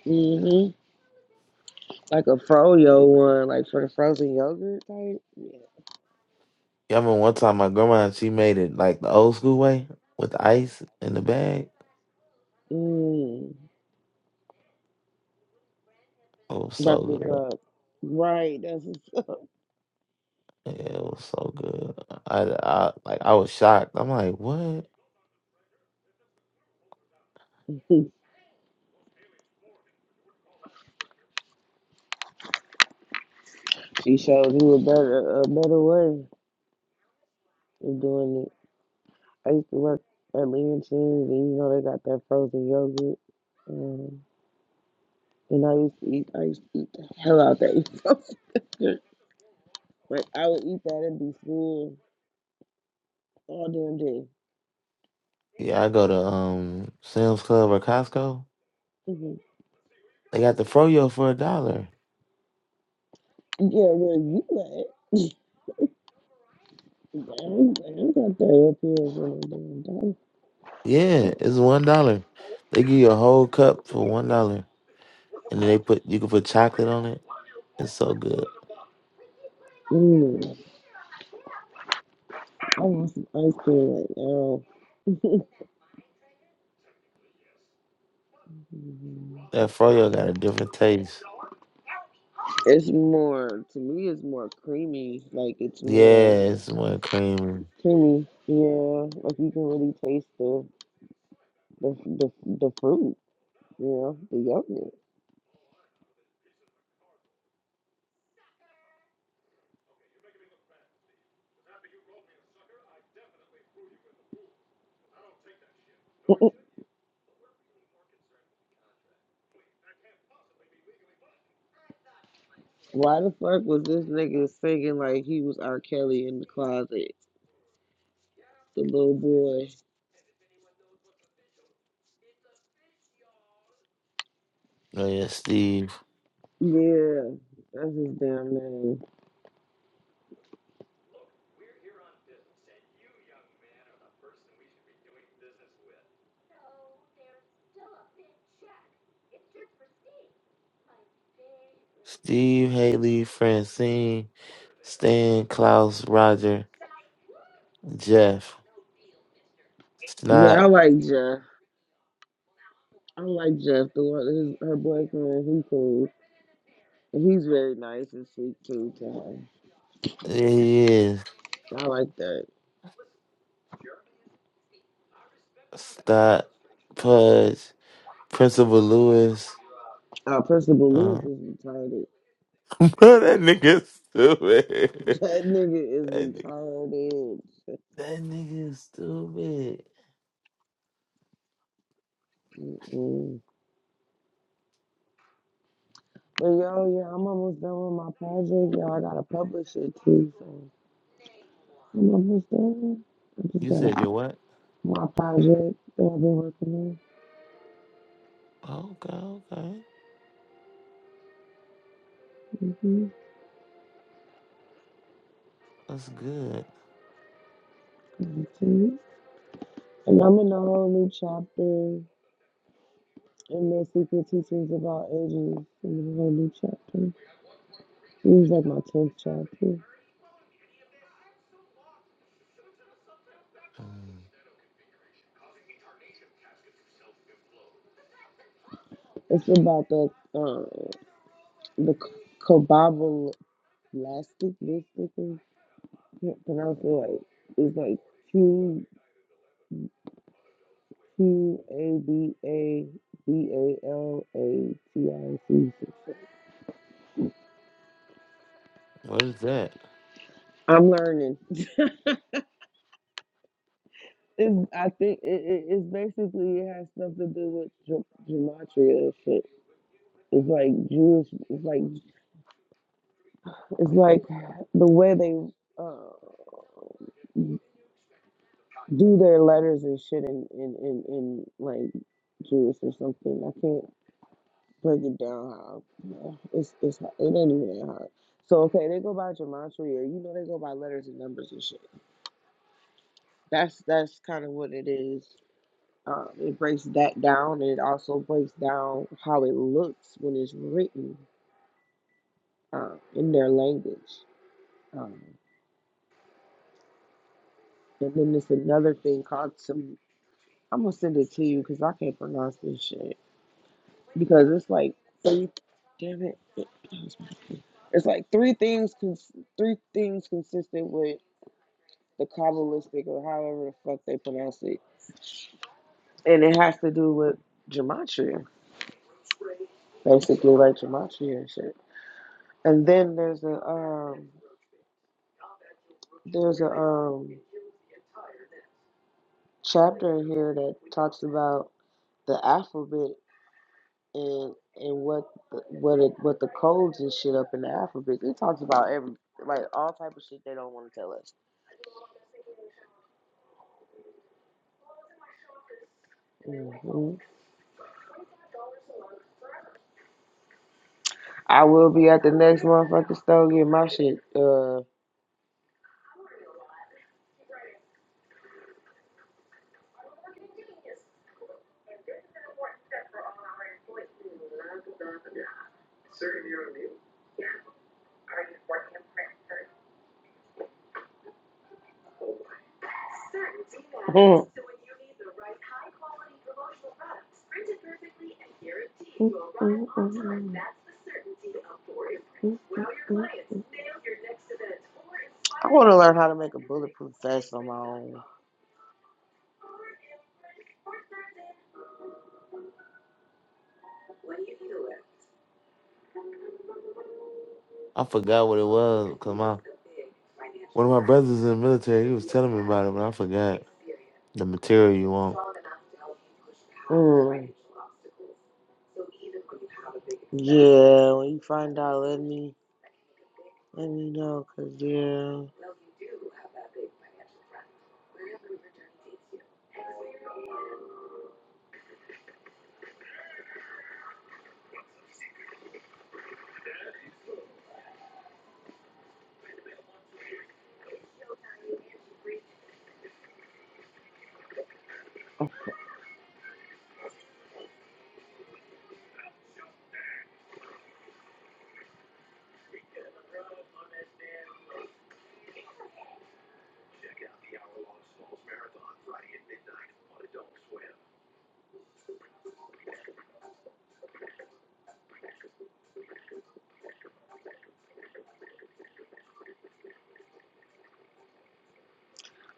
hmm Like a froyo one, like for the frozen yogurt type. Yeah.
Yeah, I remember one time my grandma she made it like the old school way with ice in the bag.
Mm.
It was so
That's what's
good.
up. Right, that's what's up.
Yeah, it was so good. I, I like I was shocked. I'm like, what?
(laughs) she showed you a better a better way of doing it. I used to work at Leontine's, and you know they got that frozen yogurt. Um, and I used to eat, I used to eat the hell out that (laughs) frozen yogurt. Like I would eat that and be full all damn day.
Yeah, I go to um Sam's Club or Costco.
hmm
They got the froyo for a dollar.
Yeah, where you at? I don't I don't got that up here for no damn dollar.
Yeah, it's one dollar. They give you a whole cup for one dollar, and then they put you can put chocolate on it. It's so good.
Mm, I want some ice cream right now. (laughs)
That froyo got a different taste.
It's more to me. It's more creamy. Like it's more
Yeah, it's more creamy.
creamy. Yeah, like you can really taste the the the the fruit, you know, the yogurt. (laughs) Why the fuck was this nigga singing like he was R. Kelly in the closet? The little boy.
Oh yeah, Steve.
Yeah, that's his damn name.
Steve, Haley, Francine, Stan, Klaus, Roger, Jeff, Snot,
Yeah, I like Jeff. I like Jeff. The one, his, her boyfriend, he cool. And he's very nice and sweet too to
yeah, he is.
her. I like that.
Snot, Pudge, Principal Lewis.
Uh, Principal
Uh,
Lewis is retarded.
(laughs) bro, that nigga
(laughs)
stupid. (laughs)
That nigga
That
is
nigga,
retarded.
that nigga is stupid.
(laughs) Mm-mm. But yo, yeah, I'm almost done with my project. Y'all, I gotta publish it too, so I'm almost done. I just
You said
got
your what?
my project that I've been working
Okay, okay.
on. hmm
That's good.
And I'm in a whole new chapter in the secret teachings about ages. in a whole new chapter. This is like my tenth chapter.
Mm,
It's about the uh, the cobabalistic. This I can't pronounce it. Like it's like two. P A B A B A L A T I C. success.
What is that?
I'm learning. (laughs) It's, I think it, it, it's basically it has stuff to do with ge- gematria and shit. It's like Jewish. It's like it's like the way they uh, do their letters and shit in in in, in like Jewish or something. I can't break it down how it's it's it ain't even that hard. So okay, they go by gematria. You know they go by letters and numbers and shit. That's that's kind of what it is. Um, it breaks that down, and it also breaks down how it looks when it's written uh, in their language. Um, and then there's another thing called some. I'm gonna send it to you because I can't pronounce this shit. Because it's like three. Damn it! It's like three things. Cons- three things consistent with the Kabbalistic or however the fuck they pronounce it, and it has to do with gematria basically like Jamachi and shit. And then there's a um there's a um chapter in here that talks about the alphabet and and what the, what it what the codes and shit up in the alphabet. It talks about every like all type of shit they don't want to tell us. hmm I will be at the next motherfucking store getting my shit. uh Mhm. Mhm, mhm, mhm, mhm, mhm. I want to learn how to make a bulletproof vest on my own.
I forgot what it was because my one of my brothers in the military. He was telling me about it, but I forgot the material you want.
Mm. Yeah, when you find out, let me let me know, cause yeah,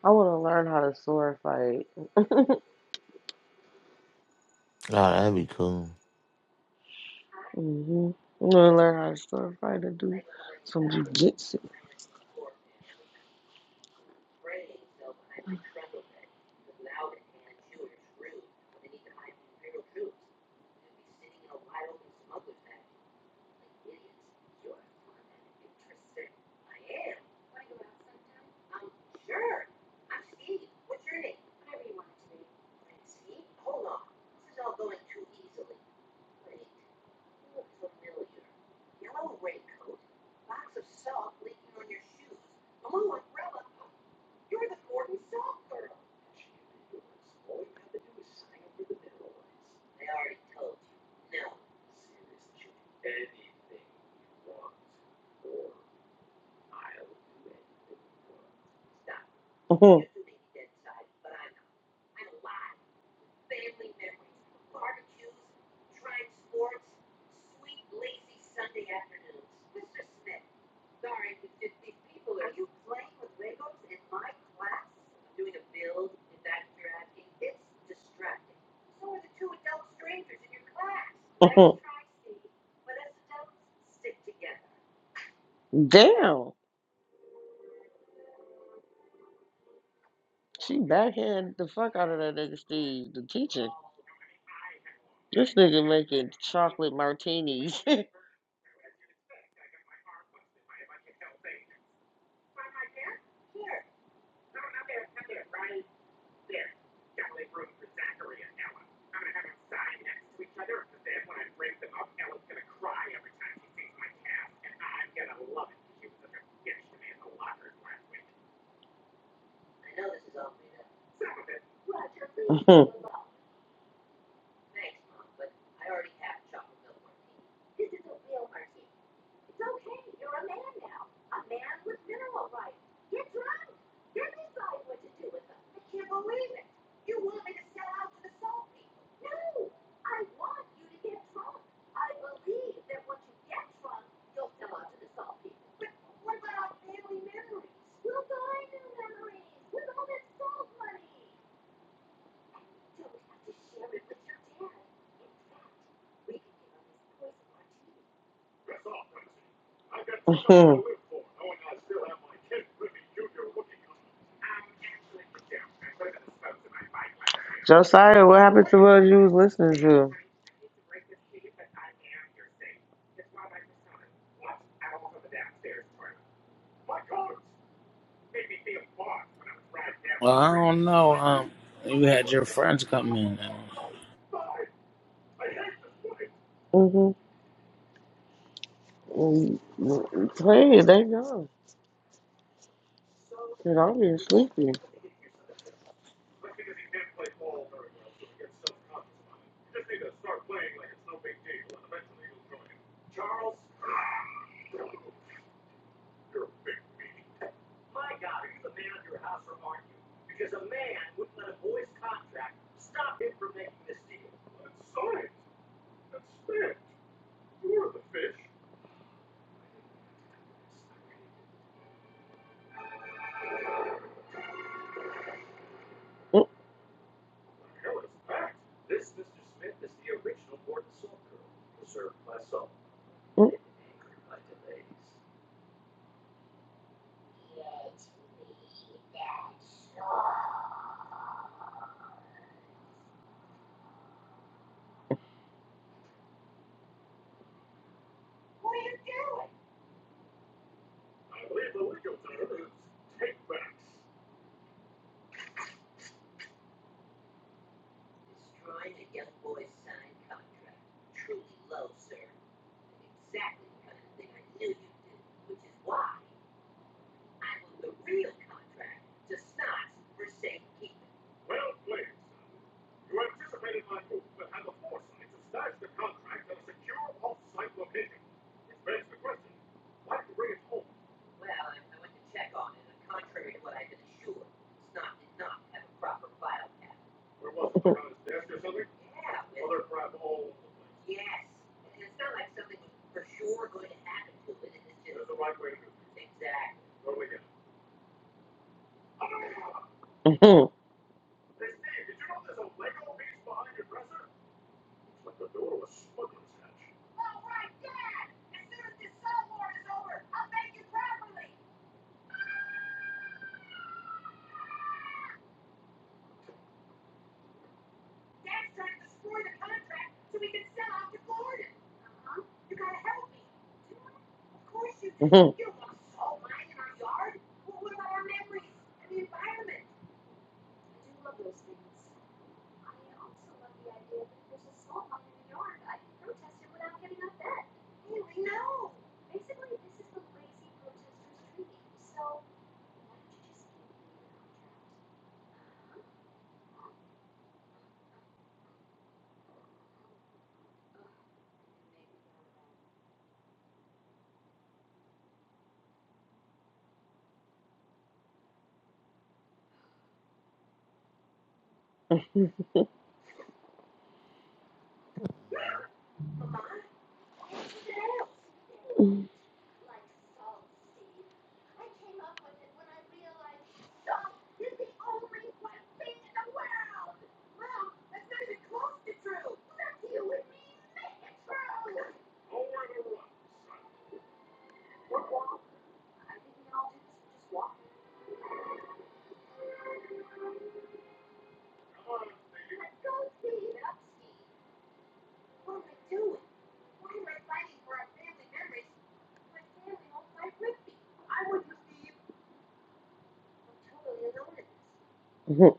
I want to learn how to sword fight.
Oh, that'd be cool.
Mm-hmm. I'm gonna learn how to start a fight to do some jujitsu. Uh-huh. Uh-huh. Damn, she backhanded the fuck out of that nigga Steve, the teacher. This nigga making chocolate martinis. (laughs) Uh-huh. Uh-huh. Josiah, what happened to what you was listening to?
well, I don't know. Um you had your friends come in.
Mm-hmm. And mm, pray they go. Cause I'm being sleepy. Mm, mm, mhm, mhm, mhm.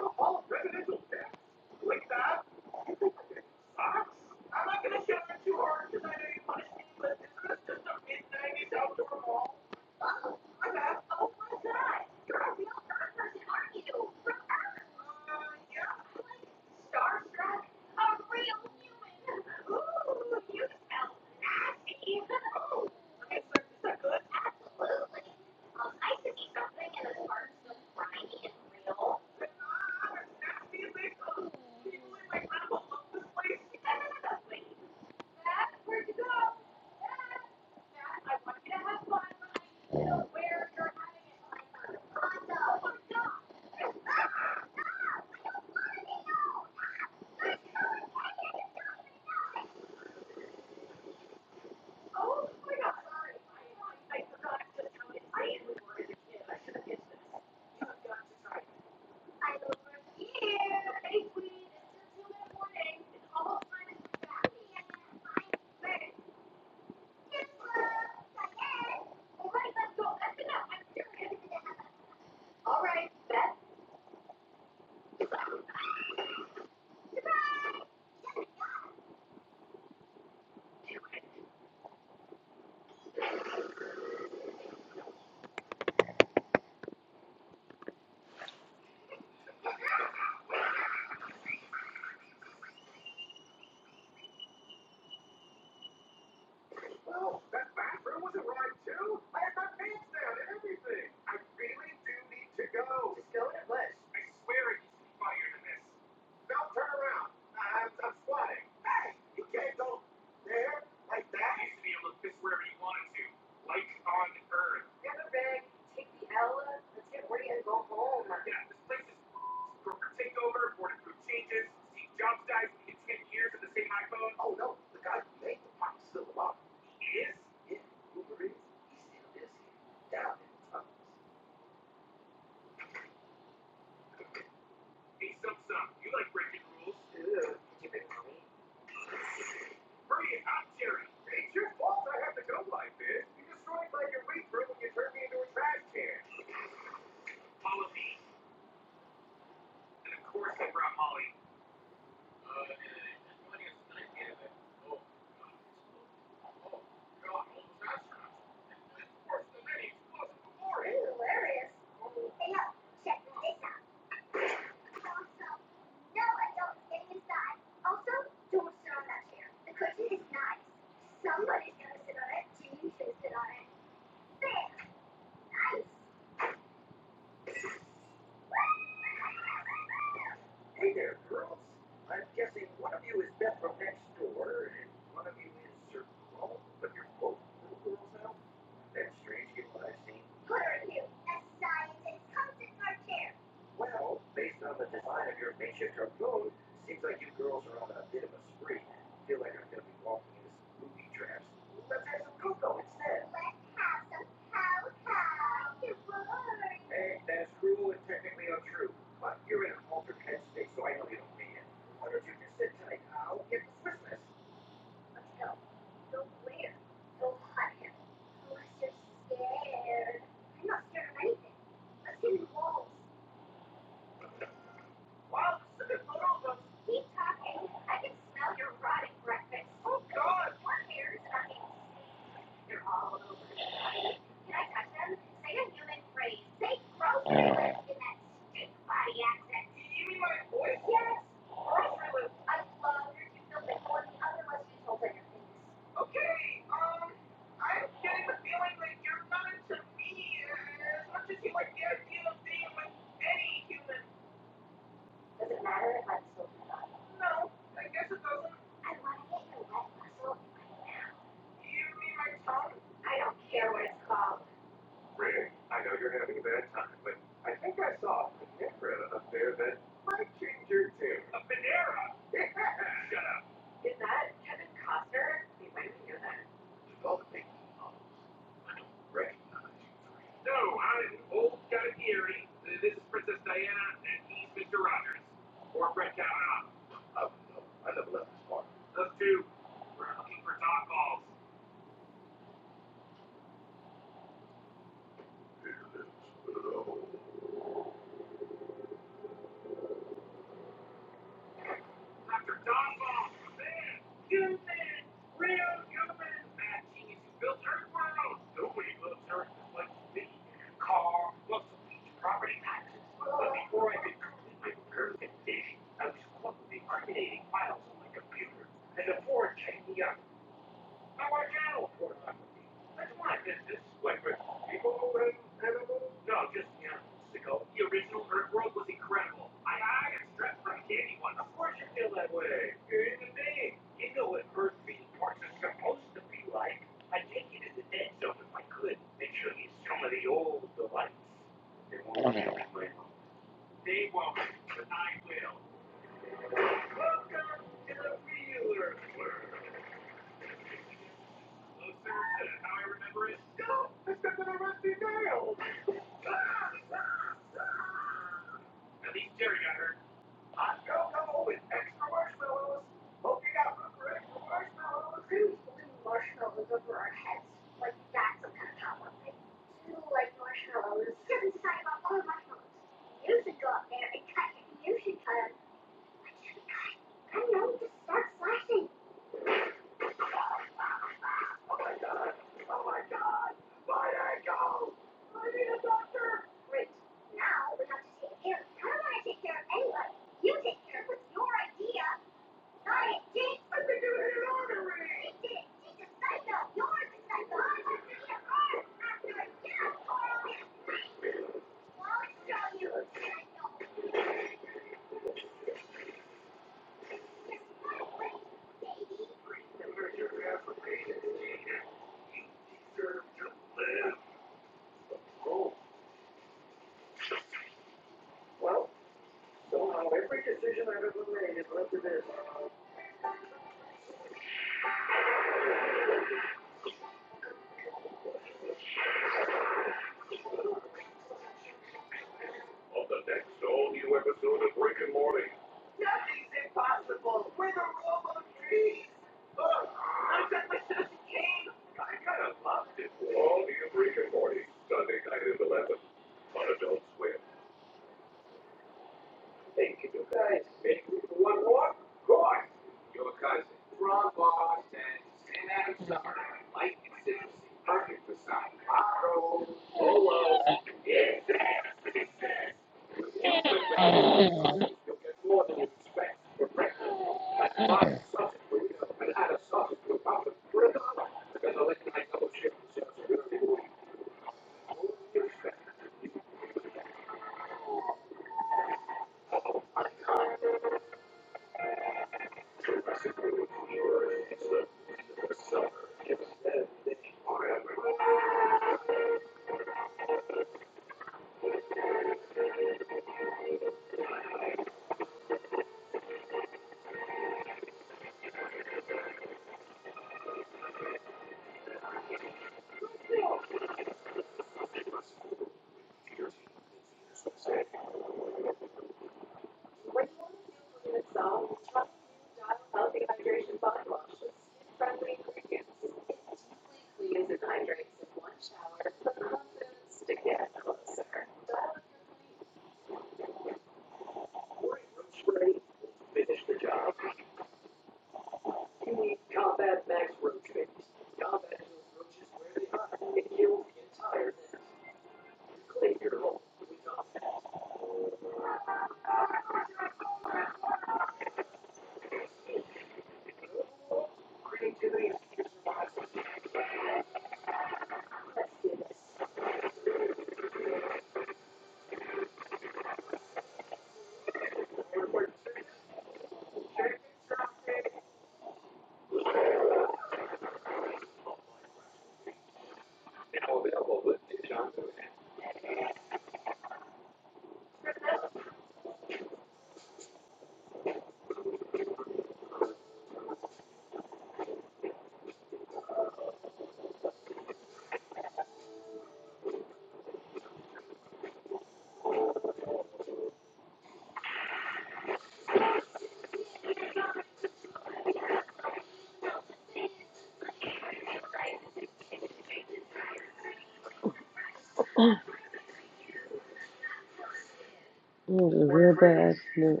It was a real bad accident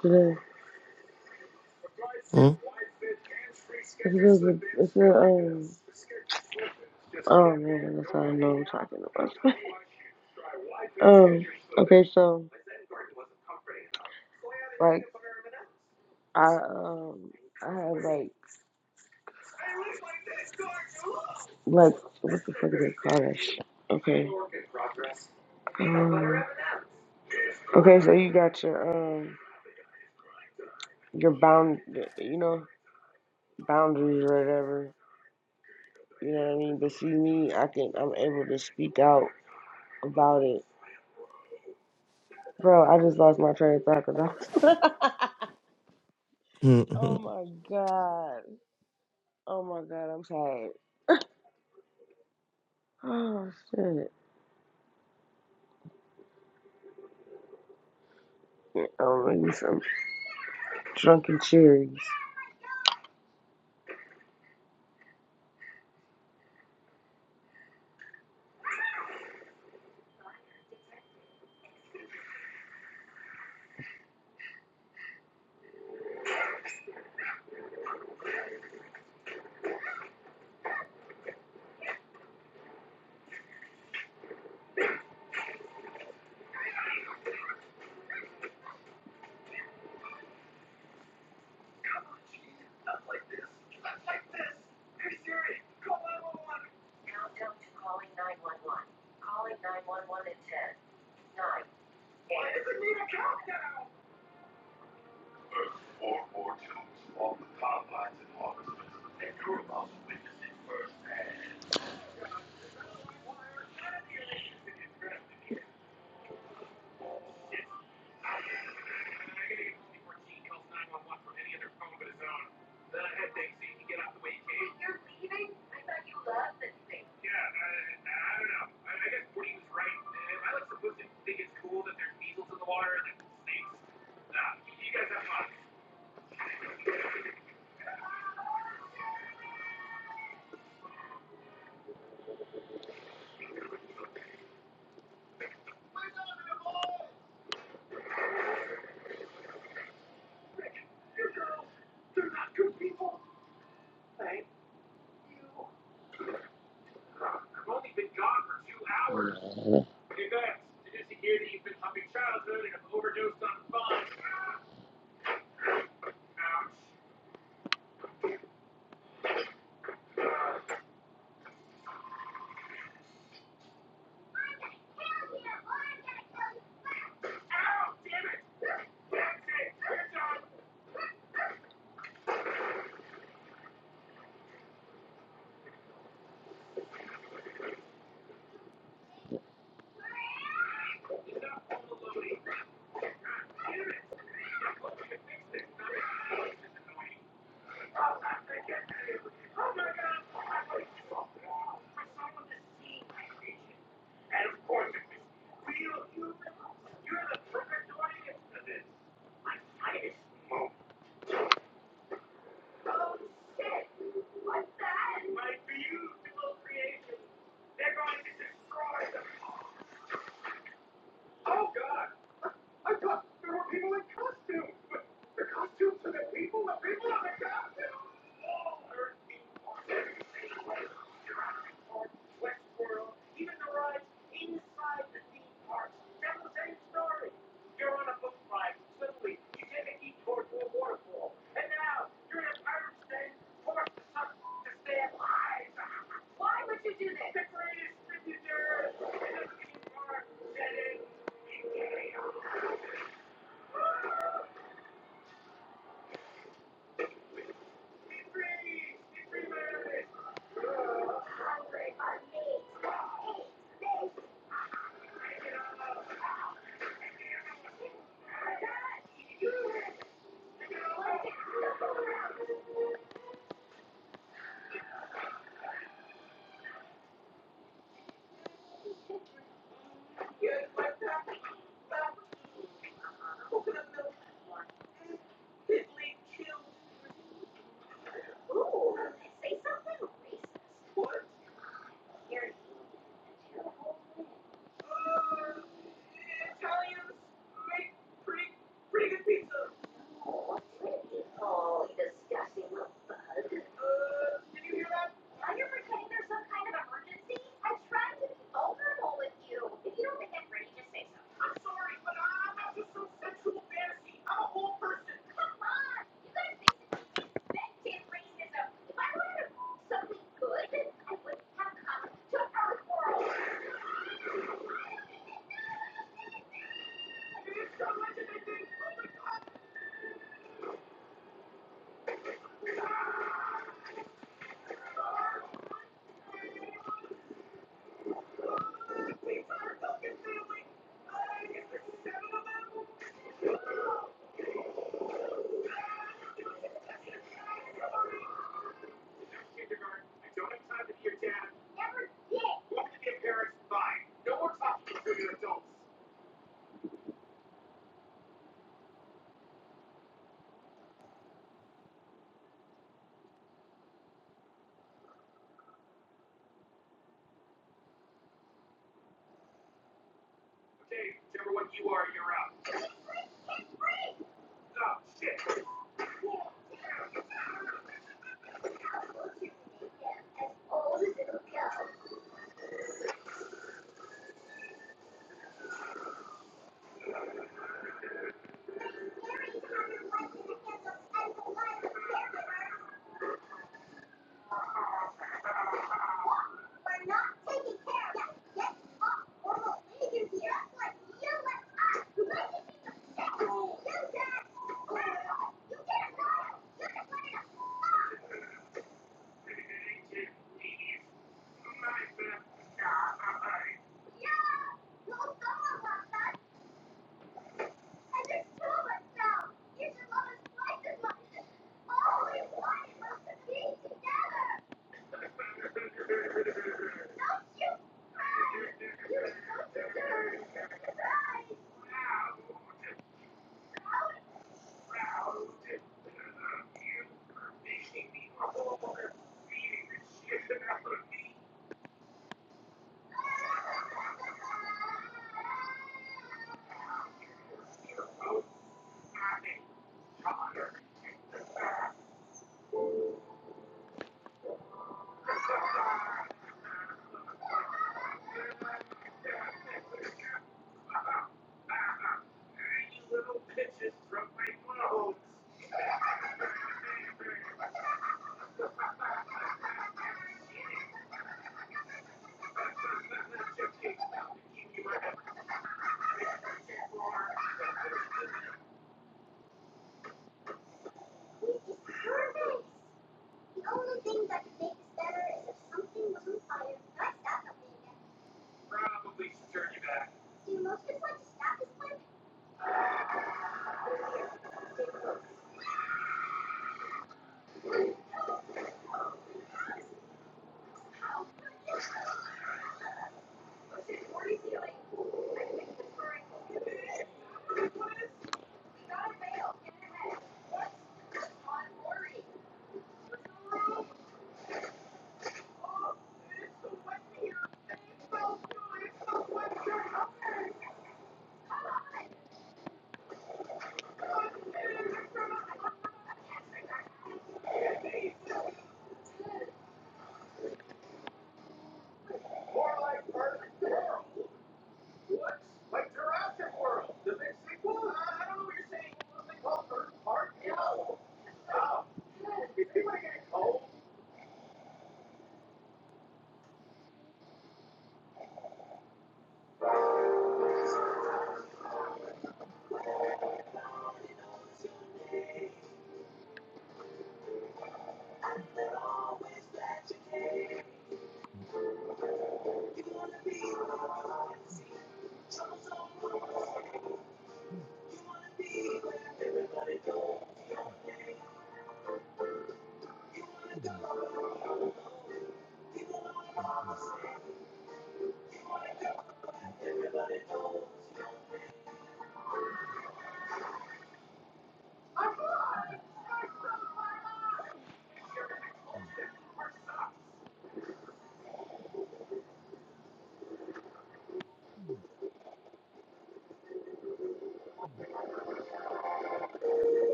today. It's a, it's a, um, oh man, that's how I know I'm talking about. (laughs) um, okay, so, like, I, um, I had, like, like, what the fuck is it called? That shit? Okay. Okay, so you got your um your bound you know boundaries or whatever. You know what I mean? But see me, I can I'm able to speak out about it. Bro, I just lost my train of thought 'cause I was. (laughs) oh
(laughs)
my god. Oh my god, I'm tired. (sighs) Oh shit. Oh, maybe some drunken cherries.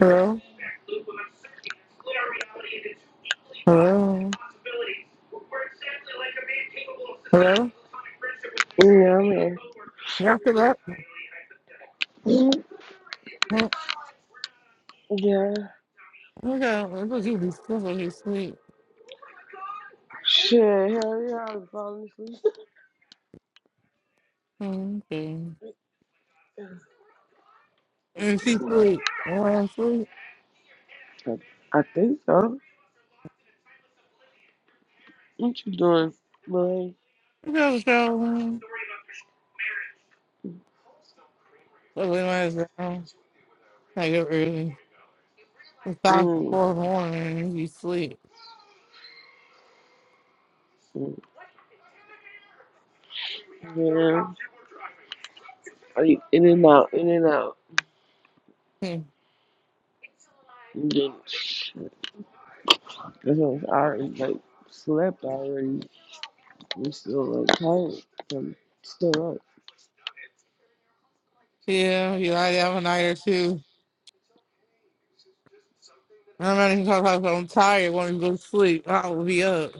Hello? Hello? Hello? Y'all still up? Mm,
Yeah.
Okay, I thought you be still when you sleep.
Shit, hell yeah, I was falling asleep.
Mm, Okay. And
(laughs)
she sleep. And when I sleep,
I think so. What you doing,
she goes to shower room. So we might as well like up early. It's five to
boy?
four in the morning and you sleep.
Yeah, I in and out, in and out.
Hmm.
And then, that's what I already like slept already. I'm still like tired. I'm still up.
Yeah, you lie down a night or two. I'm not even talking about I'm tired when you go to sleep. I will be up.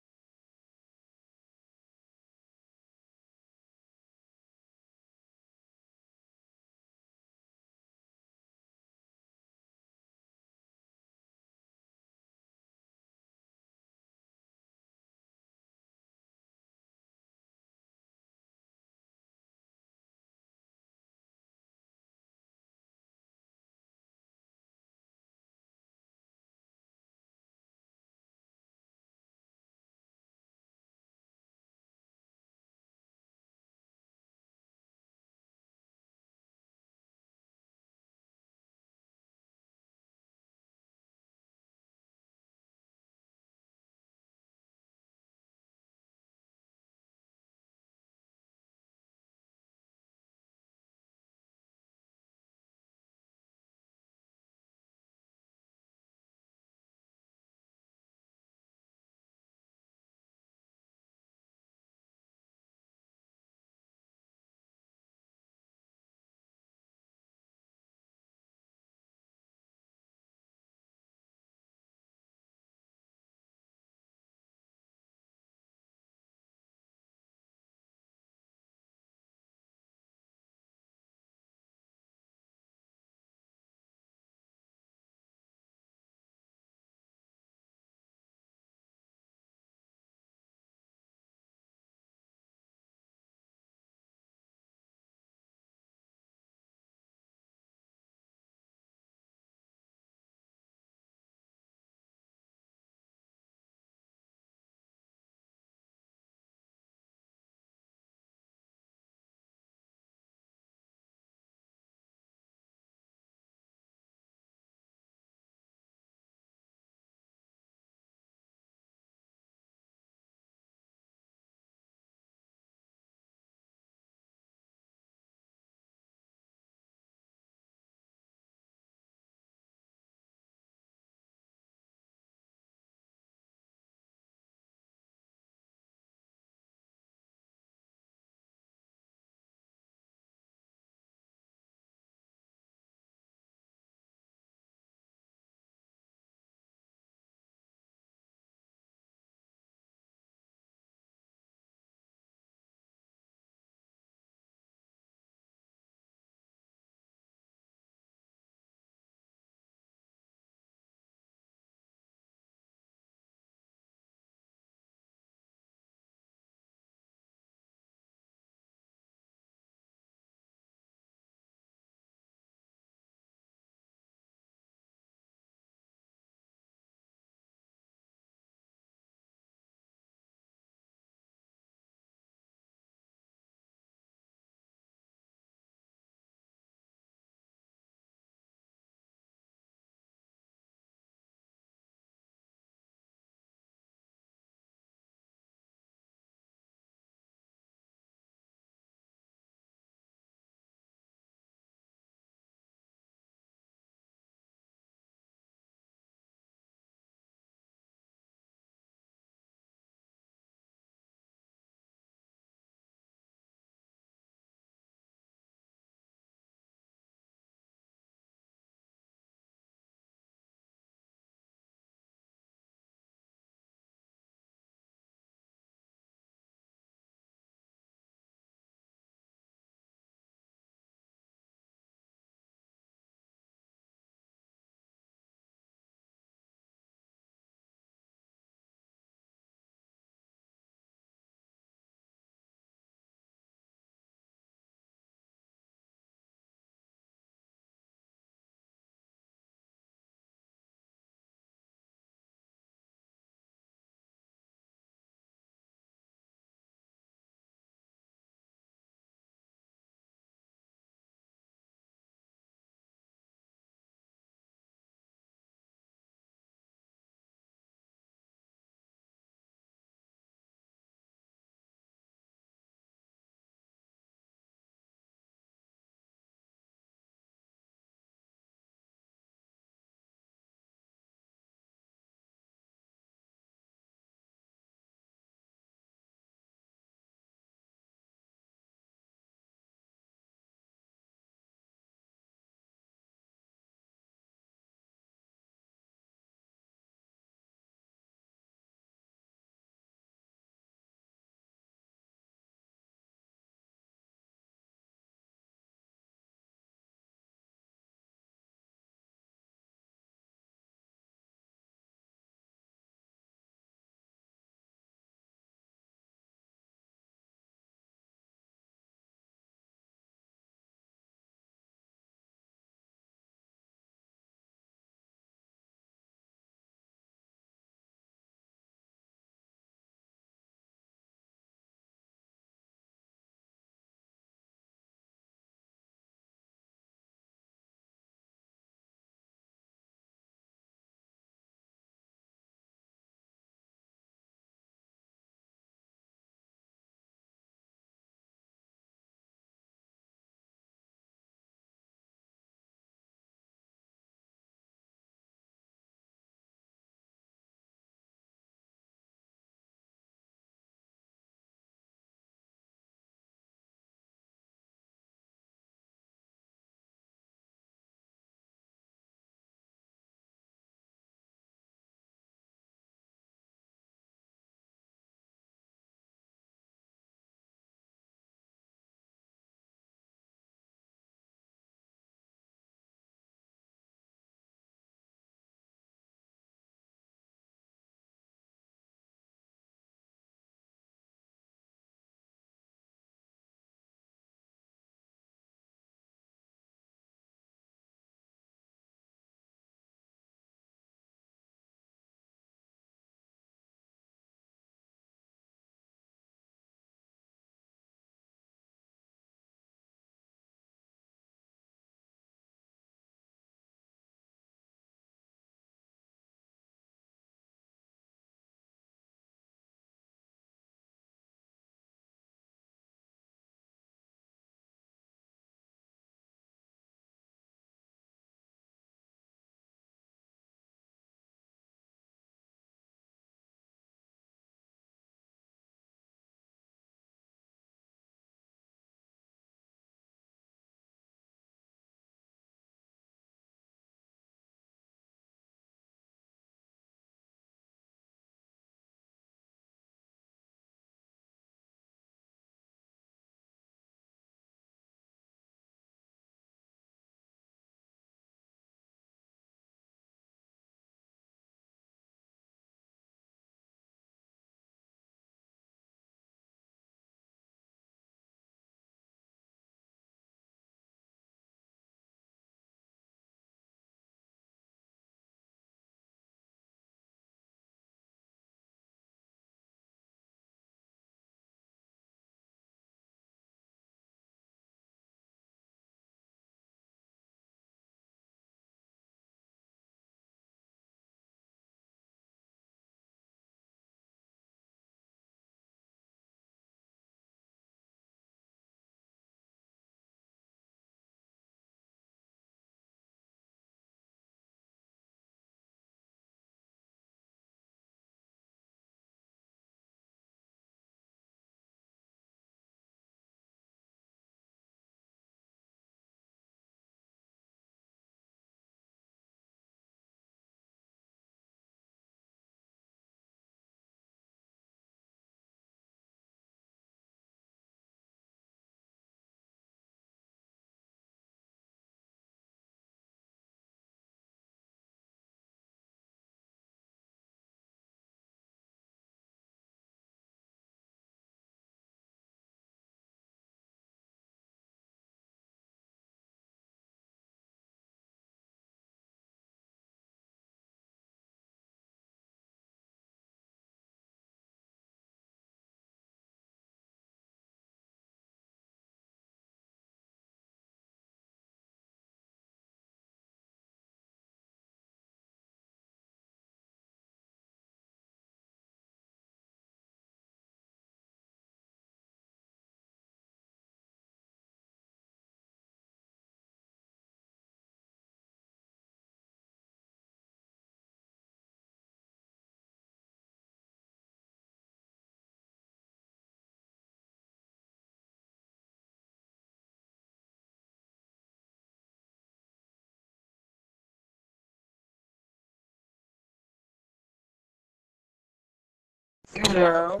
Girl.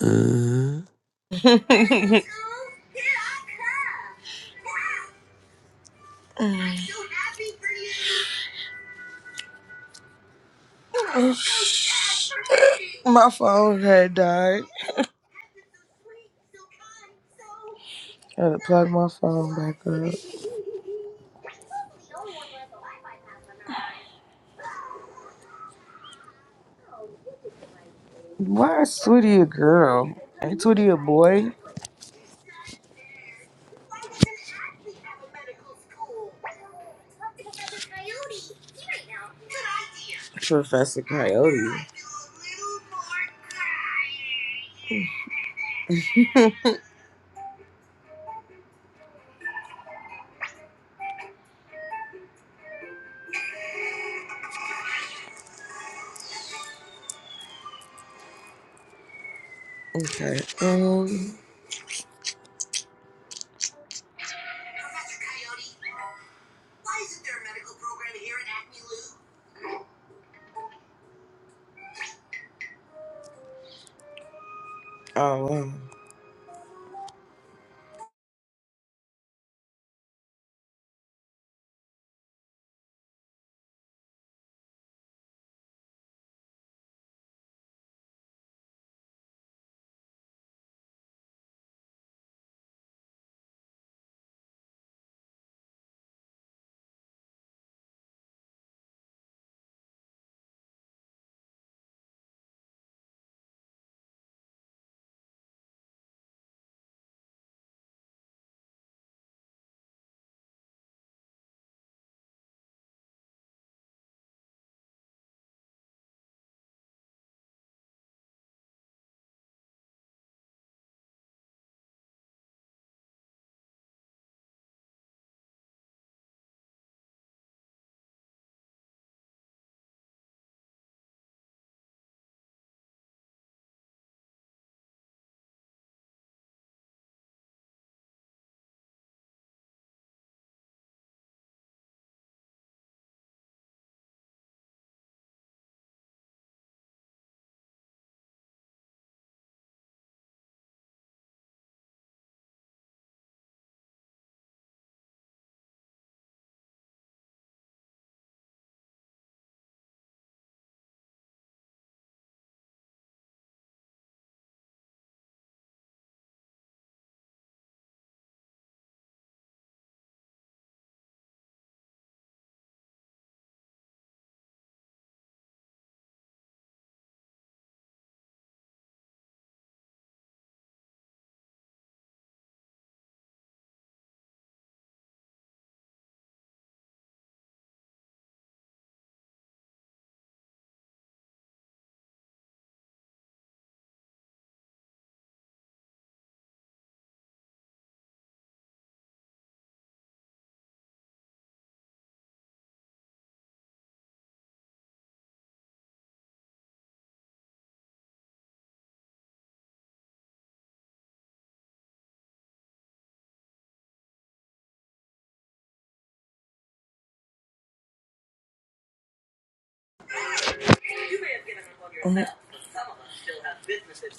Uh,
(laughs) My phone had died. I had to plug my phone back up. Why is Tweety a girl? Ain't Tweety a boy? Professor Coyote. (laughs) Okay. Um. Oh, wow.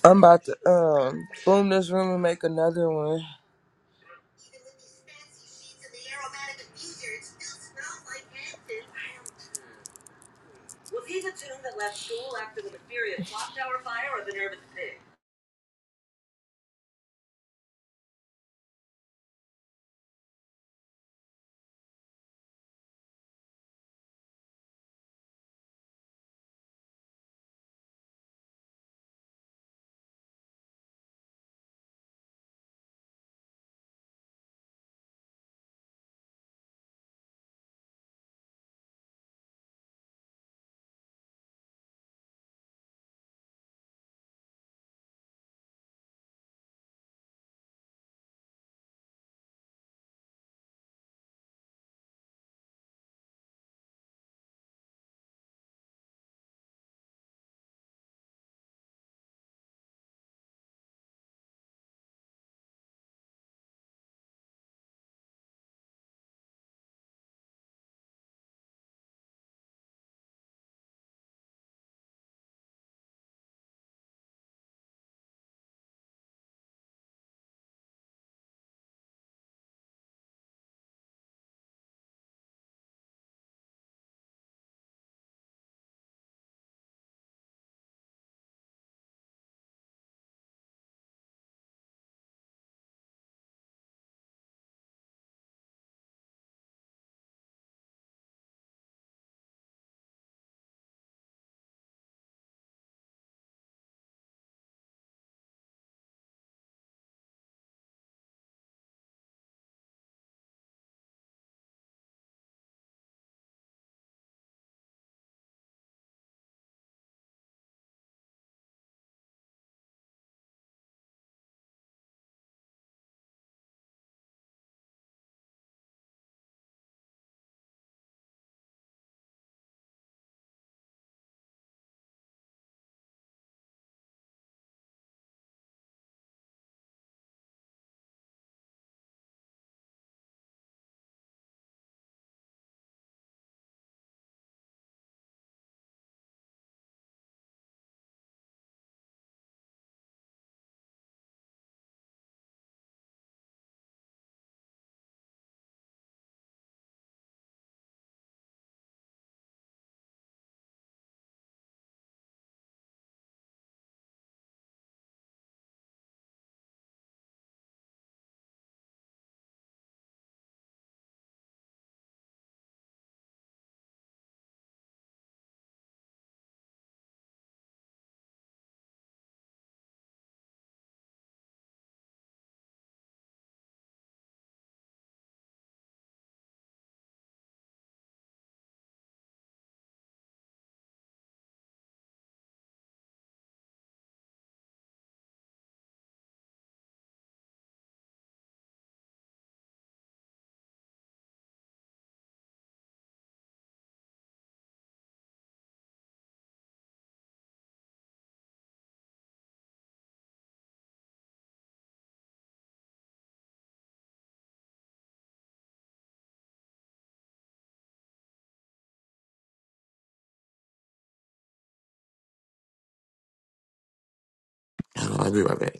I'm about to um boom this room and make another one.
I'll be right back.